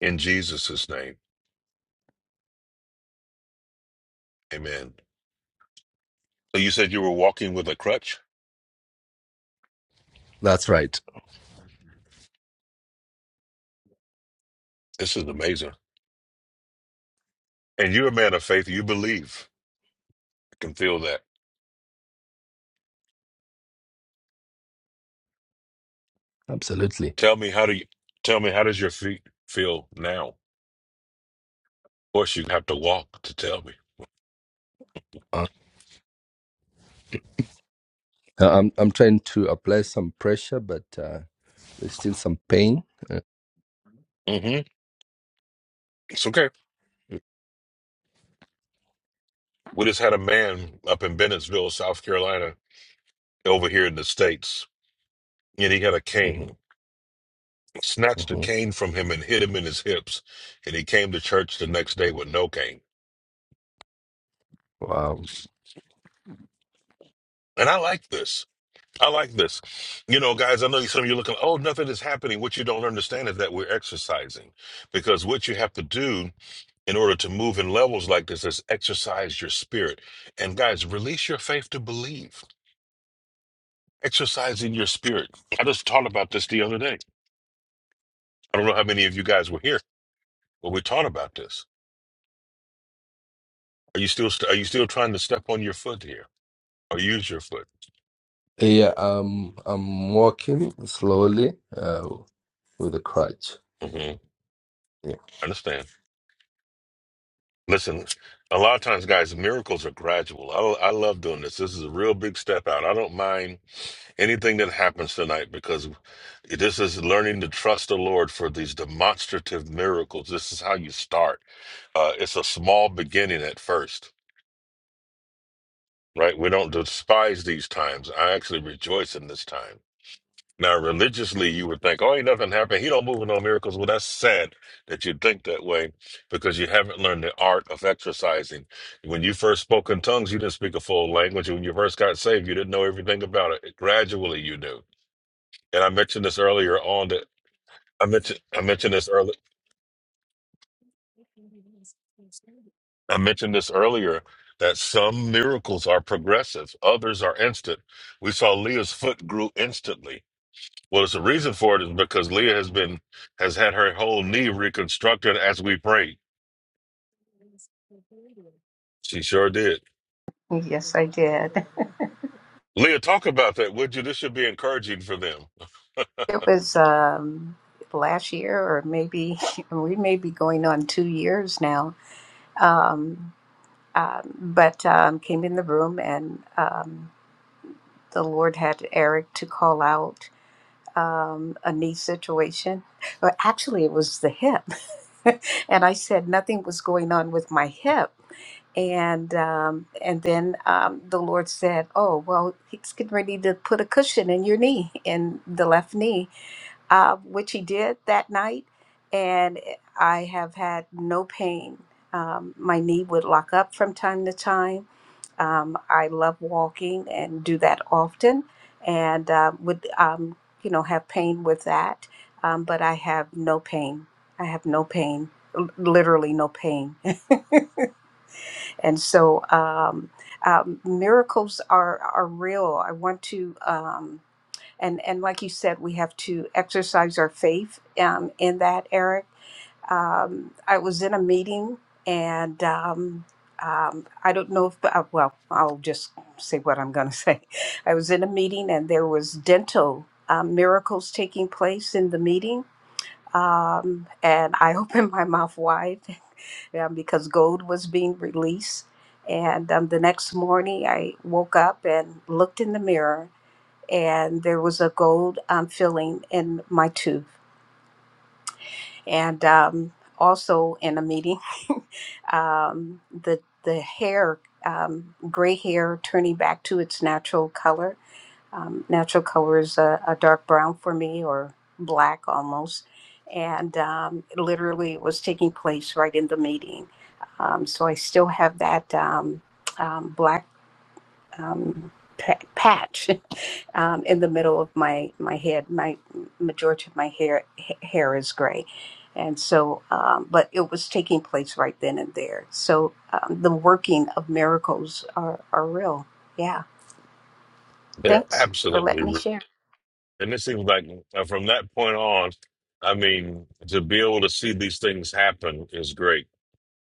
Speaker 3: in Jesus' name. Amen. So you said you were walking with a crutch?
Speaker 10: that's right.
Speaker 3: This is amazing. And you're a man of faith. You believe. I can feel that.
Speaker 10: Absolutely.
Speaker 3: Tell me how do you tell me how does your feet feel now? Of course you have to walk to tell me.
Speaker 10: Uh, I'm I'm trying to apply some pressure, but uh, there's still some pain. Uh,
Speaker 3: hmm It's okay. We just had a man up in Bennettsville, South Carolina, over here in the States, and he had a
Speaker 10: mhm,
Speaker 3: cane. Snatched a
Speaker 10: mhm.
Speaker 3: cane from him and hit him in his hips. And he came to church the next day with no cane.
Speaker 10: Wow.
Speaker 3: And I like this. I like this. You know, guys, I know some of you are looking, oh, nothing is happening. What you don't understand is that we're exercising because what you have to do in order to move in levels like this is exercise your spirit. And guys, release your faith to believe, exercising your spirit. I just taught about this the other day. I don't know how many of you guys were here, but we taught about this. Are you still, st- are you still trying to step on your foot here or use your foot?
Speaker 10: Yeah. Um. I'm walking slowly uh, with a crutch.
Speaker 3: hmm
Speaker 10: Yeah.
Speaker 3: Understand. Listen, a lot of times, guys, miracles are gradual. I, I love doing this. This is a real big step out. I don't mind anything that happens tonight because this is learning to trust the Lord for these demonstrative miracles. This is how you start. Uh, it's a small beginning at first, right? We don't despise these times. I actually rejoice in this time. Now, religiously, you would think, oh, ain't nothing happened. He don't move in no miracles. Well, that's sad that you'd think that way because you haven't learned the art of exercising. When you first spoke in tongues, you didn't speak a full language. When you first got saved, you didn't know everything about it. Gradually, you do. And I mentioned this earlier on that I mentioned I mentioned this early I mentioned this earlier that some miracles are progressive, others are instant. We saw Leah's foot grew instantly. Well, it's a reason for it is because Leah has been has had her whole knee reconstructed as we prayed. She sure did.
Speaker 5: Yes, I did.
Speaker 3: Leah, talk about that, would you? This should be encouraging for them.
Speaker 5: It was um, last year, or maybe we may be going on two years now. Um, um, but um, came in the room and. Um, the Lord had Eric to call out um, a knee situation. Well, actually, it was the hip. and I said nothing was going on with my hip. And um, and then um, the Lord said, "Oh well, He's getting ready to put a cushion in your knee, in the left knee." uh, which he did that night. And I have had no pain. Um, my knee would lock up from time to time. Um, I love walking and do that often, and um, would um, you know have pain with that. Um, but I have no pain. I have no pain, l- literally no pain. and so um, um, miracles are are real. I want to. Um, and and like you said, we have to exercise our faith um, in that, Eric. Um, I was in a meeting, and um, um, I don't know if, uh, well, I'll just say what I'm going to say. I was in a meeting, and there was dental um, miracles taking place in the meeting, um, and I opened my mouth wide um, because gold was being released. And um, the next morning, I woke up and looked in the mirror, and there was a gold um, filling in my tooth. And um, also in a meeting, um, the the hair, um, gray hair, turning back to its natural color. Um, natural color is a, a dark brown for me, or black almost. And um, literally, it was taking place right in the meeting. Um, so I still have that um, um, black um, patch um, in the middle of my my head. My majority of my hair hair is gray, and so um, but it was taking place right then and there. So um, the working of miracles are are real. Yeah.
Speaker 3: They're
Speaker 5: Thanks for
Speaker 3: absolutely,
Speaker 5: letting me
Speaker 3: re-
Speaker 5: share.
Speaker 3: and it seems like uh, from that point on, I mean, to be able to see these things happen is great.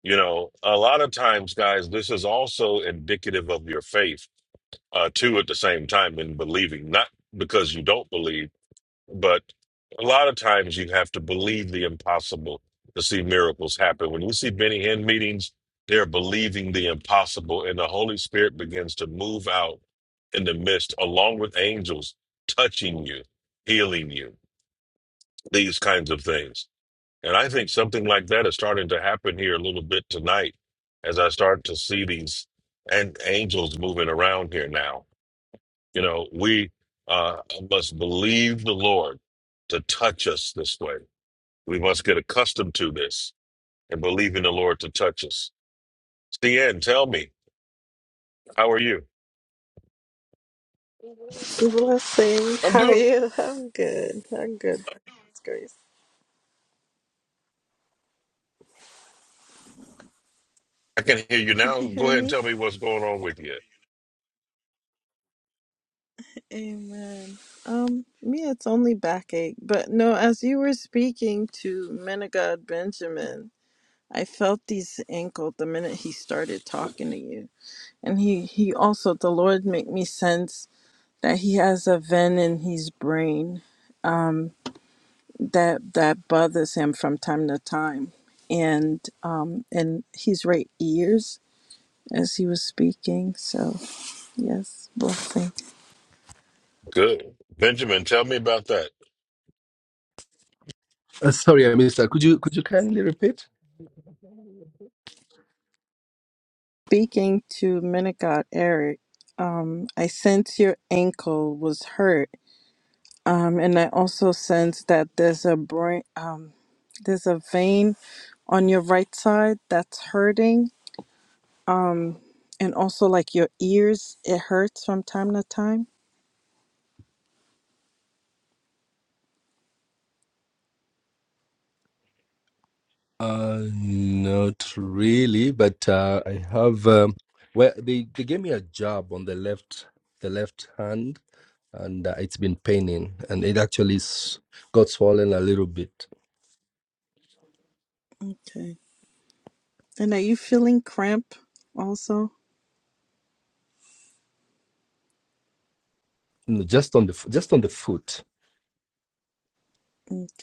Speaker 3: You know, a lot of times, guys, this is also indicative of your faith uh, too. At the same time, in believing, not because you don't believe But a lot of times you have to believe the impossible to see miracles happen. When you see Benny Hinn meetings, they're believing the impossible, and the Holy Spirit begins to move out in the midst, along with angels touching you, healing you, these kinds of things. And I think something like that is starting to happen here a little bit tonight as I start to see these and angels moving around here now. You know, we uh, must believe the Lord to touch us this way. We must get accustomed to this and believe in the Lord to touch us. CN, tell me, how are you?
Speaker 11: Blessing.
Speaker 3: I'm
Speaker 11: How are
Speaker 3: doing.
Speaker 11: you? I'm good. I'm good. by God's Grace.
Speaker 3: I can hear you
Speaker 11: Can
Speaker 3: now.
Speaker 11: you
Speaker 3: Go
Speaker 11: hear
Speaker 3: ahead and
Speaker 11: me?
Speaker 3: tell me what's going on with you.
Speaker 11: Amen. Um, me, it's only backache. But no, as you were speaking to Menagod Benjamin, I felt his ankle the minute he started talking to you. And he, he also, the Lord make me sense that he has a vein in his brain that that bothers him from time to time. And um and his right ears as he was speaking. So, yes, blessing.
Speaker 3: Good. Benjamin, tell me about that.
Speaker 10: Uh, sorry, I missed that. Could you could you kindly repeat?
Speaker 11: Speaking to Minigod Eric, um, I sense your ankle was hurt. Um, and I also sense that there's a brain, um, there's a vein on your right side that's hurting. Um, and also like your ears, it hurts from time to time.
Speaker 10: Uh, not really, but uh, I have. Um, well, they, they gave me a job on the left the left hand, and uh, it's been paining, and it actually s- got swollen a little bit,
Speaker 11: Okay. And are you feeling cramp also?
Speaker 10: Mm, just on the f- just on the foot.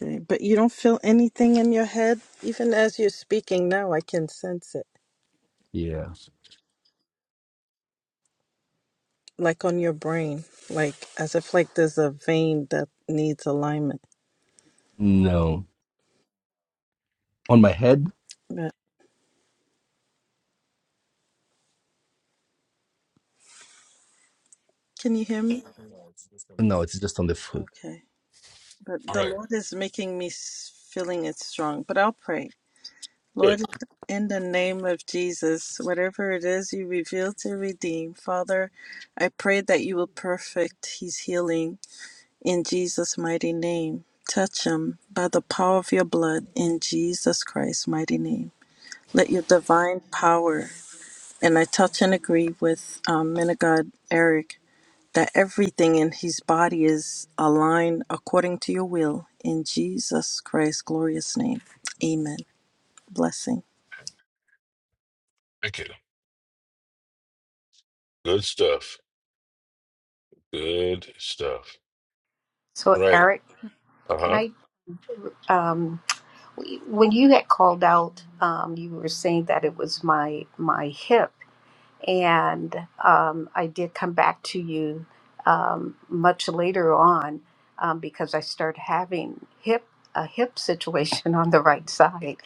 Speaker 11: Okay. But you don't feel anything in your head? Even as you're speaking now, I can sense it.
Speaker 10: Yeah.
Speaker 11: like on your brain, like as if like there's a vein that needs alignment.
Speaker 10: No, on my head.
Speaker 11: But can you hear me?
Speaker 10: No, it's just on the foot.
Speaker 11: Okay. But
Speaker 3: All
Speaker 11: the
Speaker 3: right.
Speaker 11: Lord is making me s- feeling it strong. But I'll pray.
Speaker 3: Good.
Speaker 11: Lord, in the name of Jesus, whatever it is you reveal to redeem, Father, I pray that you will perfect his healing in Jesus' mighty name. Touch him by the power of your blood in Jesus Christ's mighty name. Let your divine power And I touch and agree with um, man of God Eric that everything in his body is aligned according to your will. In Jesus Christ's glorious name. Amen. Blessing.
Speaker 3: Thank you. Good stuff. Good stuff.
Speaker 5: So
Speaker 3: Right.
Speaker 5: Eric, can
Speaker 3: Uh
Speaker 5: I? Um, when you had called out, um, you were saying that it was my my hip and um, I did come back to you um, much later on um, because I started having hip a hip situation on the right side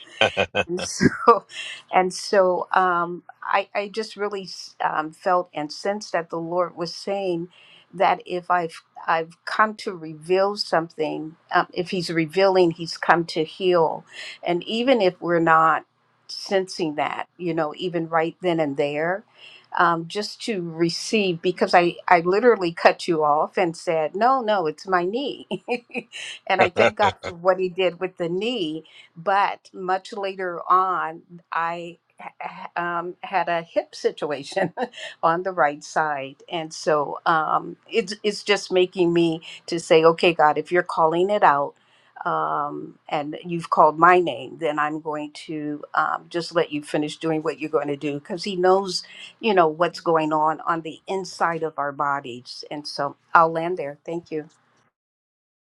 Speaker 5: And so, and so um, I, I just really s- um, felt and sensed that the Lord was saying that if I've I've come to reveal something, um, if He's revealing, He's come to heal, and even if we're not sensing that, you know, even right then and there, um, just to receive, because I I literally cut you off and said, no, no, it's my knee, and I
Speaker 3: huh.
Speaker 5: thank God for what He did with the knee, but much later on, I um, had a hip situation on the right side, and so um, it's it's just making me to say, okay, God, if you're calling it out. Um, and you've called my name, then I'm going to um, just let you finish doing what you're going to do because He knows, you know, what's going on on the inside of our bodies. And so I'll land there. Thank you.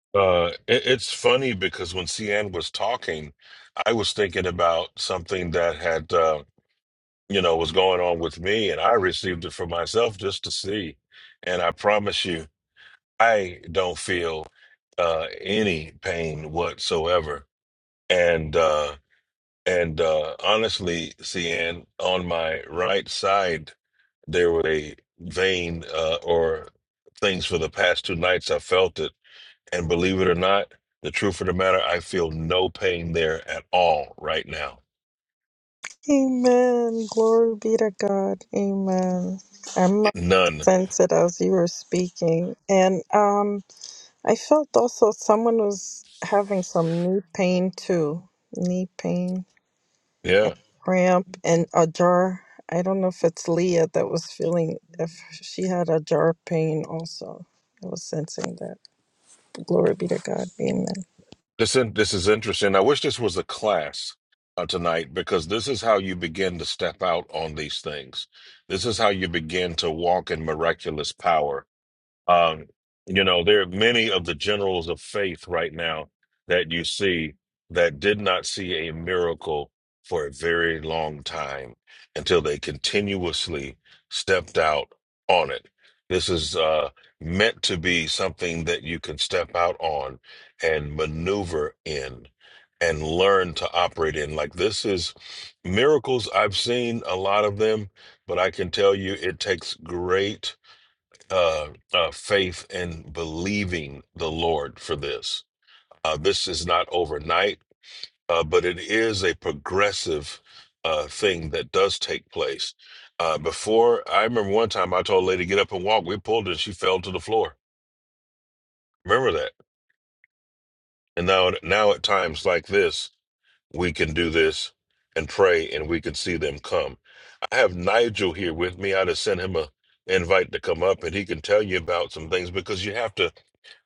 Speaker 3: uh, it, it's funny because when CN was talking, I was thinking about something that had. Um, you know, was going on with me, and I received it for myself just to see. And I promise you, I don't feel uh, any pain whatsoever. And uh, and uh, honestly, CN, on my right side there was a vein uh, or things for the past two nights. I felt it, and believe it or not, the truth of the matter, I feel no pain there at all right now.
Speaker 11: Amen. Glory be to God. Amen. I'm
Speaker 3: None.
Speaker 11: sensitive as you were speaking. And um I felt also someone was having some knee pain too. Knee pain.
Speaker 3: Yeah.
Speaker 11: cramp and a jar. I don't know if it's Leah that was feeling if she had a jar pain also. I was sensing that. Glory be to God. Amen.
Speaker 3: This in, this is interesting. I wish this was a class uh, tonight because this is how you begin to step out on these things. This is how you begin to walk in miraculous power. Um, you know, there are many of the generals of faith right now that you see that did not see a miracle for a very long time until they continuously stepped out on it. This is uh, meant to be something that you can step out on and maneuver in and learn to operate in. Like this is miracles. I've seen a lot of them, but I can tell you it takes great uh, uh, faith and believing the Lord for this. Uh, this is not overnight, uh, but it is a progressive uh, thing that does take place. Uh, before, I remember one time I told a lady get up and walk. We pulled her and she fell to the floor. Remember that. And now, now at times like this, we can do this and pray, and we can see them come. I have Nigel here with me. I just sent him a invite to come up, and he can tell you about some things because you have to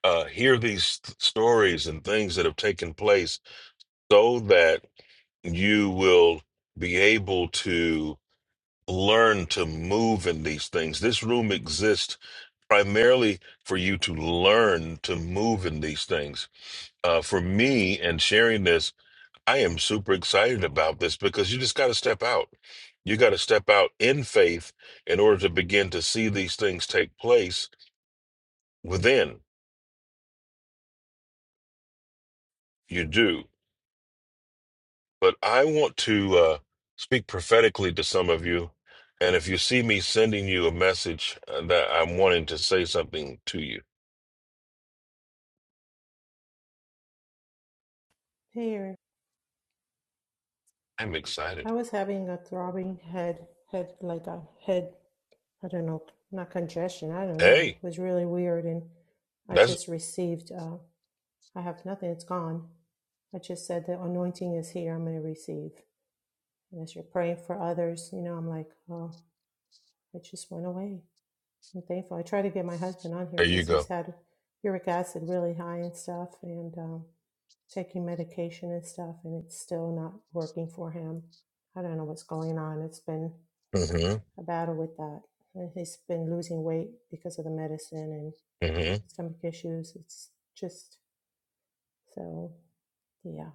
Speaker 3: uh, hear these th- stories and things that have taken place so that you will be able to learn to move in these things. This room exists primarily for you to learn to move in these things. Uh, for me and sharing this, I am super excited about this because you just got to step out. You got to step out in faith in order to begin to see these things take place within. You do. But I want to uh, speak prophetically to some of you. And if you see me sending you a message uh, that I'm wanting to say something to you,
Speaker 12: Here,
Speaker 3: I'm excited.
Speaker 12: I was having a throbbing head, head like a head, I don't know, not congestion, I don't know.
Speaker 3: Hey,
Speaker 12: It was really weird. And I
Speaker 3: that's
Speaker 12: just received, uh, I have nothing, it's gone. I just said the anointing is here, I'm going to receive. And as you're praying for others, you know, I'm like, oh, it just went away. I'm thankful. I try to get my husband on here
Speaker 3: there you
Speaker 12: because he's
Speaker 3: go.
Speaker 12: had uric acid really high and stuff. And, um, taking medication and stuff, and it's still not working for him. I don't know what's going on. It's been
Speaker 3: hmm
Speaker 12: a battle with that. And he's been losing weight because of the medicine and
Speaker 3: hmm
Speaker 12: stomach issues. It's just so, yeah.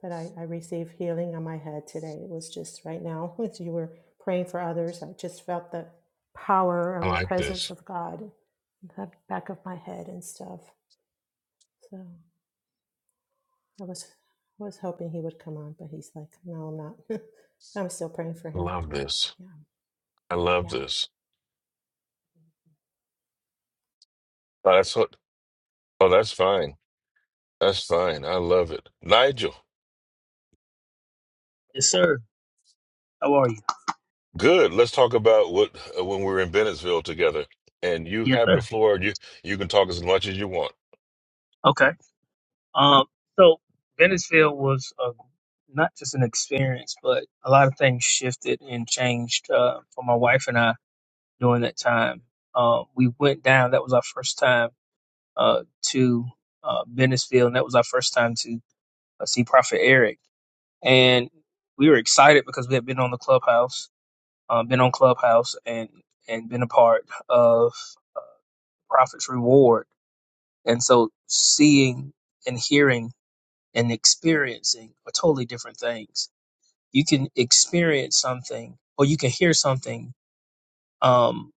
Speaker 12: But I, I received healing on my head today. It was just right now, as you were praying for others, I just felt the power
Speaker 3: I
Speaker 12: of the
Speaker 3: like
Speaker 12: presence
Speaker 3: this.
Speaker 12: of God in the back of my head and stuff. So. I was was hoping he would come on, but he's like, no, I'm not. I'm still praying for
Speaker 3: I
Speaker 12: him.
Speaker 3: love this.
Speaker 12: Yeah,
Speaker 3: I love
Speaker 12: yeah.
Speaker 3: this. Oh, that's what, oh, that's fine. That's fine. I love it. Nigel,
Speaker 13: Yes, sir. How are you?
Speaker 3: good. Let's talk about what uh, when we were in Bennettsville together. And you
Speaker 13: Yes,
Speaker 3: have
Speaker 13: sir.
Speaker 3: the floor. You you can talk as much as you want.
Speaker 13: Okay. Um, so Venicefield was a, not just an experience, but a lot of things shifted and changed uh, for my wife and I during that time. Um, we went down. That was our first time uh, to uh, Venicefield, and that was our first time to uh, see Prophet Eric. And we were excited because we had been on the clubhouse, uh, been on Clubhouse, and and been a part of Prophet's Reward And so seeing and hearing and experiencing are totally different things. You can experience something or you can hear something um,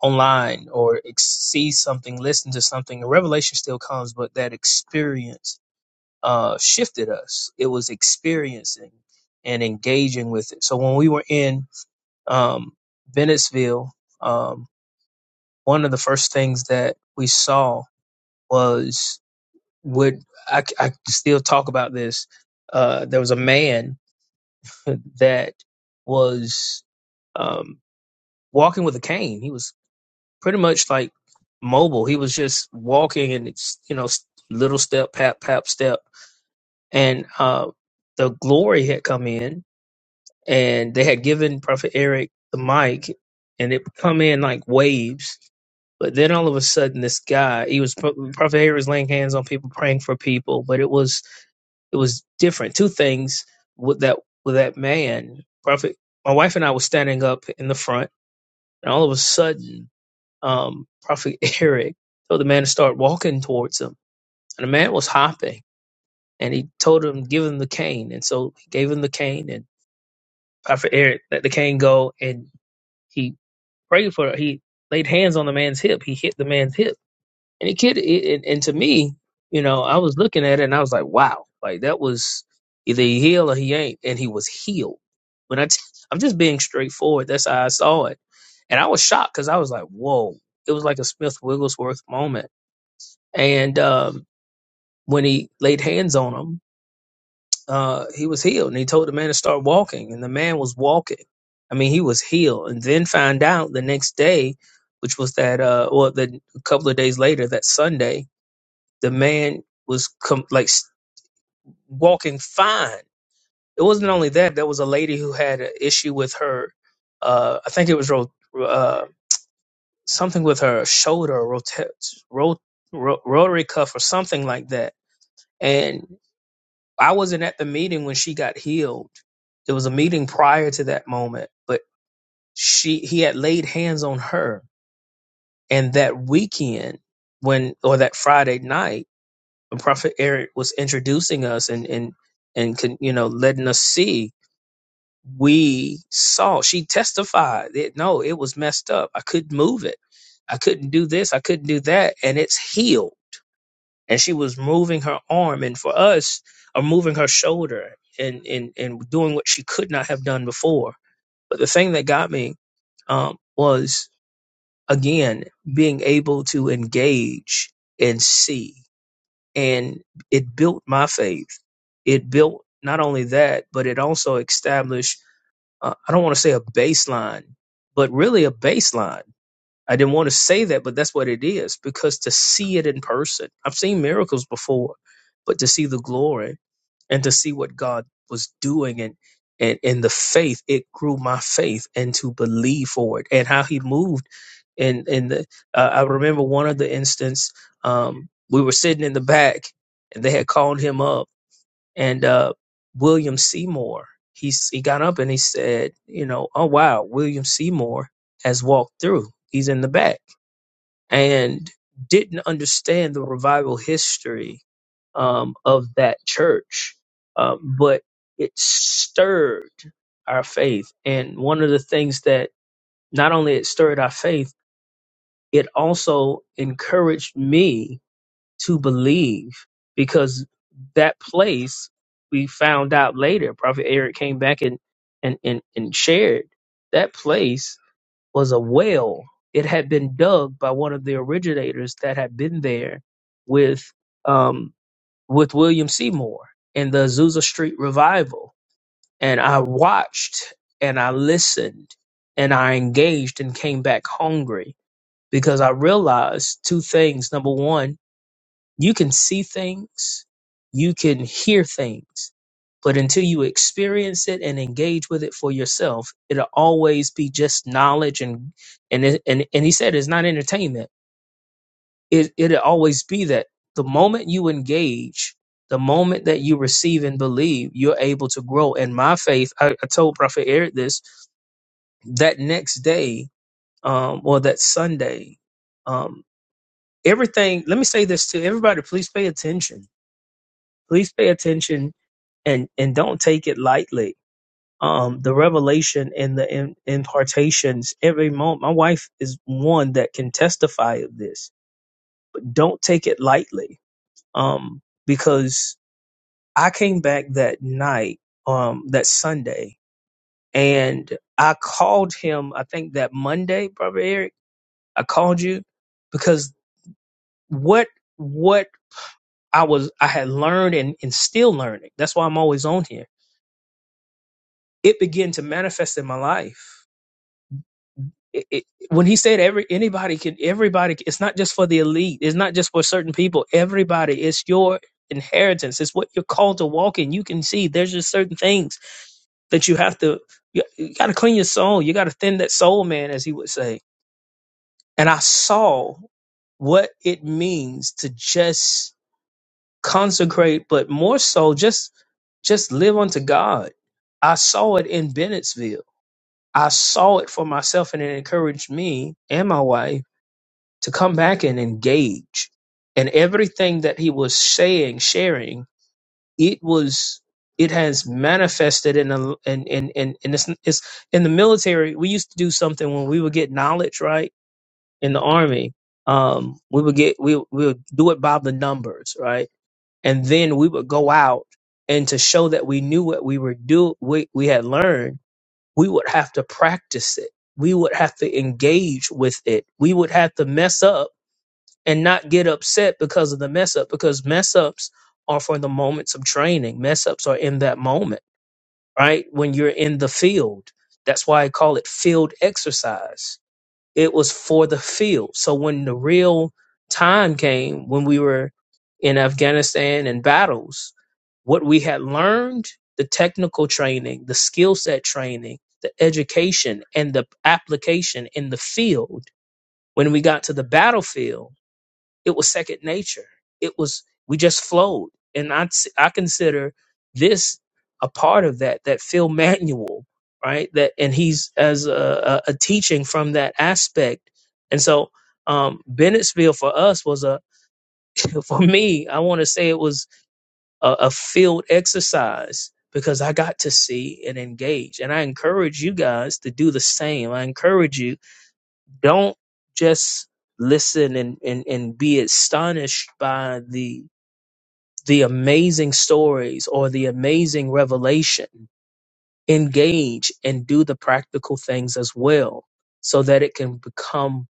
Speaker 13: online or ex- see something, listen to something. The revelation still comes, but that experience uh, shifted us. It was experiencing and engaging with it. So when we were in um, Bennettsville, um, one of the first things that we saw was would I? I still talk about this. Uh, there was a man that was um, walking with a cane. He was pretty much like mobile. He was just walking and it's you know s- little step, pap, pap, step, and uh, the glory had come in, and they had given Prophet Eric the mic, and it would come in like waves. But then all of a sudden, this guy, he was Prophet Eric was laying hands on people, praying for people, but it was it was different. Two things with that with that man, Prophet. My wife and I were standing up in the front, and all of a sudden, um, Prophet Eric told the man to start walking towards him, and the man was hopping, and he told him give him the cane, and so he gave him the cane, and Prophet Eric let the cane go, and he prayed for it. He laid hands on the man's hip. He hit the man's hip And the kid, it, and to me, you know, I was looking at it and I was like, wow, like that was either he healed or he ain't, and he was healed. When I, t- I'm just being straightforward. That's how I saw it, and I was shocked because I was like, whoa, it was like a Smith Wigglesworth moment. And um, when he laid hands on him, uh, he was healed, and he told the man to start walking, and the man was walking. I mean, he was healed, and then find out the next day, which was that, uh, or the a couple of days later, that Sunday, the man was com- like s- walking fine. It wasn't only that. There was a lady who had an issue with her. Uh, I think it was ro- uh, something with her shoulder, rota- ro- ro- rotary cuff, or something like that. And I wasn't at the meeting when she got healed. It was a meeting prior to that moment, but she he had laid hands on her. And that weekend, when or that Friday night Prophet Eric was introducing us and and and con, you know letting us see. We saw. She testified. That, no, it was messed up. I couldn't move it. I couldn't do this. I couldn't do that. And it's healed. And she was moving her arm, and for us, or moving her shoulder, and and and doing what she could not have done before. But the thing that got me um, was again being able to engage and see and it built my faith. It built not only that, but it also established, uh, I don't want to say a baseline, but really a baseline. I didn't want to say that, but that's what it is because to see it in person, I've seen miracles before, but to see the glory and to see what God was doing and and in the faith, it grew my faith and to believe for it and how he moved. And and the, uh, I remember one of the instance um, we were sitting in the back and they had called him up and uh, William Seymour. He s- he got up and he said, you know, oh wow, William Seymour has walked through. He's in the back and didn't understand the revival history um, of that church, um, but it stirred our faith. And one of the things that not only it stirred our faith, it also encouraged me to believe because that place we found out later, Prophet Eric came back and and and, and shared that place was a well. It had been dug by one of the originators that had been there with um, with William Seymour in the Azusa Street revival. And I watched and I listened and I engaged and came back hungry because I realized two things. Number one you can see things, you can hear things, but until you experience it and engage with it for yourself, it'll always be just knowledge and and it- and and he said it's not entertainment. It it'll always be that the moment you engage, the moment that you receive and believe, you're able to grow. And my faith, I, I told Prophet Eric this that next day, um, or that Sunday, um, everything. Let me say this to everybody: please pay attention please pay attention and and don't take it lightly um the revelation and the in, impartations every moment my wife is one that can testify of this don't take it lightly um because i came back that night um that sunday and i called him i think that monday brother eric i called you because what what i was i had learned and, and still learning that's why i'm always on here. it began to manifest in my life. It, it, when he said every anybody can everybody it's not just for the elite it's not just for certain people everybody it's your inheritance it's what you're called to walk in you can see there's just certain things that you have to you, you got to clean your soul you got to thin that soul man as he would say and i saw what it means to just consecrate but more so just just live unto god i saw it in bennettsville I saw it for myself and it encouraged me and my wife to come back and engage. And everything that he was saying, sharing, it was it has manifested in the in in in, in this it's in the military. We used to do something when we would get knowledge, right? In the army. Um, we would get we we would do it by the numbers, right? And then we would go out and to show that we knew what we were do we, we had learned we would have to practice it. We would have to engage with it. We would have to mess up and not get upset because of the mess up, because mess ups are for the moments of training. Mess ups are in that moment, right? When you're in the field. That's why I call it field exercise it was for the field. So when the real time came, when we were in Afghanistan and battles, what we had learned, the technical training, the skill set training, the education, and the application in the field, when we got to the battlefield, it was second nature. It was we just flowed, and I I consider this a part of that that Phil Manuel, right? That and he's as a, a, a teaching from that aspect, and so um, Bennettsville for us was a for me. I want to say it was a, a field exercise because I got to see and engage, and I encourage you guys to do the same. I encourage you don't just listen and, and, and be astonished by the the amazing stories or the amazing revelation. Engage and do the practical things as well so that it can become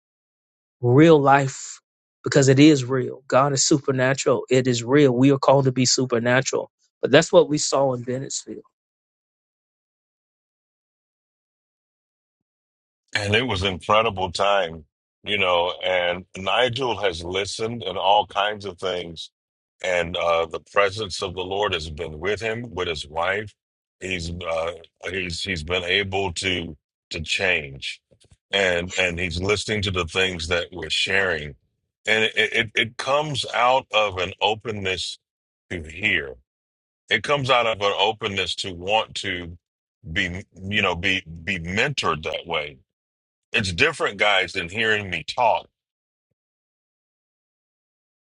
Speaker 13: real life because it is real. God is supernatural. It is real. We are called to be supernatural. But that's what we saw in Bennettsville.
Speaker 3: And it was incredible time, you know. And Nigel has listened and all kinds of things. And uh, the presence of the Lord has been with him, with his wife. He's uh, he's he's been able to to change, and and he's listening to the things that we're sharing, and it it, it comes out of an openness to hear. It comes out of an openness to want to be you know be be mentored that way it's different guys than hearing me talk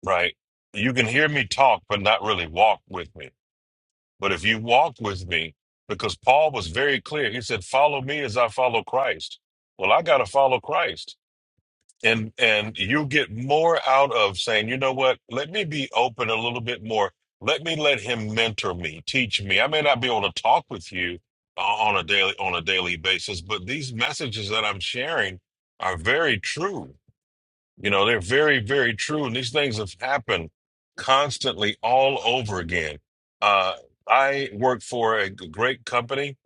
Speaker 3: right you can hear me talk but not really walk with me but if you walk with me because paul was very clear he said follow me as i follow christ well i got to follow christ and and you get more out of saying you know what let me be open a little bit more let me let him mentor me teach me i may not be able to talk with you uh, on a daily on a daily basis but these messages that i'm sharing are very true You know, they're very, very true. And these things have happened constantly all over again. Uh, I work for a g- great company.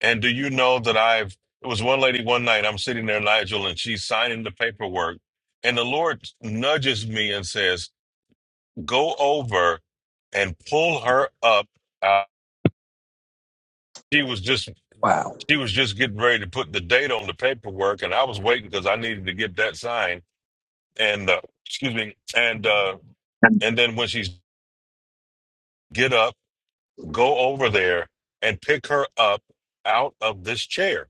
Speaker 3: And do you know that I've, it was one lady one night, I'm sitting there, Nigel, and she's signing the paperwork. And the Lord nudges me and says, go over and pull her up. Uh, she was just, she was just getting ready to put the date on the paperwork. And I was waiting because I needed to get that signed. And, uh, excuse me. And, uh, and then when she's get up, go over there, and pick her up out of this chair.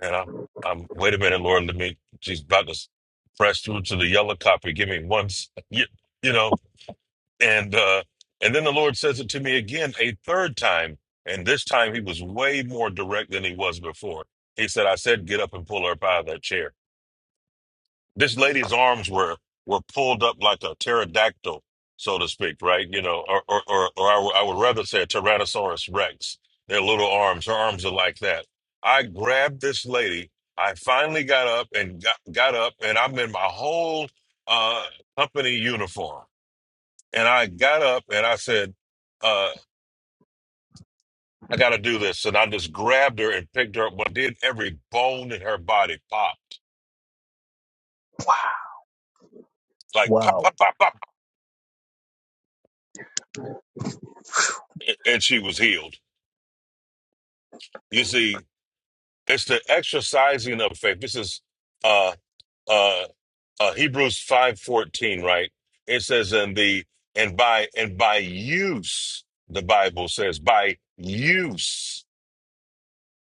Speaker 3: And I'm, I'm. Wait a minute, Lord. Let me. She's about to press through to the yellow copy. Give me one. s- You, you know. And uh, and then the Lord says it to me again a third time. And this time he was way more direct than he was before. He said, "I said, get up and pull her up out of that chair." This lady's arms were were pulled up like a pterodactyl, so to speak, right? You know, or or or, or I, w- I would rather say a Tyrannosaurus Rex. Their little arms, her arms are like that. I grabbed this lady. I finally got up and got, got up, and I'm in my whole uh, company uniform. And I got up and I said, uh, I got to do this. And I just grabbed her and picked her up. But did every bone in her body popped like pop, pop, pop, pop, and she was healed. You see, It's the exercising of faith. This is uh uh, uh Hebrews five fourteen, right? It says in the and by and by use, the Bible says by use.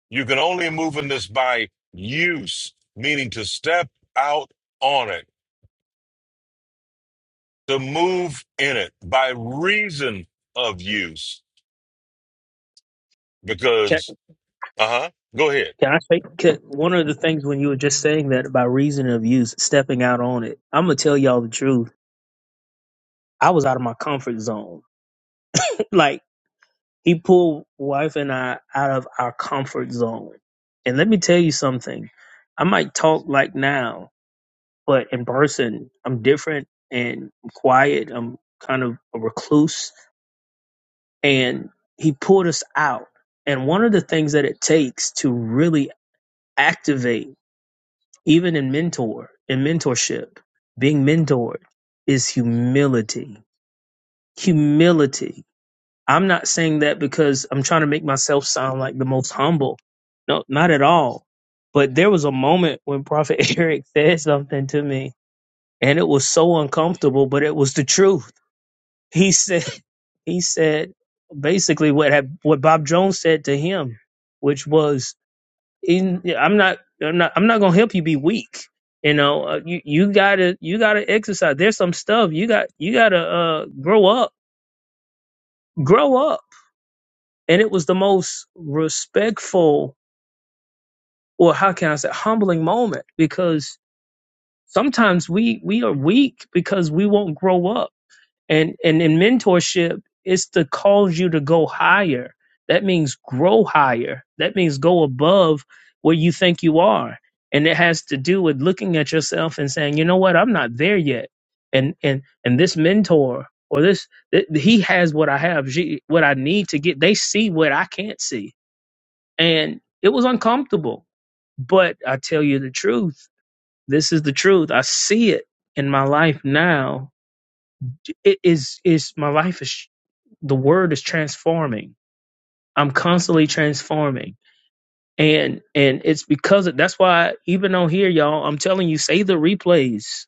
Speaker 3: You can only move in this by use, meaning to step out on it, to move in it by reason of use.
Speaker 13: Can,
Speaker 3: Because uh huh. Go ahead.
Speaker 13: can I say can, one of the things when you were just saying that by reason of use, stepping out on it? I'm gonna tell y'all the truth I was out of my comfort zone. Like he pulled wife and I out of our comfort zone. And let me tell you something. I might talk like now, but in person I'm different and I'm quiet. I'm kind of a recluse. And he pulled us out. And one of the things that it takes to really activate, even in mentor, in mentorship, being mentored is humility. Humility I'm not saying that because I'm trying to make myself sound like the most humble. No, not at all. But there was a moment when Prophet Eric said something to me and it was so uncomfortable, but it was the truth. He said he said basically what had, what Bob Jones said to him, which was in, I'm not I'm not I'm not going to help you be weak. You know, uh, you you got to you got to exercise. There's some stuff you got you got to uh grow up. Grow up And it was the most respectful, or how can I say, humbling moment because sometimes we we are weak because we won't grow up. And and in mentorship, it's to cause you to go higher. That means grow higher. That means go above where you think you are. And it has to do with looking at yourself and saying, you know what, I'm not there yet. And and and this mentor or this th- he has what I have, she, what I need to get. They see what I can't see and it was uncomfortable. But I tell you the truth. This is the truth. I see it in my life now. It is is my life is the word is transforming. I'm constantly transforming. And and it's because of, that's why even on here, y'all, I'm telling you, save the replays.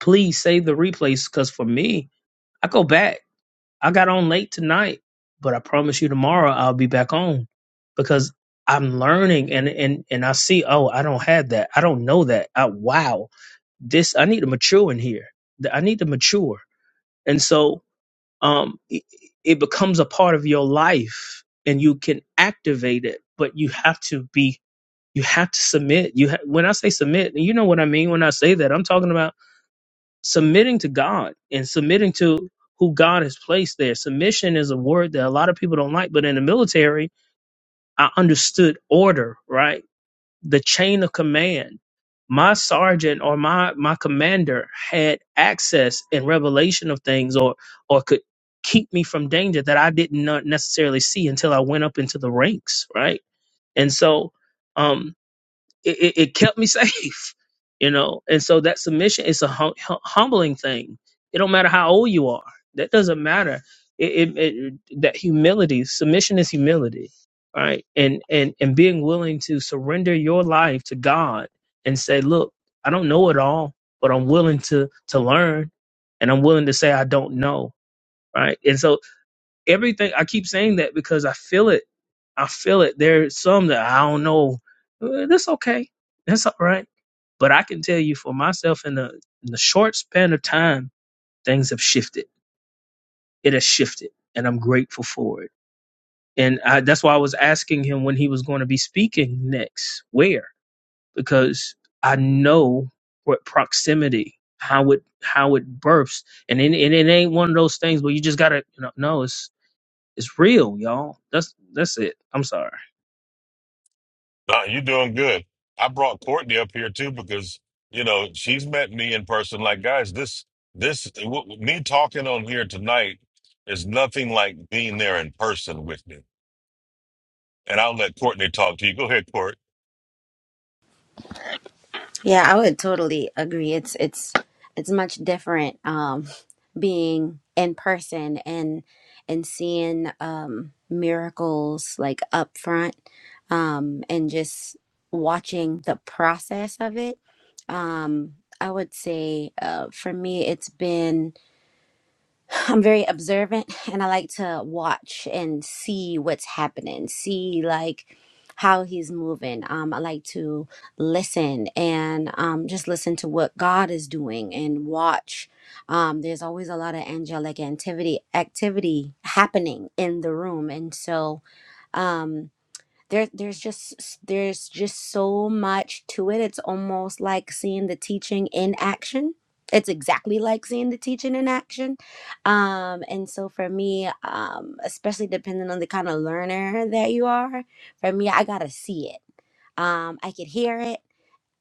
Speaker 13: Please save the replays. Cause for me, I go back. I got on late tonight, but I promise you tomorrow I'll be back on because I'm learning and and and I see, oh, I don't have that. I don't know that. I, wow. This I need to mature in here. Th- I need to mature. And so um it, it becomes a part of your life and you can activate it, but you have to be you have to submit. You ha- when I say submit, you know what I mean when I say that. I'm talking about submitting to God and submitting to who God has placed there. Submission is a word that a lot of people don't like, but in the military, I understood order, right? The chain of command. My sergeant or my my commander had access and revelation of things or or could keep me from danger that I didn't not necessarily see until I went up into the ranks, right? And so um it, it, it kept me safe, you know. And so that submission is a hum- hum- humbling thing. It don't matter how old you are. That doesn't matter. It, it, it that humility, submission is humility, right? And and and being willing to surrender your life to God and say, look, I don't know it all, but I'm willing to to learn, and I'm willing to say I don't know, right? And so everything I keep saying that because I feel it. I feel it. There's some that I don't know. Uh, That's okay. That's all right. But I can tell you for myself in the in the short span of time, things have shifted. It has shifted, and I'm grateful for it. And I, that's why I was asking him when he was going to be speaking next, where because I know what proximity, how it how it bursts, and it, and it ain't one of those things where you just gotta you know, no, it's it's real, y'all. That's that's it. I'm sorry.
Speaker 3: No, you're doing good. I brought Courtney up here too because you know she's met me in person. Like, guys, this this w- me talking on here tonight is nothing like being there in person with me. And I'll let Courtney talk to you. Go ahead, Court.
Speaker 14: Yeah, I would totally agree. It's it's it's much different um being in person and and seeing um miracles like up front um and just watching the process of it. Um I would say uh for me it's been I'm very observant and I like to watch and see what's happening, see like how he's moving. Um, I like to listen and um, just listen to what God is doing and watch. Um, there's always a lot of angelic activity activity happening in the room, and so Um, there there's just there's just so much to it it's almost like seeing the teaching in action it's exactly like seeing the teaching in action um and so for me um especially depending on the kind of learner that you are for me i gotta see it um i could hear it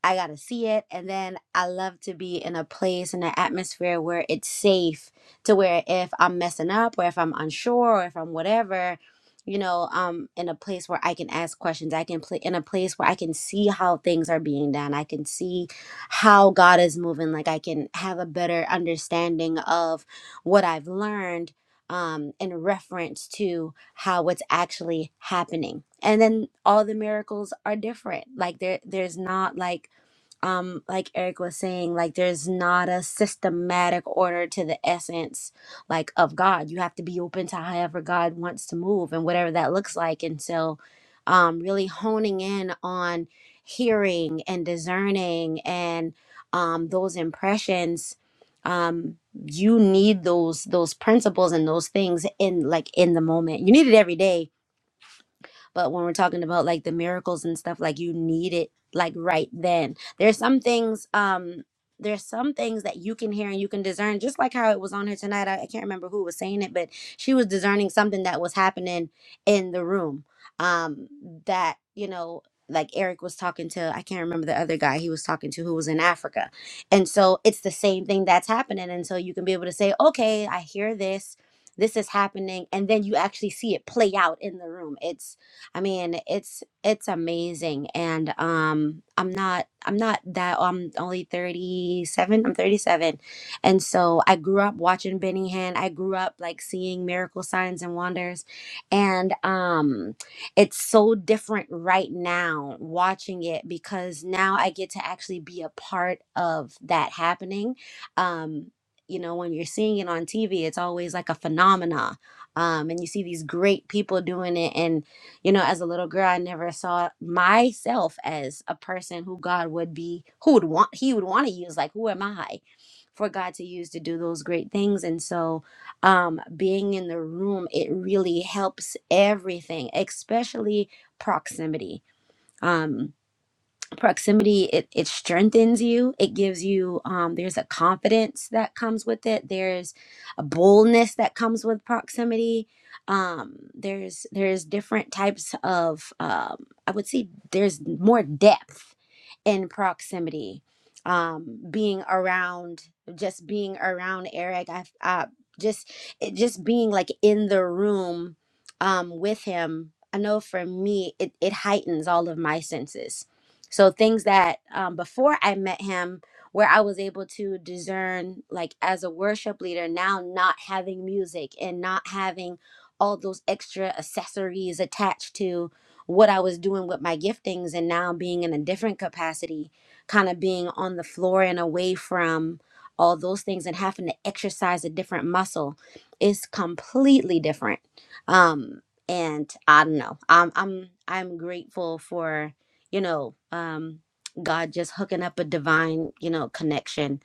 Speaker 14: I got to see it. And then I love to be in a place, in an atmosphere where it's safe to where if I'm messing up or if I'm unsure or if I'm whatever, you know, um, in a place where I can ask questions, I can play in a place where I can see how things are being done. I can see how God is moving. Like I can have a better understanding of what I've learned um, in reference to how what's actually happening. And then all the miracles are different. Like there, there's not like um, like Eric was saying, like there's not a systematic order to the essence, like of God. You have to be open to however God wants to move and whatever that looks like. And so, um, really honing in on hearing and discerning and um, those impressions. Um, you need those those principles and those things in like in the moment. You need it every day, but when we're talking about like the miracles and stuff, like you need it like right then. There's some things, um, there's some things that you can hear and you can discern, just like how it was on here tonight. I, I can't remember who was saying it, but she was discerning something that was happening in the room. Um, that, you know, like Eric was talking to, I can't remember the other guy he was talking to who was in Africa. And so it's the same thing that's happening. And so you can be able to say, okay, I hear this. This is happening. And then you actually see it play out in the room. It's I mean, it's it's amazing, and um, I'm not I'm not that I'm only 37. I'm 37, and so I grew up watching Benny Hinn. I grew up like seeing miracle signs and wonders, and um, it's so different right now watching it because now I get to actually be a part of that happening. Um, you know, when you're seeing it on TV, it's always like a phenomena, um, and you see these great people doing it, and you know, as a little girl, I never saw myself as a person who God would be, who would want, He would want to use. Like, who am I for God to use to do those great things? And so, um, being in the room, it really helps everything, especially proximity. Um, proximity it, it strengthens you it gives you um, there's a confidence that comes with it there's a boldness that comes with proximity um, there's there's different types of um, i would say there's more depth in proximity um, being around just being around eric i, I just it, just being like in the room um, with him i know for me it, it heightens all of my senses so things that um, before I met him, where I was able to discern, like as a worship leader, now not having music and not having all those extra accessories attached to what I was doing with my giftings, and now being in a different capacity, kind of being on the floor and away from all those things and having to exercise a different muscle is completely different. Um, and I don't know. I'm I'm I'm grateful for you know, um, God just hooking up a divine, you know, connection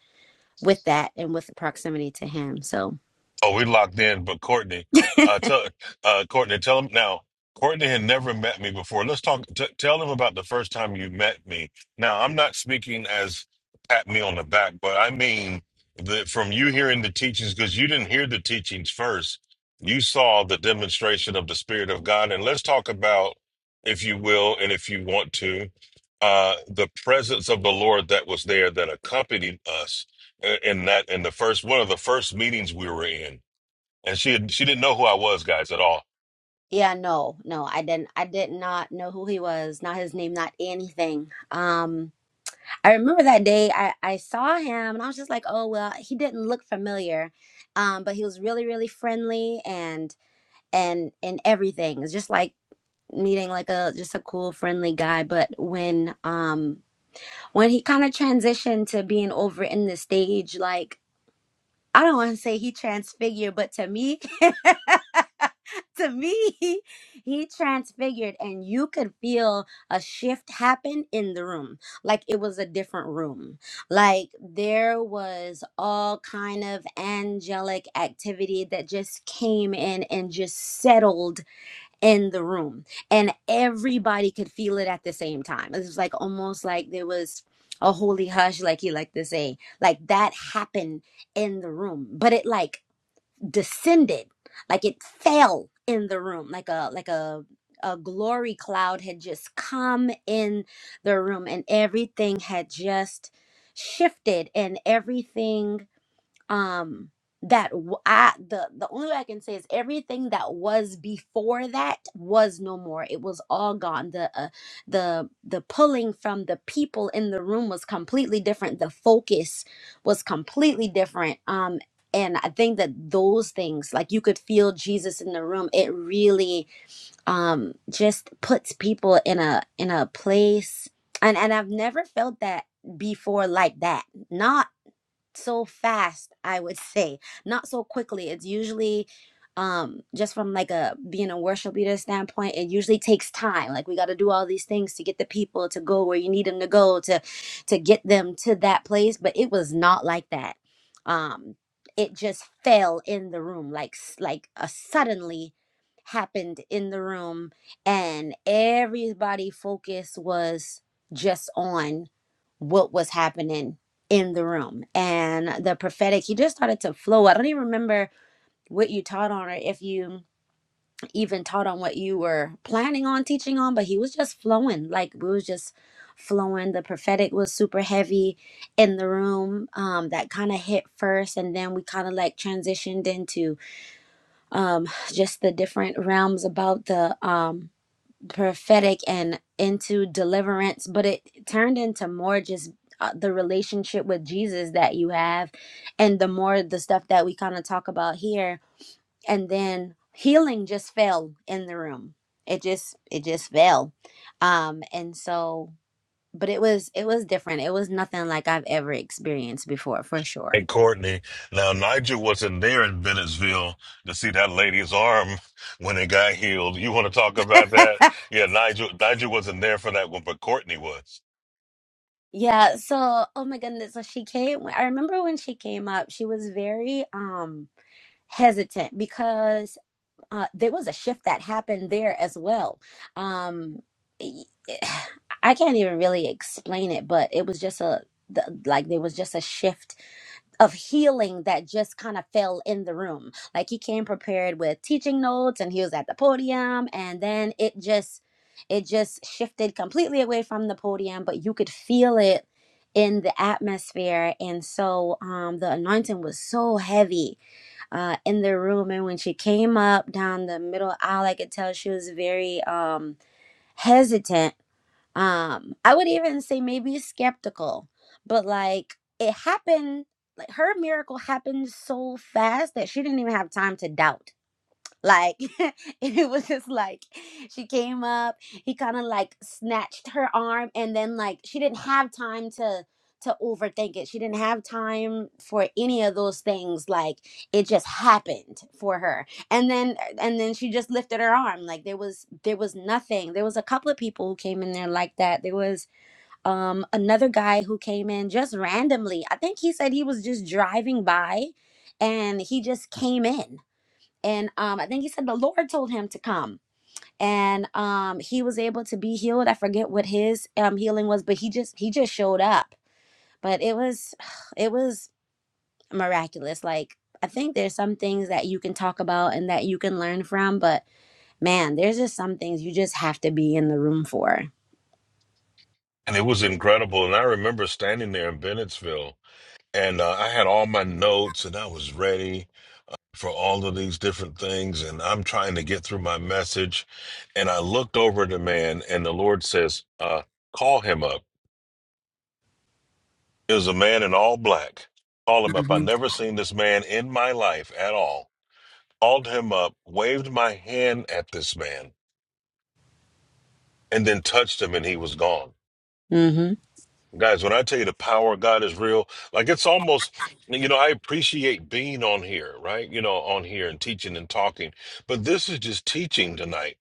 Speaker 14: with that and with proximity to Him. So
Speaker 3: Oh, we locked in, but Courtney, uh, tell uh, Courtney, tell him now. Courtney had never met me before. Let's talk. T- tell him about the first time you met me. Now, I'm not speaking as pat me on the back, but I mean the, from you hearing the teachings because you didn't hear the teachings first. You saw the demonstration of the Spirit of God, and let's talk about, if you will, and if you want to, uh, the presence of the Lord that was there that accompanied us uh, in that in the first one of the first meetings we were in and she had, she didn't know who I was, guys, at all.
Speaker 14: yeah, no, no, I didn't, I did not know who he was, not his name, not anything. Um, I remember that day I I saw him and I was just like, oh well, he didn't look familiar, um, but he was really really friendly and and and everything. It's just like meeting like a just a cool friendly guy but when um when he kind of transitioned to being over in the stage, like I don't want to say he transfigured, but to me, to me, he transfigured, and you could feel a shift happen in the room, like it was a different room. Like there was all kind of angelic activity that just came in and just settled in the room and everybody could feel it at the same time. It was like almost like there was a holy hush, like you like to say, like that happened in the room, but it like descended, like it fell in the room, like a, like a, a glory cloud had just come in the room and everything had just shifted and everything um that w- I the the only way I can say is everything that was before that was no more. It was all gone. The uh, the the pulling from the people in the room was completely different. The focus was completely different. Um and I think that those things like you could feel Jesus in the room. It really um just puts people in a in a place and and I've never felt that before like that. Not so fast i would say not so quickly it's usually um just from like a being a worship leader standpoint it usually takes time like we got to do all these things to get the people to go where you need them to go to to get them to that place but it was not like that um it just fell in the room like s- like a suddenly happened in the room and everybody focus was just on what was happening in the room and the prophetic he just started to flow i don't even remember what you taught on or if you even taught on what you were planning on teaching on but he was just flowing like we was just flowing the prophetic was super heavy in the room um that kind of hit first and then we kind of like transitioned into um just the different realms about the um prophetic and into deliverance, but it turned into more just uh, the relationship with Jesus that you have, and the more the stuff that we kind of talk about here, and then healing just fell in the room. It just it just fell, um, and so but it was it was different. It was nothing like I've ever experienced before for sure.
Speaker 3: And Courtney. Now Nigel wasn't there in Bennettsville to see that lady's arm when it got healed. You want to talk about that? Yeah, Nigel. Nigel wasn't there for that one, but Courtney was,
Speaker 14: Yeah, so oh my goodness, so she came I remember when she came up, she was very um hesitant because uh, there was a shift that happened there as well. Um, I can't even really explain it, but it was just a the, like there was just a shift of healing that just kind of fell in the room. Like he came prepared with teaching notes, and he was at the podium, and then it just it just shifted completely away from the podium, but you could feel it in the atmosphere and so um the anointing was so heavy uh, in the room. And when she came up down the middle aisle, I could tell she was very um, hesitant. Um, I would even say maybe skeptical, but like it happened, like her miracle happened so fast that she didn't even have time to doubt like and it was just like she came up, he kind of like snatched her arm and then like she didn't have time to to overthink it. She didn't have time for any of those things. Like it just happened for her. And then and then she just lifted her arm. Like there was there was nothing. There was a couple of people who came in there like that. There was um another guy who came in just randomly. I think he said he was just driving by and he just came in and um, I think he said the Lord told him to come, and um, he was able to be healed. I forget what his um, healing was, but he just he just showed up. But it was it was miraculous. Like I think there's some things that you can talk about and that you can learn from, but man, there's just some things you just have to be in the room for.
Speaker 3: and it was incredible. And I remember standing there in Bennettsville, and uh, I had all my notes, and I was ready for all of these different things, and I'm trying to get through my message, and I looked over at the man, and the Lord says, uh, "Call him up." It was a man in all black. Called him up. I
Speaker 14: hmm
Speaker 3: never seen this man in my life at all. Called him up, waved my hand at this man, and then touched him, and he was gone.
Speaker 14: Mm-hmm.
Speaker 3: Guys, when I tell you the power of God is real, like it's almost, you know, I appreciate being on here, right? You know, on here and teaching and talking, but this is just teaching tonight,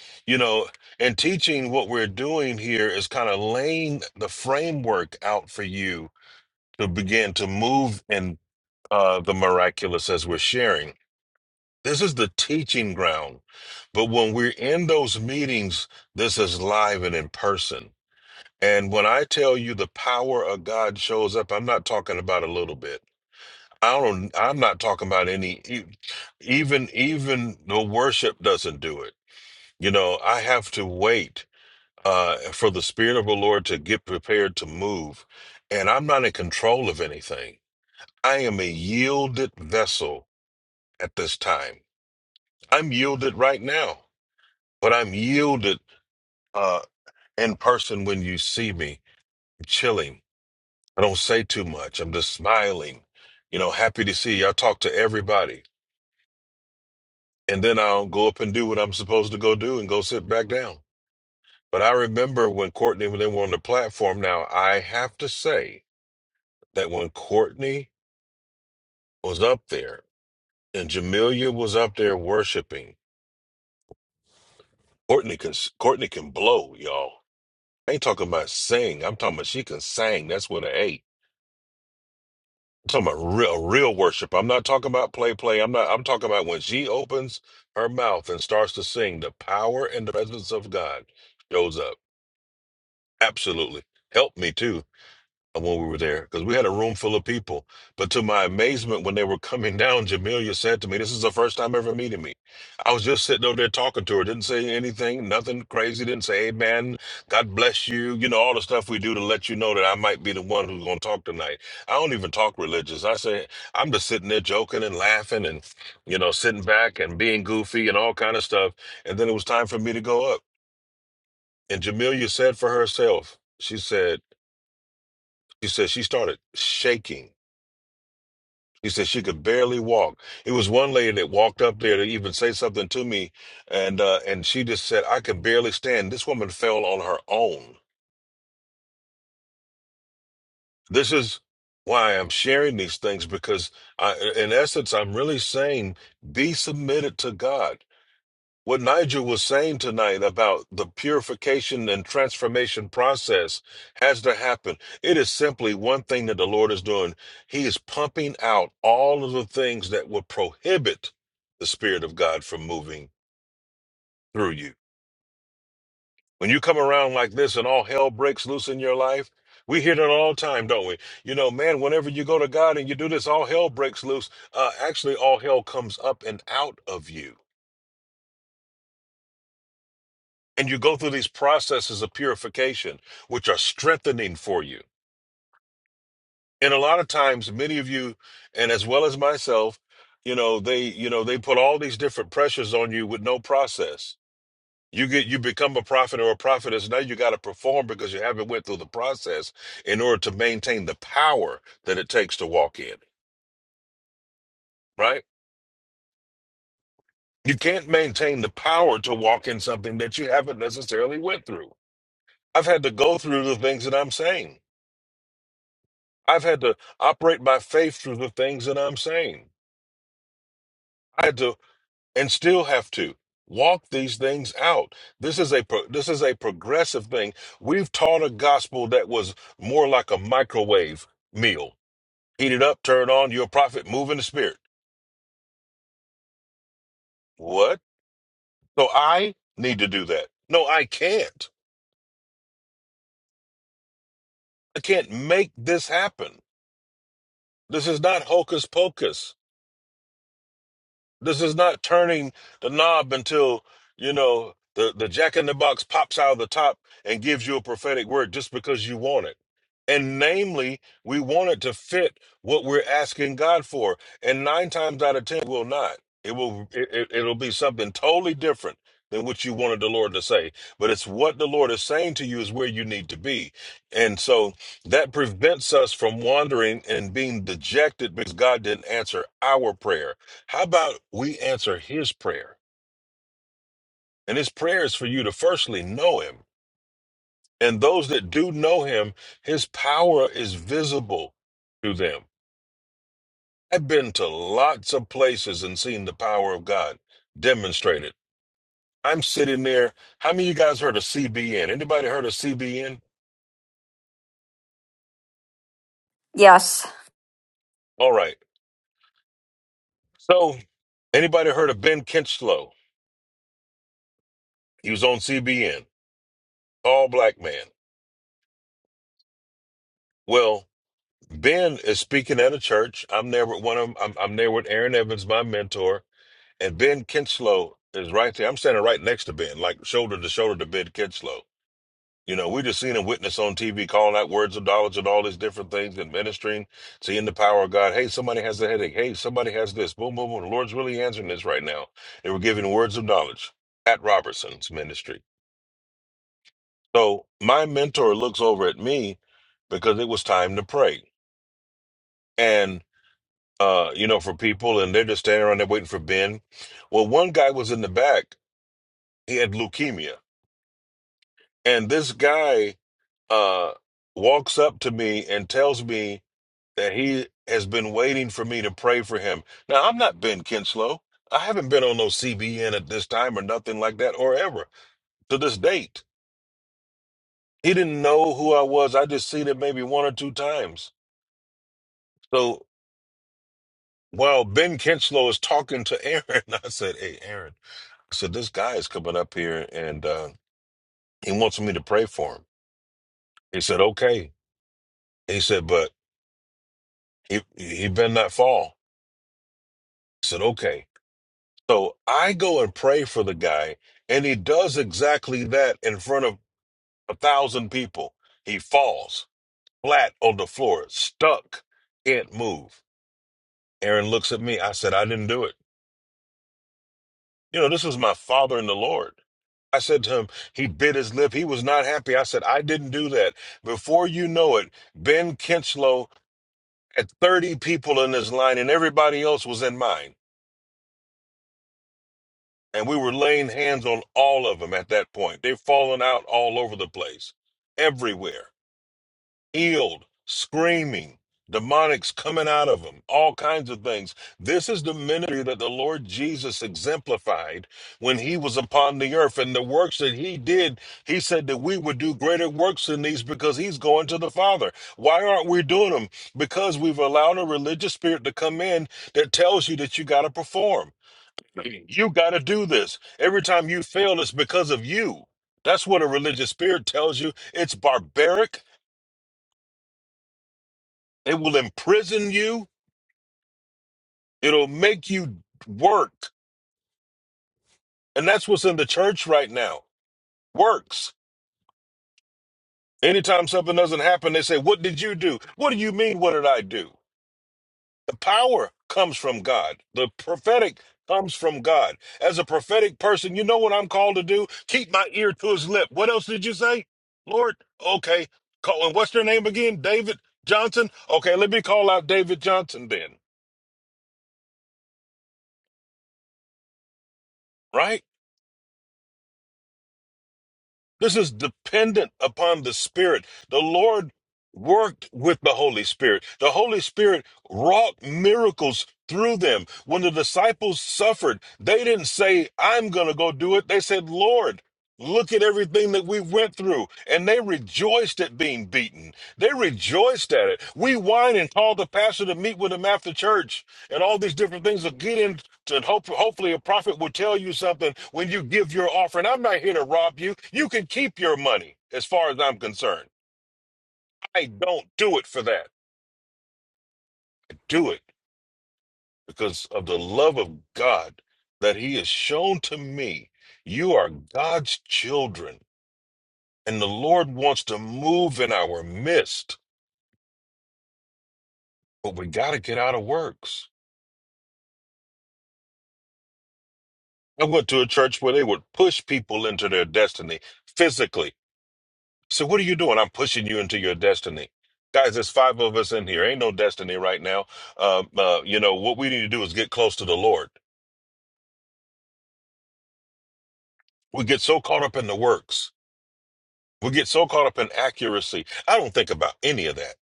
Speaker 3: you know, and teaching what we're doing here is kind of laying the framework out for you to begin to move and. uh, the miraculous as we're sharing. This is the teaching ground. But when we're in those meetings, this is live and in person. And when I tell you the power of God shows up, I'm not talking about a little bit. I don't I'm not talking about any e- even even the worship doesn't do it. You know, I have to wait uh for the spirit of the Lord to get prepared to move. And I'm not in control of anything. I am a yielded vessel at this time. I'm yielded right now, but I'm yielded uh, in person when you see me. I'm chilling. I don't say too much. I'm just smiling, you know, happy to see you. I talk to everybody. And then I'll go up and do what I'm supposed to go do and go sit back down. But I remember when Courtney, when they were on the platform now, I have to say that when Courtney was up there and Jamelia was up there worshiping, Courtney can, Courtney can blow, y'all. I ain't talking about sing. I'm talking about she can sing. That's what I ate. I'm talking about real, real worship. I'm not talking about play, play. I'm not. I'm talking about when she opens her mouth and starts to sing, the power and the presence of God shows up. Absolutely, help me too when we were there because we had a room full of people. But to my amazement, when they were coming down, Jamelia said to me, This is the first time ever meeting me. I was just sitting over there talking to her, didn't say anything, nothing crazy, didn't say, Hey, man, God bless you. You know, all the stuff we do to let you know that I might be the one who's going to talk tonight. I don't even talk religious. I say, I'm just sitting there joking and laughing and, you know, sitting back and being goofy and all kind of stuff. And then it was time for me to go up. And Jamelia said for herself, She said, she said she started shaking She said she could barely walk. It was one lady that walked up there to even say something to me, and uh, and she just said, "I could barely stand." This woman fell on her own. This is why I'm sharing these things because, I, in essence, I'm really saying, be submitted to God. what Nigel was saying tonight about the purification and transformation process has to happen. It is simply one thing that the Lord is doing. He is pumping out all of the things that would prohibit the Spirit of God from moving through you. When you come around like this and all hell breaks loose in your life, we hear that all the time, don't we? You know, man, whenever you go to God and you do this, all hell breaks loose. Uh, actually, all hell comes up and out of you and you go through these processes of purification which are strengthening for you and a lot of times many of you and as well as myself you know they you know they put all these different pressures on you with no process you get you become a prophet or a prophetess now you got to perform because you haven't went through the process in order to maintain the power that it takes to walk in right you can't maintain the power to walk in something that you haven't necessarily went through i've had to go through the things that i'm saying I've had to operate by faith through the things that I'm saying. I had to, and still have to, walk these things out. This is a pro- this is a progressive thing. We've taught a gospel that was more like a microwave meal: heat it up, turn it on, you're a prophet, move in the spirit. What? So I need to do that? No, I can't. I can't make this happen. This is not hocus pocus. This is not turning the knob until, you know, the, the jack in the box pops out of the top and gives you a prophetic word just because you want it. And namely, we want it to fit what we're asking God for. And nine times out of ten, it will not. It will it, it- it'll be something totally different than what you wanted the Lord to say. But it's what the Lord is saying to you is where you need to be. And so that prevents us from wandering and being dejected because God didn't answer our prayer. How about we answer his prayer? And his prayer is for you to firstly know him. And those that do know him, his power is visible to them. I've been to lots of places and seen the power of God demonstrated. I'm sitting there. How many of you guys heard of CBN? Anybody heard of CBN?
Speaker 4: Yes.
Speaker 3: All right. So, anybody heard of Ben Kinchlow? He was on CBN, all black man. Well, Ben is speaking at a church. I'm there with one of them. I'm, I'm there with Aaron Evans, my mentor, and Ben Kinslow is right there. I'm standing right next to Ben, like shoulder to shoulder to Ben Kinslow. You know, we just seen him witness on TV, calling out words of knowledge and all these different things and ministering, seeing the power of God. Hey, somebody has a headache. Hey, somebody has this. Boom, boom, boom. The Lord's really answering this right now. They were giving words of knowledge at Robertson's ministry. So my mentor looks over at me because it was time to pray. and. uh, you know, for people, and they're just standing around there waiting for Ben. Well, one guy was in the back; he had leukemia, and this guy uh, walks up to me and tells me that he has been waiting for me to pray for him. Now, I'm not Ben Kinslow. I haven't been on no CBN at this time or nothing like that, or ever to this date. He didn't know who I was. I just seen it maybe one or two times. So while Ben Kinslow is talking to Aaron, I said, "Hey, Aaron." So this guy is coming up here and uh, he wants me to pray for him. He said, okay. He said, but he, he been not fall. I said, okay. So I go and pray for the guy and he does exactly that in front of a thousand people. He falls flat on the floor, stuck, can't move. Aaron looks at me. I said, I didn't do it. You know, this is my father in the Lord. I said to him, he bit his lip. He was not happy. I said, I didn't do that. Before you know it, Ben Kinslow had 30 people in this line and everybody else was in mine. And we were laying hands on all of them at that point. They've fallen out all over the place, everywhere. healed, screaming, demonics coming out of them, all kinds of things. This is the ministry that the Lord Jesus exemplified when he was upon the earth. And the works that he did, he said that we would do greater works than these because he's going to the Father. Why aren't we doing them? Because we've allowed a religious spirit to come in that tells you that you got to perform. You got to do this. Every time you fail, it's because of you. That's what a religious spirit tells you. It's barbaric. It will imprison you. It'll make you work. And that's what's in the church right now. Works. Anytime something doesn't happen, they say, What did you do? What do you mean? What did I do? The power comes from God. The prophetic comes from God. As a prophetic person, you know what I'm called to do? Keep my ear to his lip. What else did you say? Lord, okay. Call, and what's their name again? David Johnson? Okay, let me call out David Johnson then, right? This is dependent upon the Spirit. The Lord worked with the Holy Spirit. The Holy Spirit wrought miracles through them. When the disciples suffered, they didn't say, I'm going to go do it. They said, Lord, look at everything that we went through. And they rejoiced at being beaten. They rejoiced at it. We whine and call the pastor to meet with him after church and all these different things to get involved and hope, hopefully a prophet will tell you something when you give your offering. I'm not here to rob you. You can keep your money as far as I'm concerned. I don't do it for that. I Do it because of the love of God that he has shown to me. You are God's children and the Lord wants to move in our midst, but we got to get out of works. I went to a church where they would push people into their destiny physically So what are you doing? I'm pushing you into your destiny. Guys, there's five of us in here. Ain't no destiny right now. Um, uh, you know, what we need to do is get close to the Lord. We get so caught up in the works. We get so caught up in accuracy. I don't think about any of that.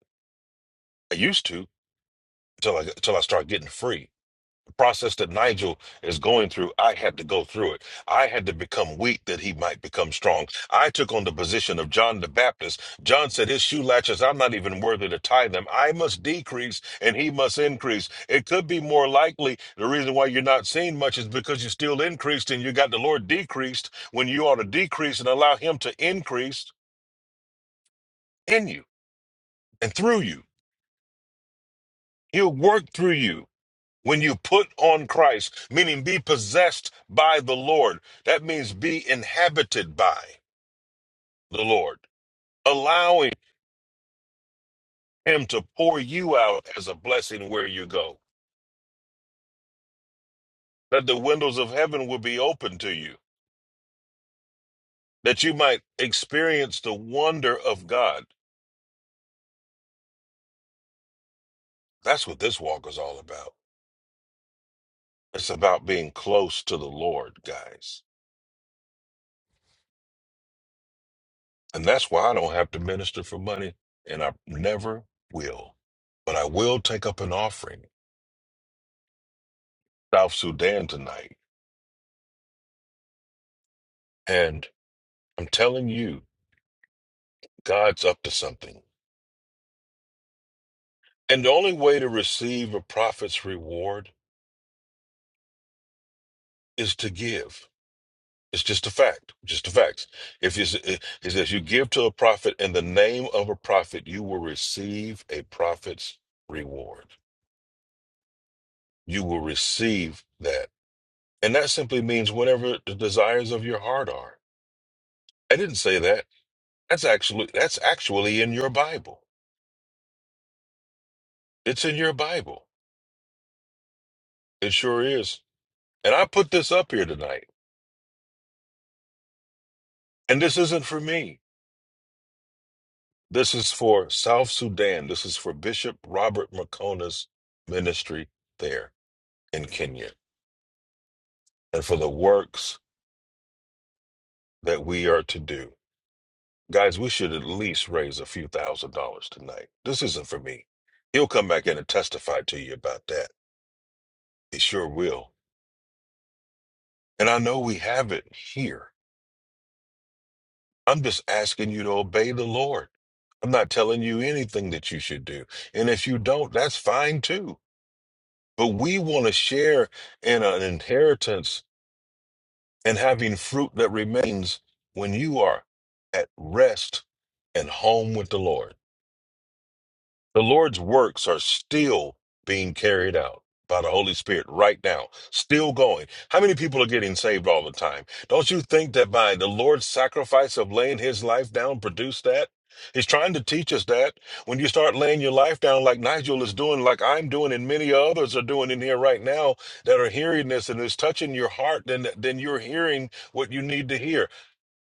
Speaker 3: I used to until I, until I start getting free. process that Nigel is going through, I had to go through it. I had to become weak that he might become strong. I took on the position of John the Baptist. John said, His shoe latches, I'm not even worthy to tie them. I must decrease and he must increase. It could be more likely the reason why you're not seeing much is because you're still increased and you got the Lord decreased when you ought to decrease and allow him to increase in you and through you. He'll work through you. When you put on Christ, meaning be possessed by the Lord, that means be inhabited by the Lord, allowing Him to pour you out as a blessing where you go, that the windows of heaven will be open to you, that you might experience the wonder of God. That's what this walk is all about. It's about being close to the Lord, guys. And that's why I don't have to minister for money, and I never will. But I will take up an offering South Sudan tonight. And I'm telling you, God's up to something. And the only way to receive a prophet's reward is to give. It's just a fact, just a fact. If you, it says you give to a prophet in the name of a prophet, you will receive a prophet's reward. You will receive that. And that simply means whatever the desires of your heart are. I didn't say that. That's actually that's actually in your Bible. It's in your Bible. It sure is. And I put this up here tonight. And this isn't for me. This is for South Sudan. This is for Bishop Robert Makona's ministry there in Kenya and for the works that we are to do. Guys, we should at least raise a few thousand dollars tonight. This isn't for me. He'll come back in and testify to you about that. He sure will. And I know we have it here. I'm just asking you to obey the Lord. I'm not telling you anything that you should do. And if you don't, that's fine too. But we want to share in an inheritance and having fruit that remains when you are at rest and home with the Lord. The Lord's works are still being carried out by the Holy Spirit right now, still going. How many people are getting saved all the time? Don't you think that by the Lord's sacrifice of laying his life down produced that? He's trying to teach us that when you start laying your life down, like Nigel is doing, like I'm doing, and many others are doing in here right now that are hearing this and is touching your heart, then, then you're hearing what you need to hear.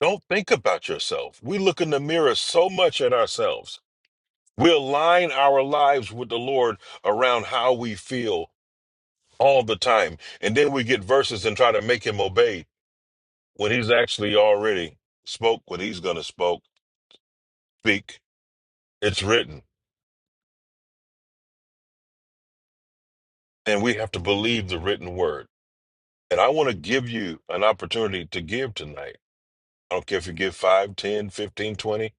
Speaker 3: Don't think about yourself. We look in the mirror so much at ourselves we align our lives with the Lord around how we feel all the time. And then we get verses and try to make him obey when he's actually already spoke what he's going to spoke, speak. It's written. And we have to believe the written word. And I want to give you an opportunity to give tonight. I don't care if you give 5, 10, 15, 20,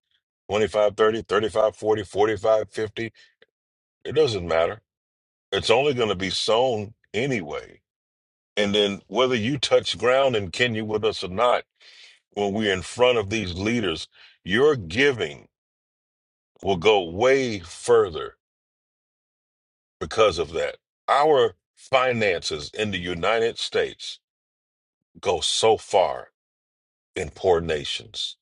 Speaker 3: 25, 30, 35, 40, 45, 50. It doesn't matter. It's only going to be sown anyway. And then whether you touch ground in Kenya with us or not, when we're in front of these leaders, your giving will go way further because of that. Our finances in the United States go so far in poor nations.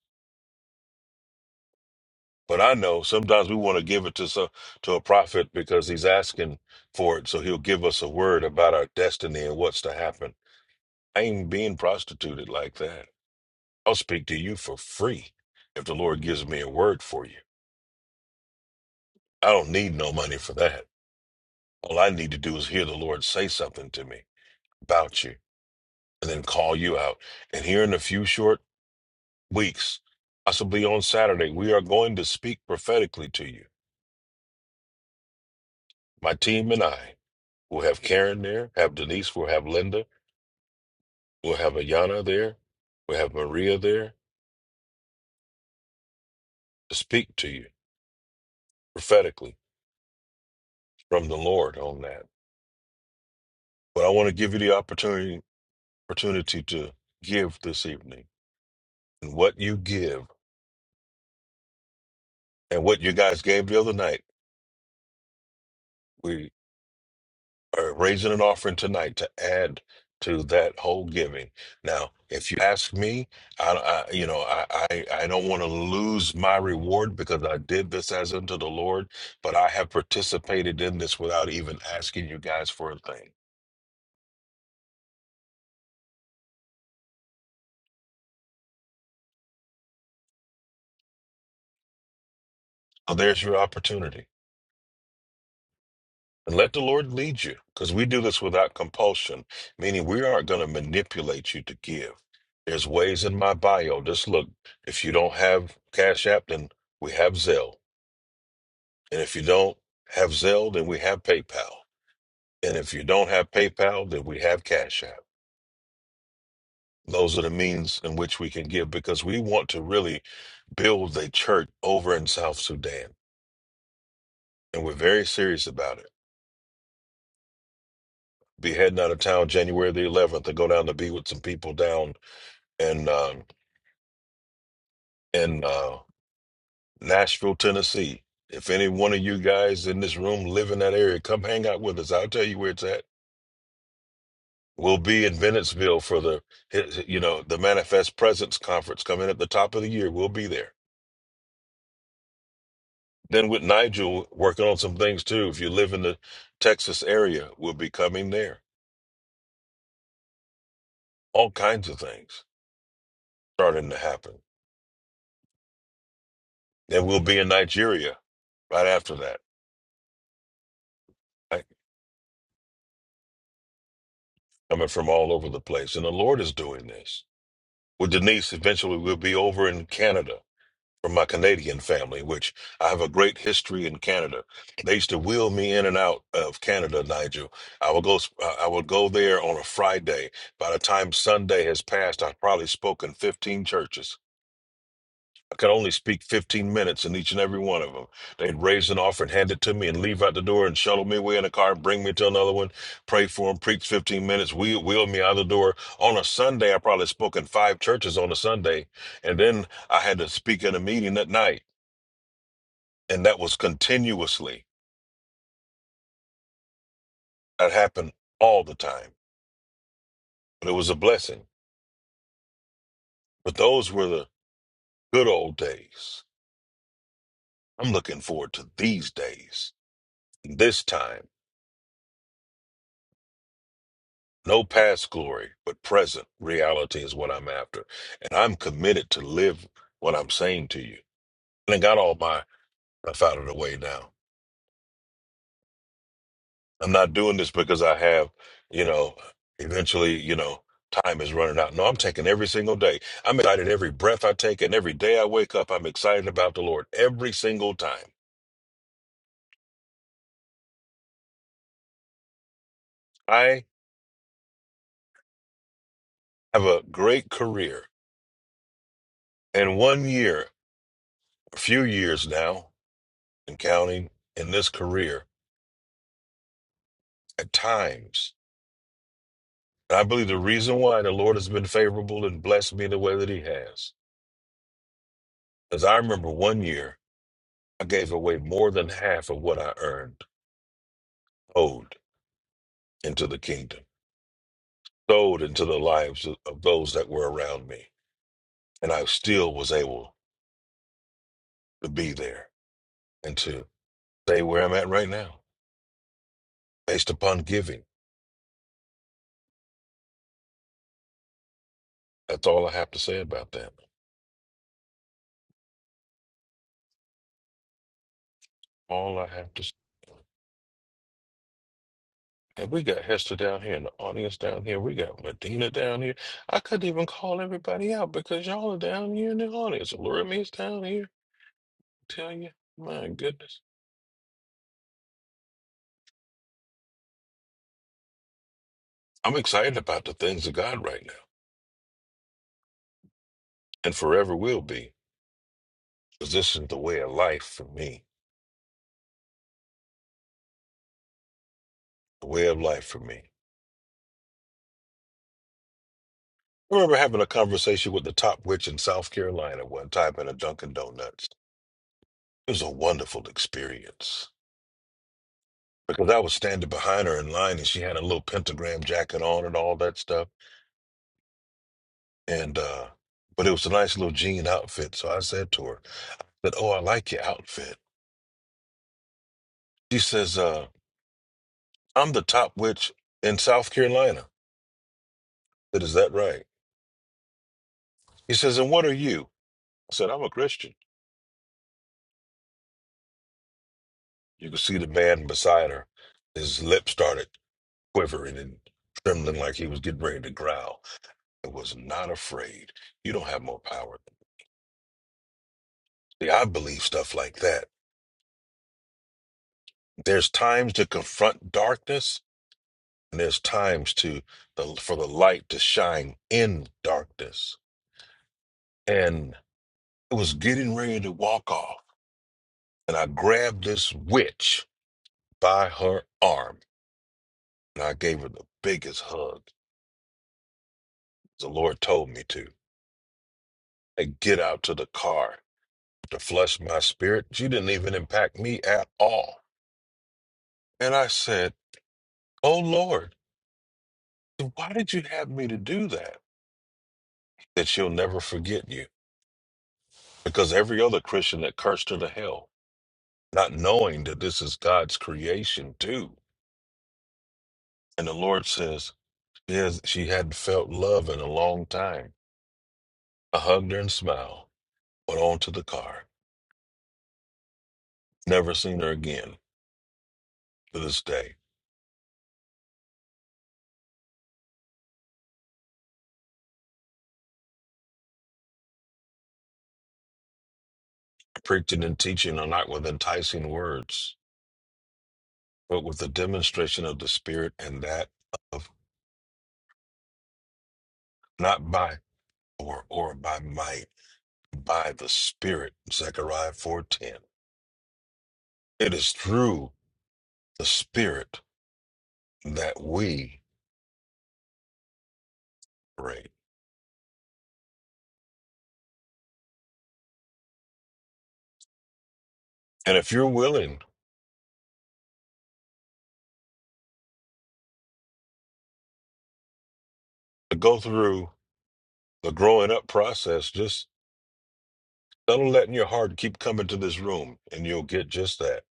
Speaker 3: But I know sometimes we want to give it to some, to a prophet because he's asking for it, so he'll give us a word about our destiny and what's to happen. I ain't being prostituted like that. I'll speak to you for free if the Lord gives me a word for you. I don't need no money for that. All I need to do is hear the Lord say something to me about you and then call you out. And here in a few short weeks, possibly on Saturday, we are going to speak prophetically to you. My team and I will have Karen there, have Denise, we'll have Linda, we'll have Ayana there, we'll have Maria there to speak to you prophetically from the Lord on that. But I want to give you the opportunity opportunity to give this evening. And what you give and what you guys gave the other night, we are raising an offering tonight to add to that whole giving. Now, if you ask me, I, I you know, I, I, I don't want to lose my reward because I did this as unto the Lord, but I have participated in this without even asking you guys for a thing. So there's your opportunity. And let the Lord lead you because we do this without compulsion, meaning we aren't going to manipulate you to give. There's ways in my bio. Just look, if you don't have Cash App, then we have Zelle. And if you don't have Zelle, then we have PayPal. And if you don't have PayPal, then we have Cash App. Those are the means in which we can give because we want to really build a church over in South Sudan. And we're very serious about it. Be heading out of town January the 11th to go down to be with some people down in uh, in uh, Nashville, Tennessee. If any one of you guys in this room live in that area, come hang out with us. I'll tell you where it's at. We'll be in Bennettsville for the you know the Manifest Presence Conference coming at the top of the year. We'll be there. Then with Nigel working on some things too. If you live in the Texas area, we'll be coming there. All kinds of things starting to happen. Then we'll be in Nigeria right after that. Right? Coming from all over the place, and the Lord is doing this. Well, Denise eventually will be over in Canada from my Canadian family, which I have a great history in Canada. They used to wheel me in and out of Canada, Nigel. I would go, I would go there on a Friday. By the time Sunday has passed, I've probably spoken 15 churches. I could only speak 15 minutes in each and every one of them. They'd raise an offering, hand it to me, and leave out the door and shuttle me away in a car, bring me to another one, pray for them, preach 15 minutes, wheel, wheel me out the door. On a Sunday, I probably spoke in five churches on a Sunday. And then I had to speak in a meeting at night. And that was continuously. That happened all the time. But it was a blessing. But those were the good old days. I'm looking forward to these days, this time. No past glory, but present reality is what I'm after. And I'm committed to live what I'm saying to you. And I got all my stuff out of the way now. I'm not doing this because I have, you know, eventually, you know, time is running out. No, I'm taking every single day. I'm excited every breath I take and every day I wake up, I'm excited about the Lord every single time. I have a great career. And one year, a few years now, and counting in this career, at times And I believe the reason why the Lord has been favorable and blessed me the way that He has is I remember one year I gave away more than half of what I earned, owed into the kingdom, sold into the lives of of those that were around me. And I still was able to be there and to stay where I'm at right now based upon giving. That's all I have to say about that. All I have to say. And we got Hester down here in the audience down here. We got Medina down here. I couldn't even call everybody out because y'all are down here in the audience. Laura me is down here. I tell you, my goodness. I'm excited about the things of God right now and forever will be because this is the way of life for me. The way of life for me. I remember having a conversation with the top witch in South Carolina one time in a Dunkin' Donuts. It was a wonderful experience because I was standing behind her in line and she had a little pentagram jacket on and all that stuff. And uh, but it was a nice little jean outfit. So I said to her that, "Oh, I like your outfit." She says, uh, "I'm the top witch in South Carolina." I said, "Is that right?" He says, "And what are you?" I said, "I'm a Christian." You could see the man beside her. His lips started quivering and trembling like he was getting ready to growl. I was not afraid. You don't have more power. See, I believe stuff like that. There's times to confront darkness And there's times to the for the light to shine in darkness. And it was getting ready to walk off. And I grabbed this witch by her arm and I gave her the biggest hug the Lord told me to. And get out to the car to flush my spirit. She didn't even impact me at all. And I said, Oh Lord, so why did you have me to do that? That she'll never forget you. Because every other Christian that cursed her to hell not knowing that this is God's creation too. And the Lord says, yes, she hadn't felt love in a long time. I hugged her and smiled, went on to the car. Never seen her again to this day. Preaching and teaching are not with enticing words, but with the demonstration of the Spirit and that of not by or or by might, by the Spirit. Zechariah 4:10. It is through the Spirit that we pray. And if you're willing to go through the growing up process. Just don't let your heart keep coming to this room, and you'll get just that.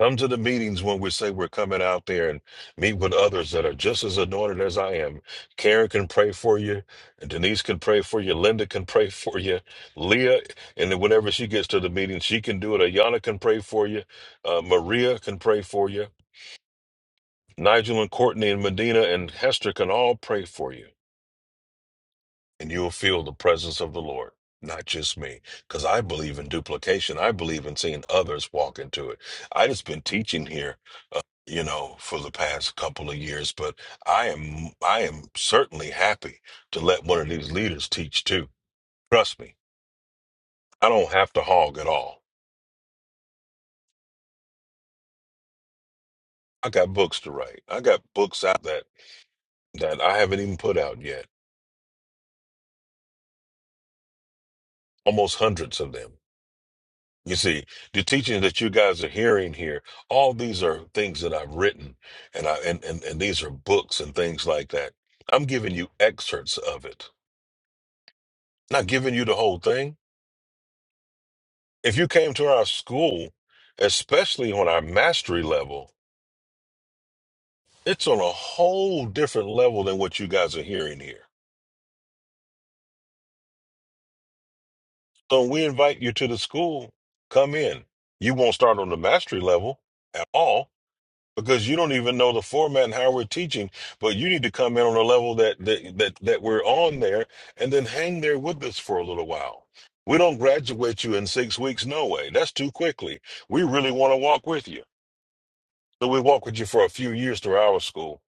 Speaker 3: Come to the meetings when we say we're coming out there and meet with others that are just as anointed as I am. Karen can pray for you, and Denise can pray for you, Linda can pray for you, Leah, and then whenever she gets to the meeting, she can do it. Ayana can pray for you, uh, Maria can pray for you, Nigel and Courtney and Medina and Hester can all pray for you. and you'll feel the presence of the Lord, not just me. Because I believe in duplication. I believe in seeing others walk into it. I just been teaching here, you know, for the past couple of years, but I am I am certainly happy to let one of these leaders teach too. Trust me, I don't have to hog at all. I got books to write. I got books out that that I haven't even put out yet. Almost hundreds of them You see, the teachings that you guys are hearing here, all these are things that I've written and I and, and, and these are books and things like that. I'm giving you excerpts of it, not giving you the whole thing. If you came to our school, especially on our mastery level, it's on a whole different level than what you guys are hearing here. So when we invite you to the school, come in. You won't start on the mastery level at all because you don't even know the format and how we're teaching but you need to come in on a level that that that, that we're on there and then hang there with us for a little while we don't graduate you in six weeks no way that's too quickly we really want to walk with you so we walk with you for a few years through our school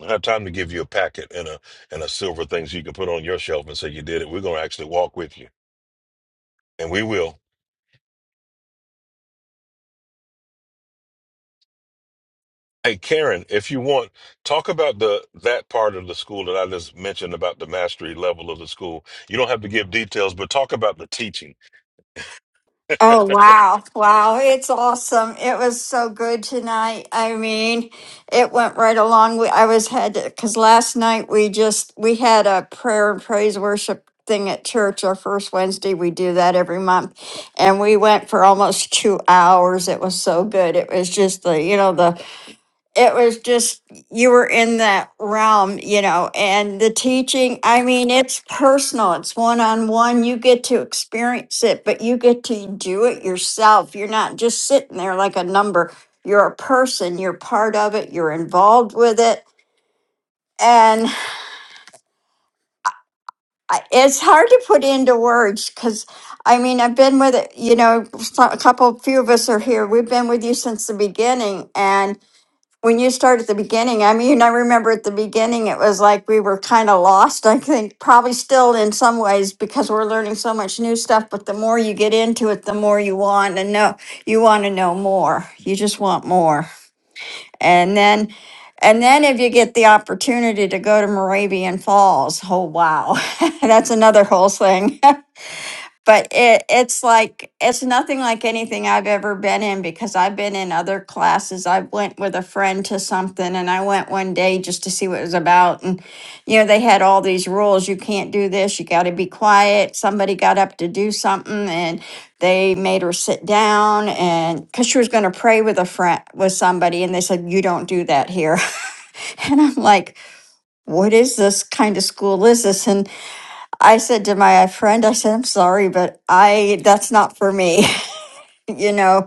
Speaker 3: I have time to give you a packet and a and a silver thing so you can put on your shelf and say you did it. We're gonna actually walk with you, and we will. Hey Karen, if you want, talk about the that part of the school that I just mentioned about the mastery level of the school. You don't have to give details, but talk about the teaching.
Speaker 4: Oh, wow. Wow. It's awesome. It was so good tonight. I mean, it went right along. We, I was had because last night we just we had a prayer and praise worship thing at church our first Wednesday. We do that every month. And we went for almost two hours. It was so good. It was just the, you know, the it was just you were in that realm, you know, and the teaching, I mean, it's personal, it's one on one. You get to experience it, but you get to do it yourself. You're not just sitting there like a number. You're a person, you're part of it, you're involved with it. And I- it's hard to put into words because I mean, I've been with it, you know, so- a couple, few of us are here. We've been with you since the beginning. and. When you start at the beginning, I mean, I remember at the beginning, it was like we were kind of lost, I think, probably still in some ways because we're learning so much new stuff. But the more you get into it, the more you want to know. You want to know more. You just want more. And then, and then if you get the opportunity to go to Moravian Falls, oh, wow. That's another whole thing. but it it's like it's nothing like anything I've ever been in because I've been in other classes. I went with a friend to something and I went one day just to see what it was about and you know they had all these rules you can't do this, you got to be quiet. Somebody got up to do something and they made her sit down and cuz she was going to pray with a friend with somebody and they said you don't do that here. and I'm like what is this kind of school is this? And I said to my friend, I said, I'm sorry, but I, that's not for me. you know,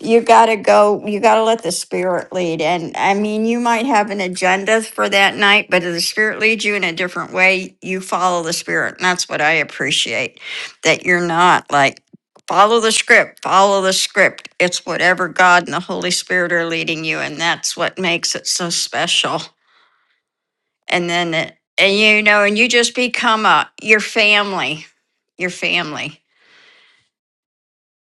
Speaker 4: you got to go, you got to let the spirit lead. And I mean, you might have an agenda for that night, but if the spirit leads you in a different way, you follow the spirit. And that's what I appreciate that you're not like, follow the script, follow the script. It's whatever God and the Holy Spirit are leading you. And that's what makes it so special and then it, and you know and you just become a your family your family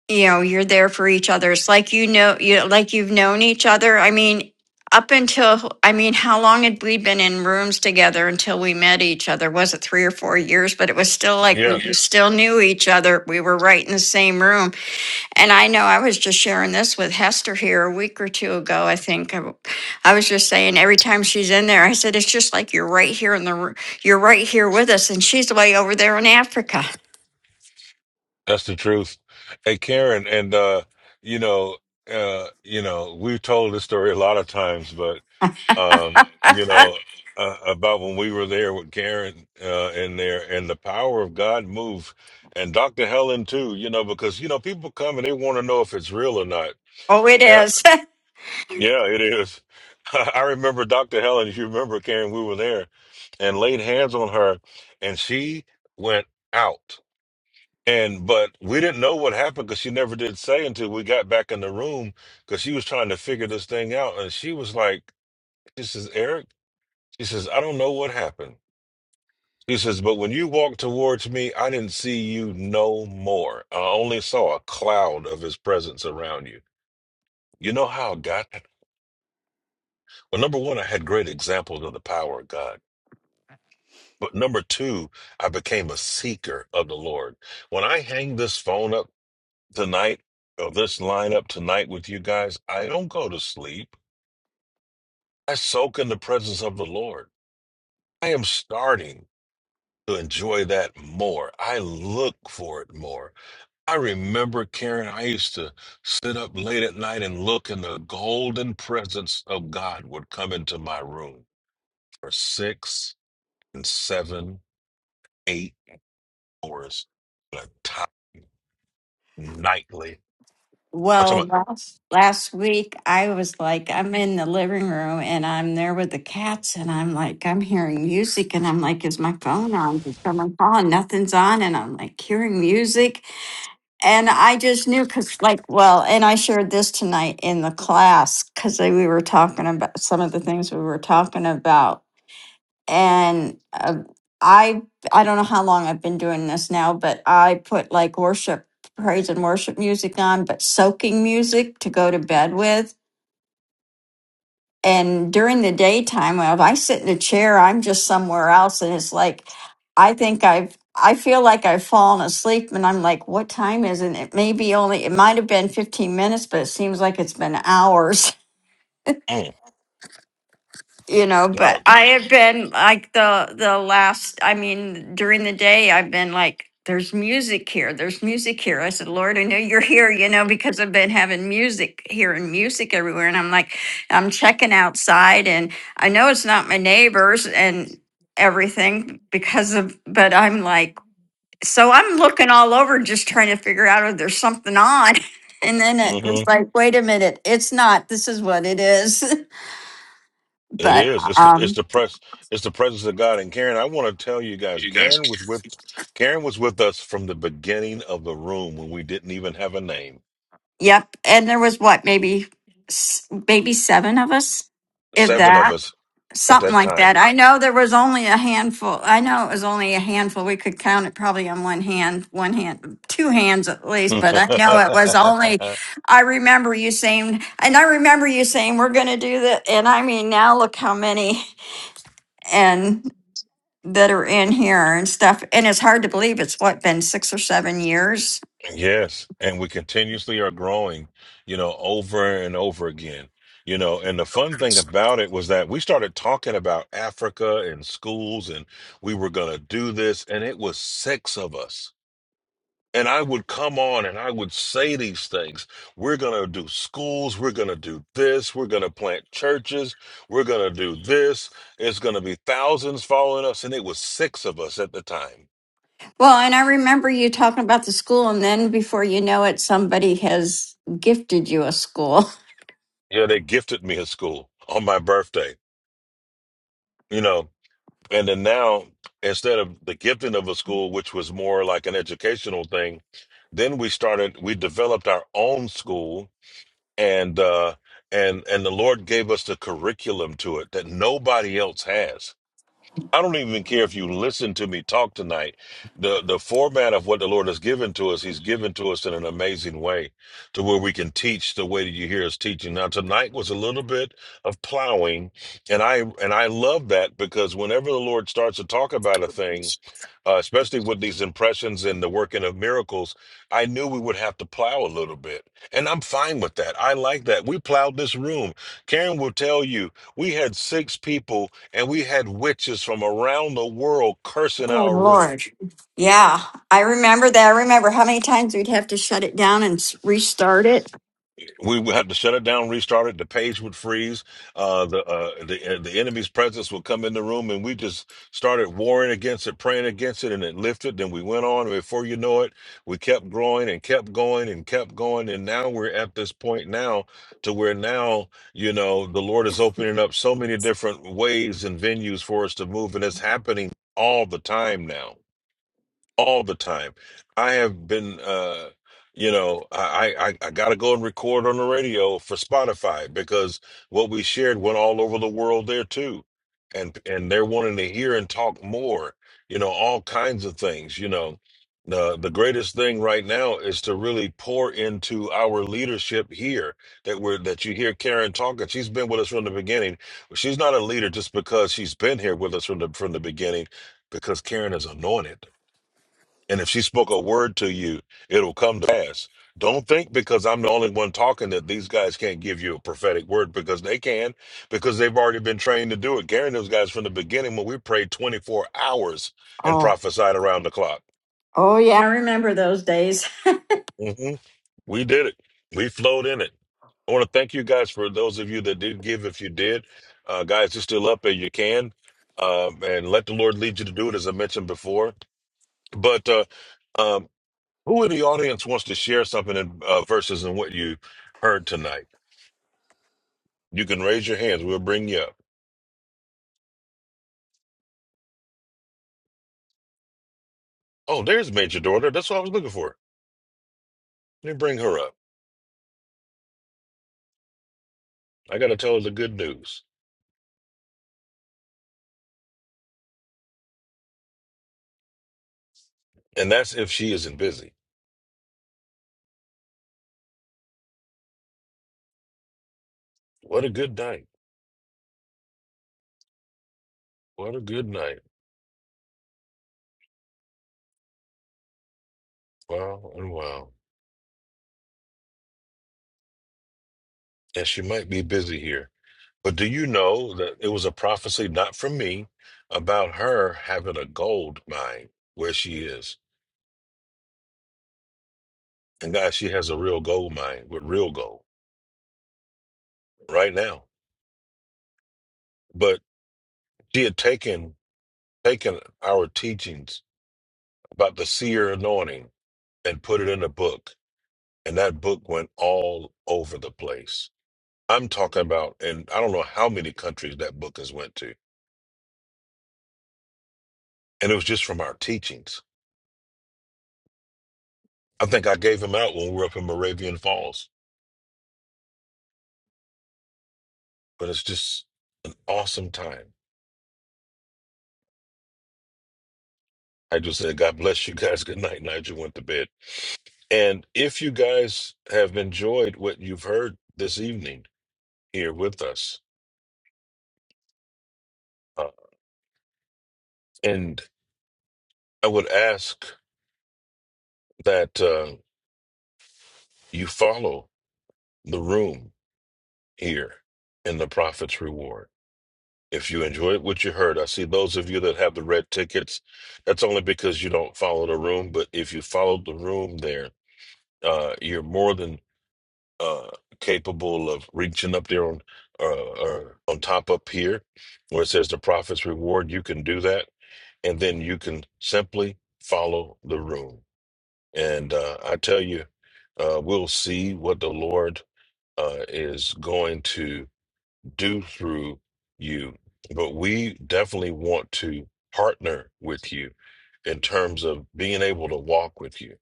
Speaker 4: you know you're there for each other it's like you know you like you've known each other i mean up until i mean how long had we been in rooms together until we met each other was it three or four years but it was still like
Speaker 3: Yeah,
Speaker 4: we Yeah. still knew each other we were right in the same room and I know I was just sharing this with Hester here a week or two ago. I think I, w- I was just saying every time she's in there, I said it's just like you're right here in the r- you're right here with us, and she's way over there in Africa.
Speaker 3: that's the truth. Hey Karen, and uh, you know, uh, you know, we've told this story a lot of times, but um, you know, uh, about when we were there with Karen uh, in there, and the power of God moved, and Dr. Helen too. You know, because you know people come and they want to know if it's real or not.
Speaker 4: oh, it is.
Speaker 3: Yeah, it is. I remember Dr. Helen, if you remember, Karen, we were there and laid hands on her and she went out. And but we didn't know what happened because she never did say until we got back in the room because she was trying to figure this thing out. And she was like, This is Eric. She says, I don't know what happened. She says, But when you walked towards me, I didn't see you no more. I only saw a cloud of his presence around you. You know how God, well, number one, I had great examples of the power of God. But number two, I became a seeker of the Lord. When I hang this phone up tonight, or this line up tonight with you guys, I don't go to sleep. I soak in the presence of the Lord. I am starting to enjoy that more. I look for it more. I remember, Karen, I used to sit up late at night and look, and the golden presence of God would come into my room for six and seven, eight hours at a time. nightly. I'm
Speaker 4: well,
Speaker 3: talking
Speaker 4: last, last week I was like I'm in the living room and I'm there with the cats, and I'm like I'm hearing music, and I'm like, is my phone on? Did someone call? And nothing's on, and I'm like hearing music, And I just knew because, like, well, and I shared this tonight in the class because we were talking about some of the things we were talking about. And uh, I, I don't know how long I've been doing this now, but I put like worship, praise and worship music on, but soaking music to go to bed with and during the daytime well, if i sit in a chair i'm just somewhere else and it's like i think i've i feel like i've fallen asleep and i'm like what time is it it may be only it might have been 15 minutes but it seems like it's been hours
Speaker 3: about mm,
Speaker 4: you know
Speaker 3: wow.
Speaker 4: but i have been like the the last i mean during the day i've been like there's music here there's music here i said lord i know you're here you know because i've been having music here and music everywhere and i'm like i'm checking outside and i know it's not my neighbors and everything because of but i'm like so i'm looking all over just trying to figure out if there's something on and then it was
Speaker 3: hmm
Speaker 4: like wait a minute it's not this is what it is
Speaker 3: It
Speaker 4: but
Speaker 3: is. It's the
Speaker 4: um
Speaker 3: it's the press. It's the presence of God. And Karen, I want to tell you guys, Karen was with Karen was with us from the beginning of the room when we didn't even have a name.
Speaker 4: Yep. And there was what, maybe, s- maybe seven of us, if
Speaker 3: Seven of
Speaker 4: that,
Speaker 3: us at
Speaker 4: something
Speaker 3: that
Speaker 4: like that.
Speaker 3: time.
Speaker 4: I know there was only a handful. I know it was only a handful. We could count it probably on one hand, one hand, two hands at least. But I know it was only, I remember you saying, and I remember you saying, we're going to do that. And I mean, now look how many and that are in here and stuff. And it's hard to believe it's what, been six or seven years?
Speaker 3: Yes, and we continuously are growing, you know, over and over again. You know, and the fun thing about it was that we started talking about Africa and schools, and we were going to do this, and it was six of us. And I would come on and I would say these things. We're going to do schools. We're going to do this. We're going to plant churches. We're going to do this. It's going to be thousands following us. And it was six of us at the time.
Speaker 4: Well, and I remember you talking about the school, and then before you know it, somebody has gifted you a school.
Speaker 3: Yeah, they gifted me a school on my birthday, you know. And then now, instead of the gifting of a school, which was more like an educational thing, then we started, we developed our own school and, uh, and, and the Lord gave us the curriculum to it that nobody else has. I don't even care if you listen to me talk tonight. The the format of what the Lord has given to us, He's given to us in an amazing way, to where we can teach the way that you hear us teaching. Now tonight was a little bit of plowing, and I and I love that because whenever the Lord starts to talk about a thing, uh, especially with these impressions and the working of miracles, I knew we would have to plow a little bit. And I'm fine with that. I like that. We plowed this room. Karen will tell you, we had six people and we had witches from around the world cursing
Speaker 4: Oh
Speaker 3: our room.
Speaker 4: Lord. Yeah, I remember that. I remember how many times we'd have to shut it down and s- restart it.
Speaker 3: we would have to shut it down, restart it. The page would freeze. Uh, the uh, the uh, the enemy's presence would come in the room, and we just started warring against it, praying against it, and it lifted. Then we went on. Before you know it, we kept growing and kept going and kept going, and now we're at this point now to where now you know the Lord is opening up so many different ways and venues for us to move, and it's happening all the time now all the time. I have been, uh, you know, I, I, I got to go and record on the radio for Spotify because what we shared went all over the world there too. And, and they're wanting to hear and talk more, you know, all kinds of things, you know. The, the greatest thing right now is to really pour into our leadership here that we're that you hear Karen talking. She's been with us from the beginning. Well, She's not a leader just because she's been here with us from the from the beginning, because Karen is anointed and if she spoke a word to you, it'll come to pass. Don't think because I'm the only one talking that these guys can't give you a prophetic word because they can, because they've already been trained to do it. Gary and those guys from the beginning when we prayed 24 hours and
Speaker 4: Oh.
Speaker 3: prophesied around the clock.
Speaker 4: Oh, yeah, I remember those days.
Speaker 3: hmm We did it. We flowed in it. I want to thank you guys for those of you that did give. If you did, uh, guys, you're still up and you can, um, and let the Lord lead you to do it, as I mentioned before. But uh, um, Who in the audience wants to share something in uh, verses and what you heard tonight? You can raise your hands. We'll bring you up. Oh, there's Major Daughter. That's what I was looking for. Let me bring her up. I got to tell her the good news. And that's if she isn't busy. What a good night. What a good night. Wow and wow. And she might be busy here. But do you know that it was a prophecy, not from me, about her having a gold mine where she is? And guys, she has a real gold mine with real gold right now. But she had taken taken our teachings about the seer anointing and put it in a book, and that book went all over the place. I'm talking about, and I don't know how many countries that book has went to, and it was just from our teachings. I think I gave them out when we were up in Moravian Falls, but it's just an awesome time. I just said, God bless you guys. Good night. Nigel went to bed. And if you guys have enjoyed what you've heard this evening here with us, uh, and I would ask that uh, you follow the room here in the Prophet's Reward. If you enjoyed what you heard, I see those of you that have the red tickets. That's only because you don't follow the room, but if you followed the room there, uh, you're more than uh, capable of reaching up there on uh, or on top up here where it says the Prophet's Reward. You can do that, and then you can simply follow the room. And uh, I tell you, uh, we'll see what the Lord uh, is going to do through you. But we definitely want to partner with you in terms of being able to walk with you.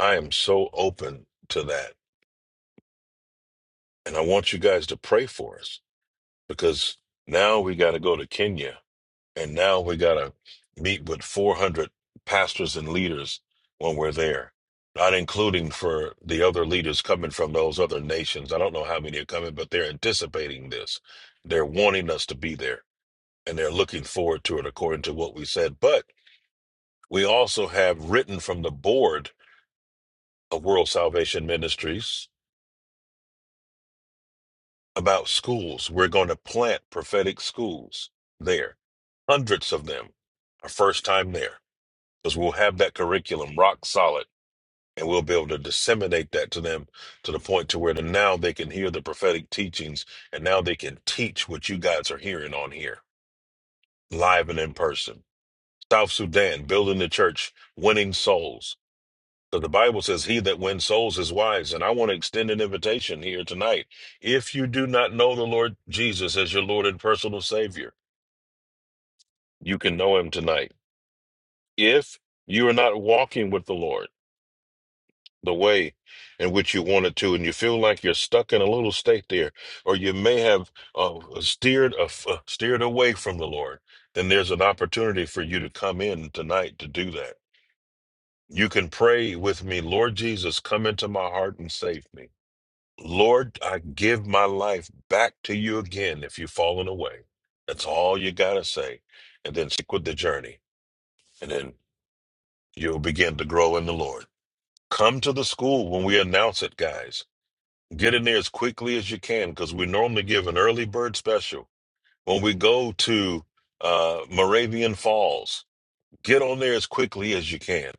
Speaker 3: I am so open to that. And I want you guys to pray for us because now we got to go to Kenya And now we got to meet with 400 pastors and leaders when we're there, not including for the other leaders coming from those other nations. I don't know how many are coming, but they're anticipating this. They're wanting us to be there and they're looking forward to it, according to what we said. But we also have written from the board of World Salvation Ministries about schools. We're going to plant prophetic schools there, hundreds of them, our first time there because we'll have that curriculum rock solid and we'll be able to disseminate that to them to the point to where the, now they can hear the prophetic teachings and now they can teach what you guys are hearing on here live and in person south sudan building the church winning souls so the bible says he that wins souls is wise and i want to extend an invitation here tonight if you do not know the lord jesus as your lord and personal savior you can know him tonight if you are not walking with the lord the way in which you wanted to, and you feel like you're stuck in a little state there, or you may have uh, steered uh, steered away from the Lord, then there's an opportunity for you to come in tonight to do that. You can pray with me, Lord Jesus, come into my heart and save me. Lord, I give my life back to you again if you've fallen away. That's all you got to say. And then stick with the journey, and then you'll begin to grow in the Lord. Come to the school when we announce it, guys. Get in there as quickly as you can because we normally give an early bird special. When we go to uh, Moravian Falls, get on there as quickly as you can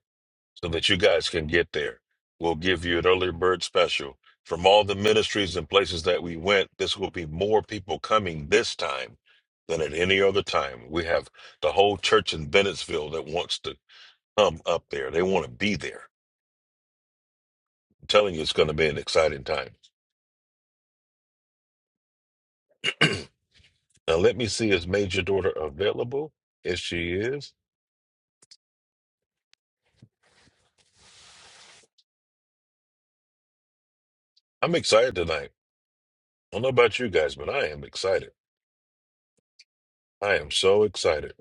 Speaker 3: so that you guys can get there. We'll give you an early bird special. From all the ministries and places that we went, this will be more people coming this time than at any other time. We have the whole church in Bennettsville that wants to come up there. They want to be there. I'm telling you, it's going to be an exciting time. Now let me see is Major Daughter available? Yes, she is. I'm excited tonight. I don't know about you guys, but I am excited. I am so excited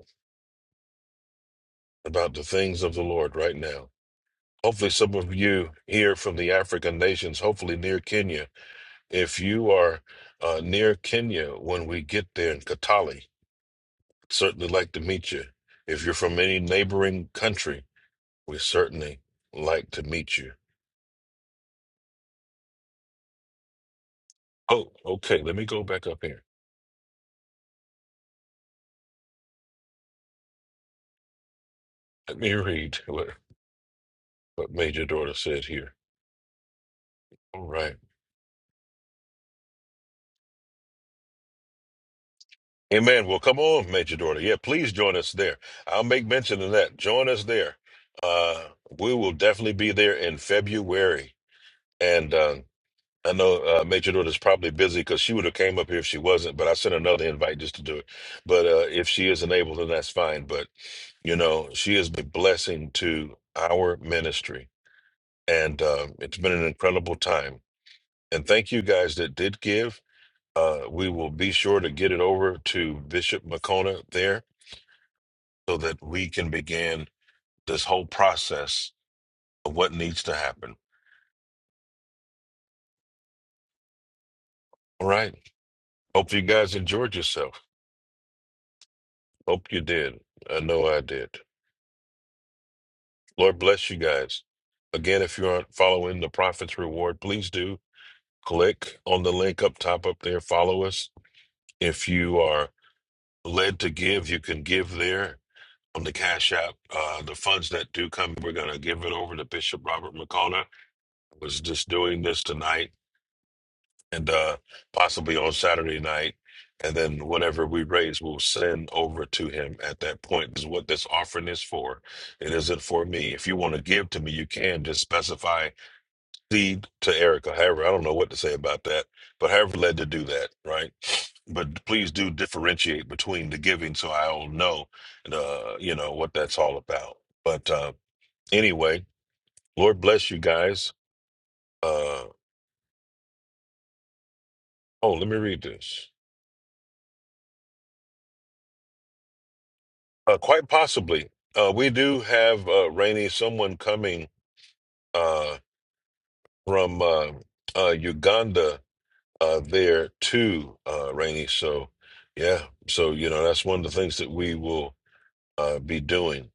Speaker 3: about the things of the Lord right now. Hopefully, some of you here from the African nations, hopefully near Kenya. If you are uh, near Kenya when we get there in Katali, certainly like to meet you. If you're from any neighboring country, we certainly like to meet you. Oh, okay. Let me go back up here. Let me read. What Major Daughter said here. All right. Amen. Well, come on, Major Daughter. Yeah, please join us there. I'll make mention of that. Join us there. Uh, we will definitely be there in February. And um, I know uh, Major Daughter's probably busy because she would have came up here if she wasn't, but I sent another invite just to do it. But uh, if she isn't able, then that's fine. But, you know, she has been blessing to our ministry. And um, it's been an incredible time. And thank you guys that did give. Uh, we will be sure to get it over to Bishop McCona there so that we can begin this whole process of what needs to happen. All right. Hope you guys enjoyed yourself. Hope you did. I know I did. Lord bless you guys. Again, if you aren't following the Prophet's Reward, please do click on the link up top up there. Follow us. If you are led to give, you can give there on the Cash App. Uh, the funds that do come, we're going to give it over to Bishop Robert McCona was just doing this tonight and uh, possibly on Saturday night. And then whatever we raise, we'll send over to him at that point. This is what this offering is for. It isn't for me. If you want to give to me, you can just specify seed to Erica. However, I don't know what to say about that, but however led to do that, right? But please do differentiate between the giving so I'll know, uh, you know, what that's all about. But uh, anyway, Lord bless you guys. Uh, oh, let me read this. Uh, quite possibly. Uh, we do have uh, Rainey, someone coming uh, from uh, uh, Uganda uh, there too, uh, Rainey. So, yeah. So, you know, that's one of the things that we will uh, be doing.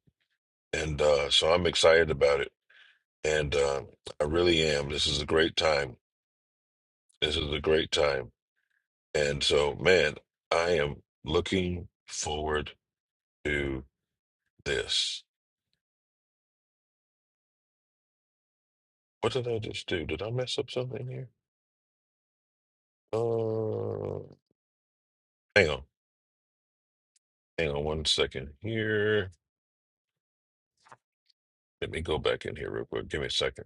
Speaker 3: And uh, so I'm excited about it. And uh, I really am. This is a great time. This is a great time. And so, man, I am looking forward to this. What did I just do? Did I mess up something here? Uh, hang on, hang on one second here. Let me go back in here real quick. Give me a second.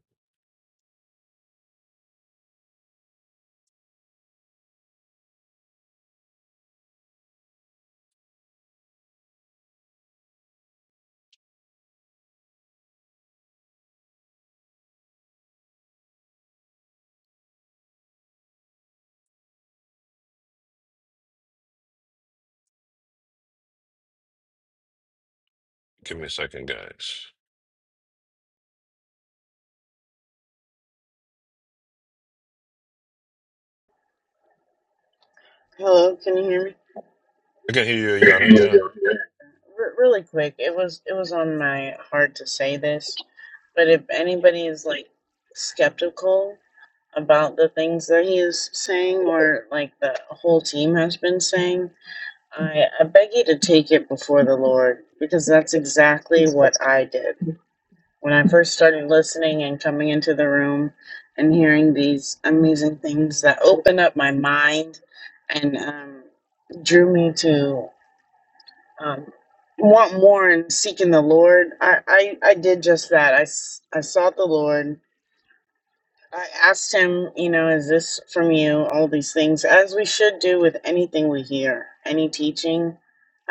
Speaker 3: Give me a second, guys.
Speaker 15: Hello, can you hear me?
Speaker 3: I can hear you, Ayana. Yeah,
Speaker 15: R- really quick, it was it was on my heart to say this, but if anybody is like skeptical about the things that he is saying, or like the whole team has been saying, I, I beg you to take it before the Lord, because that's exactly what I did when I first started listening and coming into the room and hearing these amazing things that opened up my mind and um, drew me to. um, want more and seeking the Lord. I, I, I did just that. I, s- I sought the Lord. I asked him, you know, is this from you? All these things, as we should do with anything we hear, any teaching.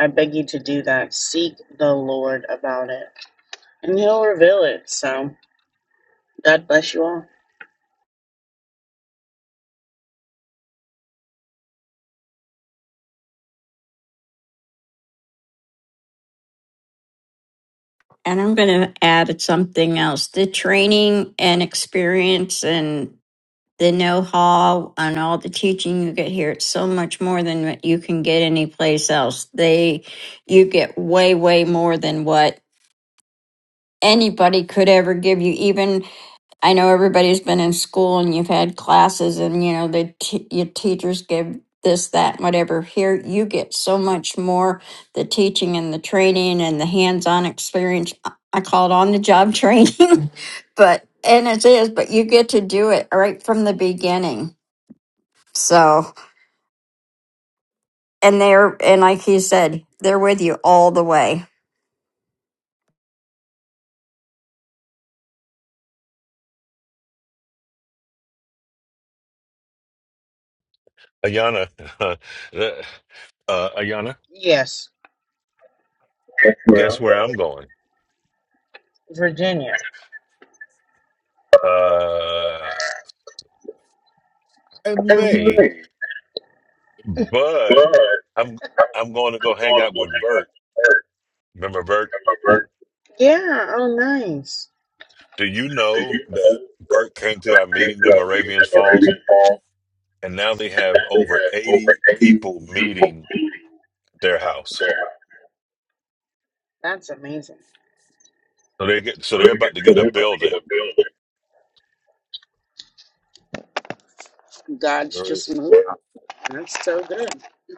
Speaker 15: I beg you to do that. Seek the Lord about it, and he'll reveal it. So, God bless you all.
Speaker 4: And I'm going to add something else the training and experience and the know how and all the teaching you get here. It's so much more than what you can get anyplace else. They, you get way, way more than what anybody could ever give you even i know everybody's been in school and you've had classes and you know the t- your teachers give this that whatever here you get so much more the teaching and the training and the hands-on experience i I call it on the job training but and it is but you get to do it right from the beginning so and they're and like he said they're with you all the way
Speaker 3: Ayana. uh, Ayana,
Speaker 15: Yes, Well,
Speaker 3: guess where I'm going?
Speaker 15: Virginia. all
Speaker 3: Uh, I may,
Speaker 15: right.
Speaker 3: but
Speaker 15: Well, I'm going to
Speaker 3: I'm I'm going to go hang
Speaker 15: go
Speaker 3: out with
Speaker 15: hang
Speaker 3: Bert.
Speaker 15: out.
Speaker 3: Remember Bert?
Speaker 15: my birthday. Yeah. Oh, nice.
Speaker 3: Do you
Speaker 15: Do
Speaker 3: know
Speaker 15: you
Speaker 3: that
Speaker 15: know
Speaker 3: Bert came to our
Speaker 15: that I came
Speaker 3: meeting
Speaker 15: to
Speaker 3: in
Speaker 15: are meeting
Speaker 3: Moravians
Speaker 15: at
Speaker 3: Falls,
Speaker 15: Moravian Falls?
Speaker 3: and now they
Speaker 15: Now
Speaker 3: have
Speaker 15: they
Speaker 3: over
Speaker 15: have over
Speaker 3: 80
Speaker 15: 80
Speaker 3: people
Speaker 15: people
Speaker 3: meeting
Speaker 15: meeting
Speaker 3: their house.
Speaker 15: there. That's amazing.
Speaker 3: So they get so they're
Speaker 15: Look at
Speaker 3: about to
Speaker 15: so
Speaker 3: get a
Speaker 15: they're about to get
Speaker 3: building.
Speaker 15: a building. God's
Speaker 3: Right.
Speaker 15: just moving. Yeah, That's so good.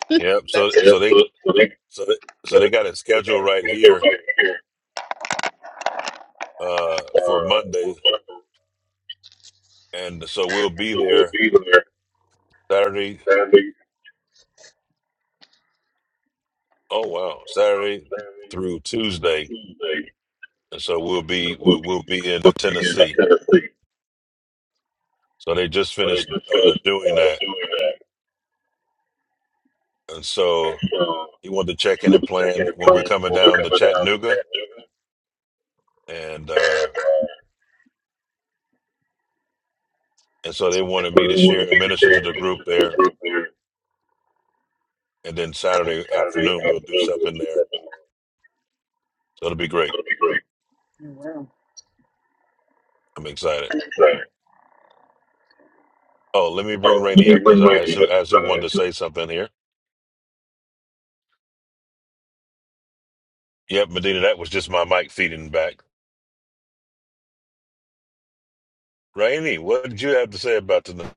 Speaker 3: Yep. So
Speaker 15: That's yeah
Speaker 3: so they
Speaker 15: so, so they
Speaker 3: so they,
Speaker 15: so they so
Speaker 3: so
Speaker 15: they got
Speaker 3: they got it scheduled
Speaker 15: a
Speaker 3: right
Speaker 15: schedule
Speaker 3: here
Speaker 15: right here.
Speaker 3: uh for
Speaker 15: Uh, for
Speaker 3: Monday, and so we'll
Speaker 15: so
Speaker 3: be
Speaker 15: we'll
Speaker 3: there
Speaker 15: be there
Speaker 3: Saturday.
Speaker 15: Saturday,
Speaker 3: Oh wow, Saturday
Speaker 15: uh, Saturday,
Speaker 3: through Tuesday,
Speaker 15: Tuesday.
Speaker 3: and so we'll be
Speaker 15: So we'll
Speaker 3: we'll,
Speaker 15: be
Speaker 3: we'll be in uh,
Speaker 15: we'll be in
Speaker 3: Tennessee.
Speaker 15: Tennessee.
Speaker 3: So they just
Speaker 15: So they
Speaker 3: finished
Speaker 15: just
Speaker 3: uh
Speaker 15: finished
Speaker 3: doing
Speaker 15: uh,
Speaker 3: that,
Speaker 15: doing that.
Speaker 3: and so
Speaker 15: So
Speaker 3: he wanted to check
Speaker 15: you
Speaker 3: in
Speaker 15: would
Speaker 3: and
Speaker 15: have
Speaker 3: plan
Speaker 15: taken a
Speaker 3: when we're
Speaker 15: plane
Speaker 3: coming
Speaker 15: over
Speaker 3: down to
Speaker 15: coming down to
Speaker 3: Chattanooga,
Speaker 15: Chattanooga.
Speaker 3: and uh and so they wanted
Speaker 15: So
Speaker 3: me
Speaker 15: they
Speaker 3: to share
Speaker 15: wanted
Speaker 3: and
Speaker 15: me to
Speaker 3: minister to
Speaker 15: share
Speaker 3: the group
Speaker 15: ministers to the
Speaker 3: there,
Speaker 15: group there
Speaker 3: and then
Speaker 15: and
Speaker 3: Saturday
Speaker 15: Saturday
Speaker 3: afternoon we'll do
Speaker 15: afternoon will
Speaker 3: something
Speaker 15: be
Speaker 3: there
Speaker 15: something.
Speaker 3: So it'll be
Speaker 15: It's
Speaker 3: great.
Speaker 15: gonna be great. Oh, wow.
Speaker 3: I'm excited.
Speaker 15: Exciting.
Speaker 3: Oh, let me bring
Speaker 15: Oh, let
Speaker 3: Rainey
Speaker 15: me
Speaker 3: up because
Speaker 15: bring
Speaker 3: I as
Speaker 15: Randy
Speaker 3: who
Speaker 15: up to
Speaker 3: as
Speaker 15: the
Speaker 3: who wanted
Speaker 15: side.
Speaker 3: to
Speaker 15: So
Speaker 3: say something here. Yep, Medina, that was just my mic feeding back. Rainey, what did you have to say about tonight?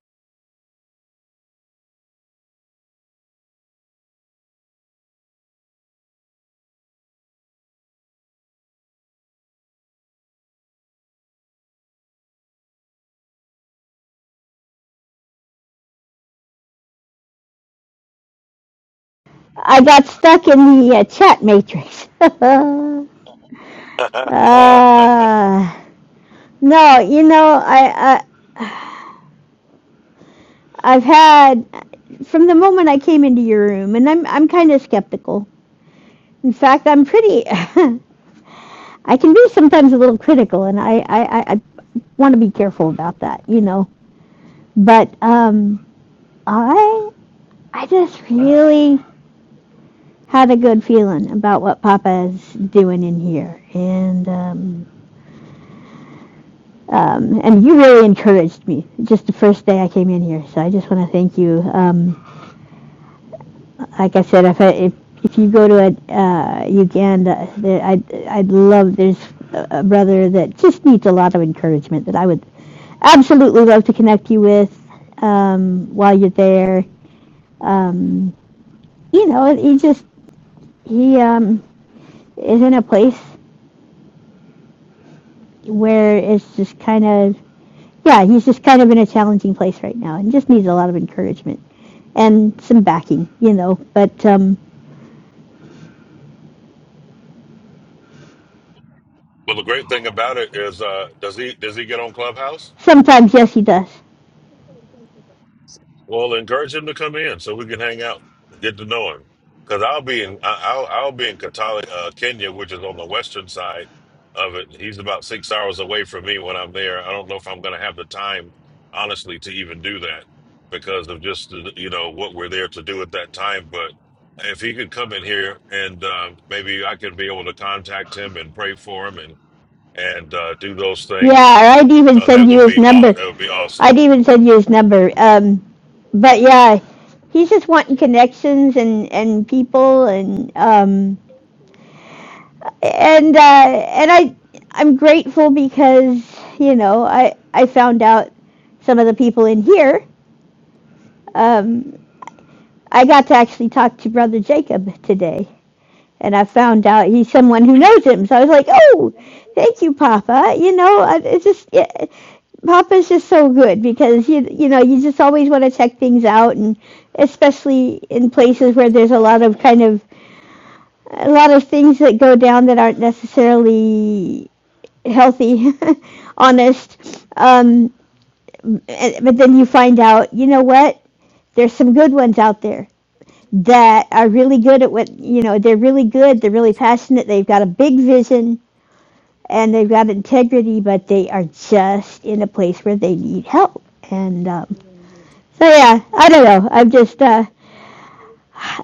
Speaker 16: I got stuck in the uh, chat matrix. uh,
Speaker 3: well,
Speaker 16: no, you know, I, I I've had from the moment I came into your room, and I'm I'm kind of skeptical. In fact, I'm pretty. I can be sometimes a little critical, and I I, I, I want to be careful about that, you know. But um, I I just really had a good feeling about what Papa's doing in here, and um, Um, and you really encouraged me just the first day I came in here. So I just want to thank you. Um, like I said, if I, if if you go to a, uh, Uganda, there, I'd I'd love. There's a brother that just needs a lot of encouragement that I would absolutely love to connect you with um, while you're there. Um, you know, he just he um, is in a place where it's just kind of yeah, he's just kind of in a challenging place right now and just needs a lot of encouragement and some backing, you know. But um,
Speaker 3: the great thing about it is, uh, does he does he get on Clubhouse?
Speaker 16: sometimes, yes, he does.
Speaker 3: Well, encourage him to come in so we can hang out, get to know him. Because I'll be in I- I'll I'll be in Katali, uh, Kenya, which is on the western side of it. He's about six hours away from me when I'm there. I don't know if I'm going to have the time, honestly, to even do that because of just you know what we're there to do at that time. But if he could come in here and uh, maybe I could be able to contact him and pray for him and and uh, do those things,
Speaker 16: Yeah, or I'd even
Speaker 3: uh, that
Speaker 16: send you
Speaker 3: would
Speaker 16: his
Speaker 3: be aw-
Speaker 16: number.
Speaker 3: that would be awesome.
Speaker 16: I'd even send you his number. Um, but yeah, he's just wanting connections and, and people and um, and uh, and I I'm grateful because you know I I found out some of the people in here. Um, I got to actually talk to Brother Jacob today, and I found out he's someone who knows him. So I was like, oh, thank you, Papa. You know, I- it's just yeah, Papa's just so good because you you know you just always want to check things out, and especially in places where there's a lot of kind of a lot of things that go down that aren't necessarily healthy, honest. Um, and- but then you find out, you know what? There's some good ones out there that are really good at what you know. They're really good. They're really passionate. They've got a big vision and they've got integrity, but they are just in a place where they need help. And um, so, yeah, I don't know. I'm just, uh,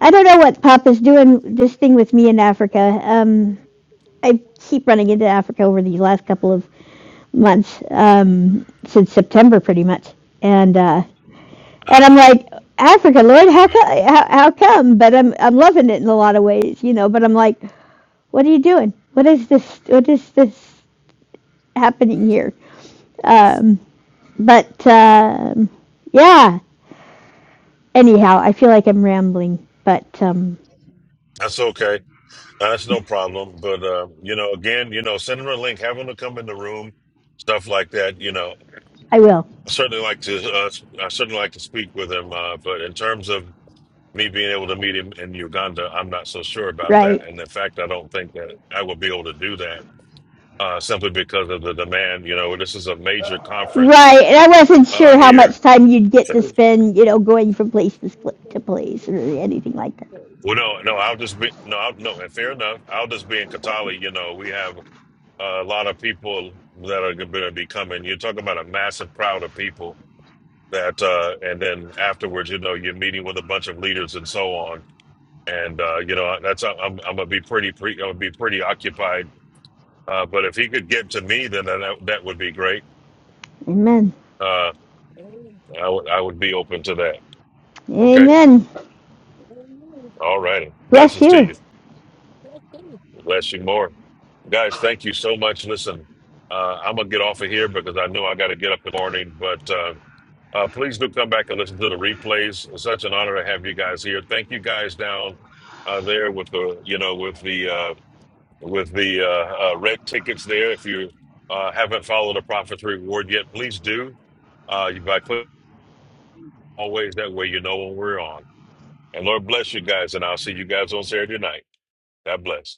Speaker 16: I don't know what Papa's doing this thing with me in Africa. Um, I keep running into Africa over these last couple of months um, since September, pretty much. And uh,
Speaker 3: Love
Speaker 16: and I'm like, Africa, Lord, how come? How, how come? But I'm I'm loving it in a lot of ways, you know. But I'm like, what are you doing? What is this? What is this happening here? Um, but um yeah. Anyhow, I feel like I'm rambling, but um,
Speaker 3: That's okay. That's no problem. But uh, you know, again, you know, send them a link, have them to come in the room, stuff like that. You know,
Speaker 16: I will.
Speaker 3: I certainly like to, uh, I certainly like to speak with him. Uh, but in terms of me being able to meet him in Uganda, I'm not so sure about
Speaker 16: Right,
Speaker 3: that. And in fact, I don't think that I will be able to do that uh, simply because of the demand. You know, this is a major conference
Speaker 16: right. And I wasn't
Speaker 3: uh,
Speaker 16: sure how
Speaker 3: here.
Speaker 16: much time you'd get to spend, you know, going from place to place or anything like that.
Speaker 3: Well, no, no, I'll just be no, I'll, no. And fair enough, I'll just be in Katali. You know, we have. a lot of people that are going to be coming. You're talking about a massive crowd of people that, uh, and then afterwards, you know, you're meeting with a bunch of leaders and so on. And uh, you know, that's uh, I'm I'm gonna be pretty pre I'm gonna be pretty occupied. Uh, but if he could get to me, then that that would be great.
Speaker 16: Amen.
Speaker 3: Uh, I would I would be open to that. Okay,
Speaker 16: Amen.
Speaker 3: all righty.
Speaker 16: Bless
Speaker 3: Blessings to
Speaker 16: you.
Speaker 3: you. Bless you more, guys. Thank you so much. Listen, uh, I'm gonna get off of here because I know I got to get up in the morning, but. Uh, Uh, please do come back and listen to the replays. It's such an honor to have you guys here. Thank you guys down uh, there with the you know with the uh, with the uh, uh, red tickets there. If you uh, haven't followed the Prophet's Reward yet, please do. Uh, you by click always that way you know when we're on. And Lord bless you guys, and I'll see you guys on Saturday night. God bless.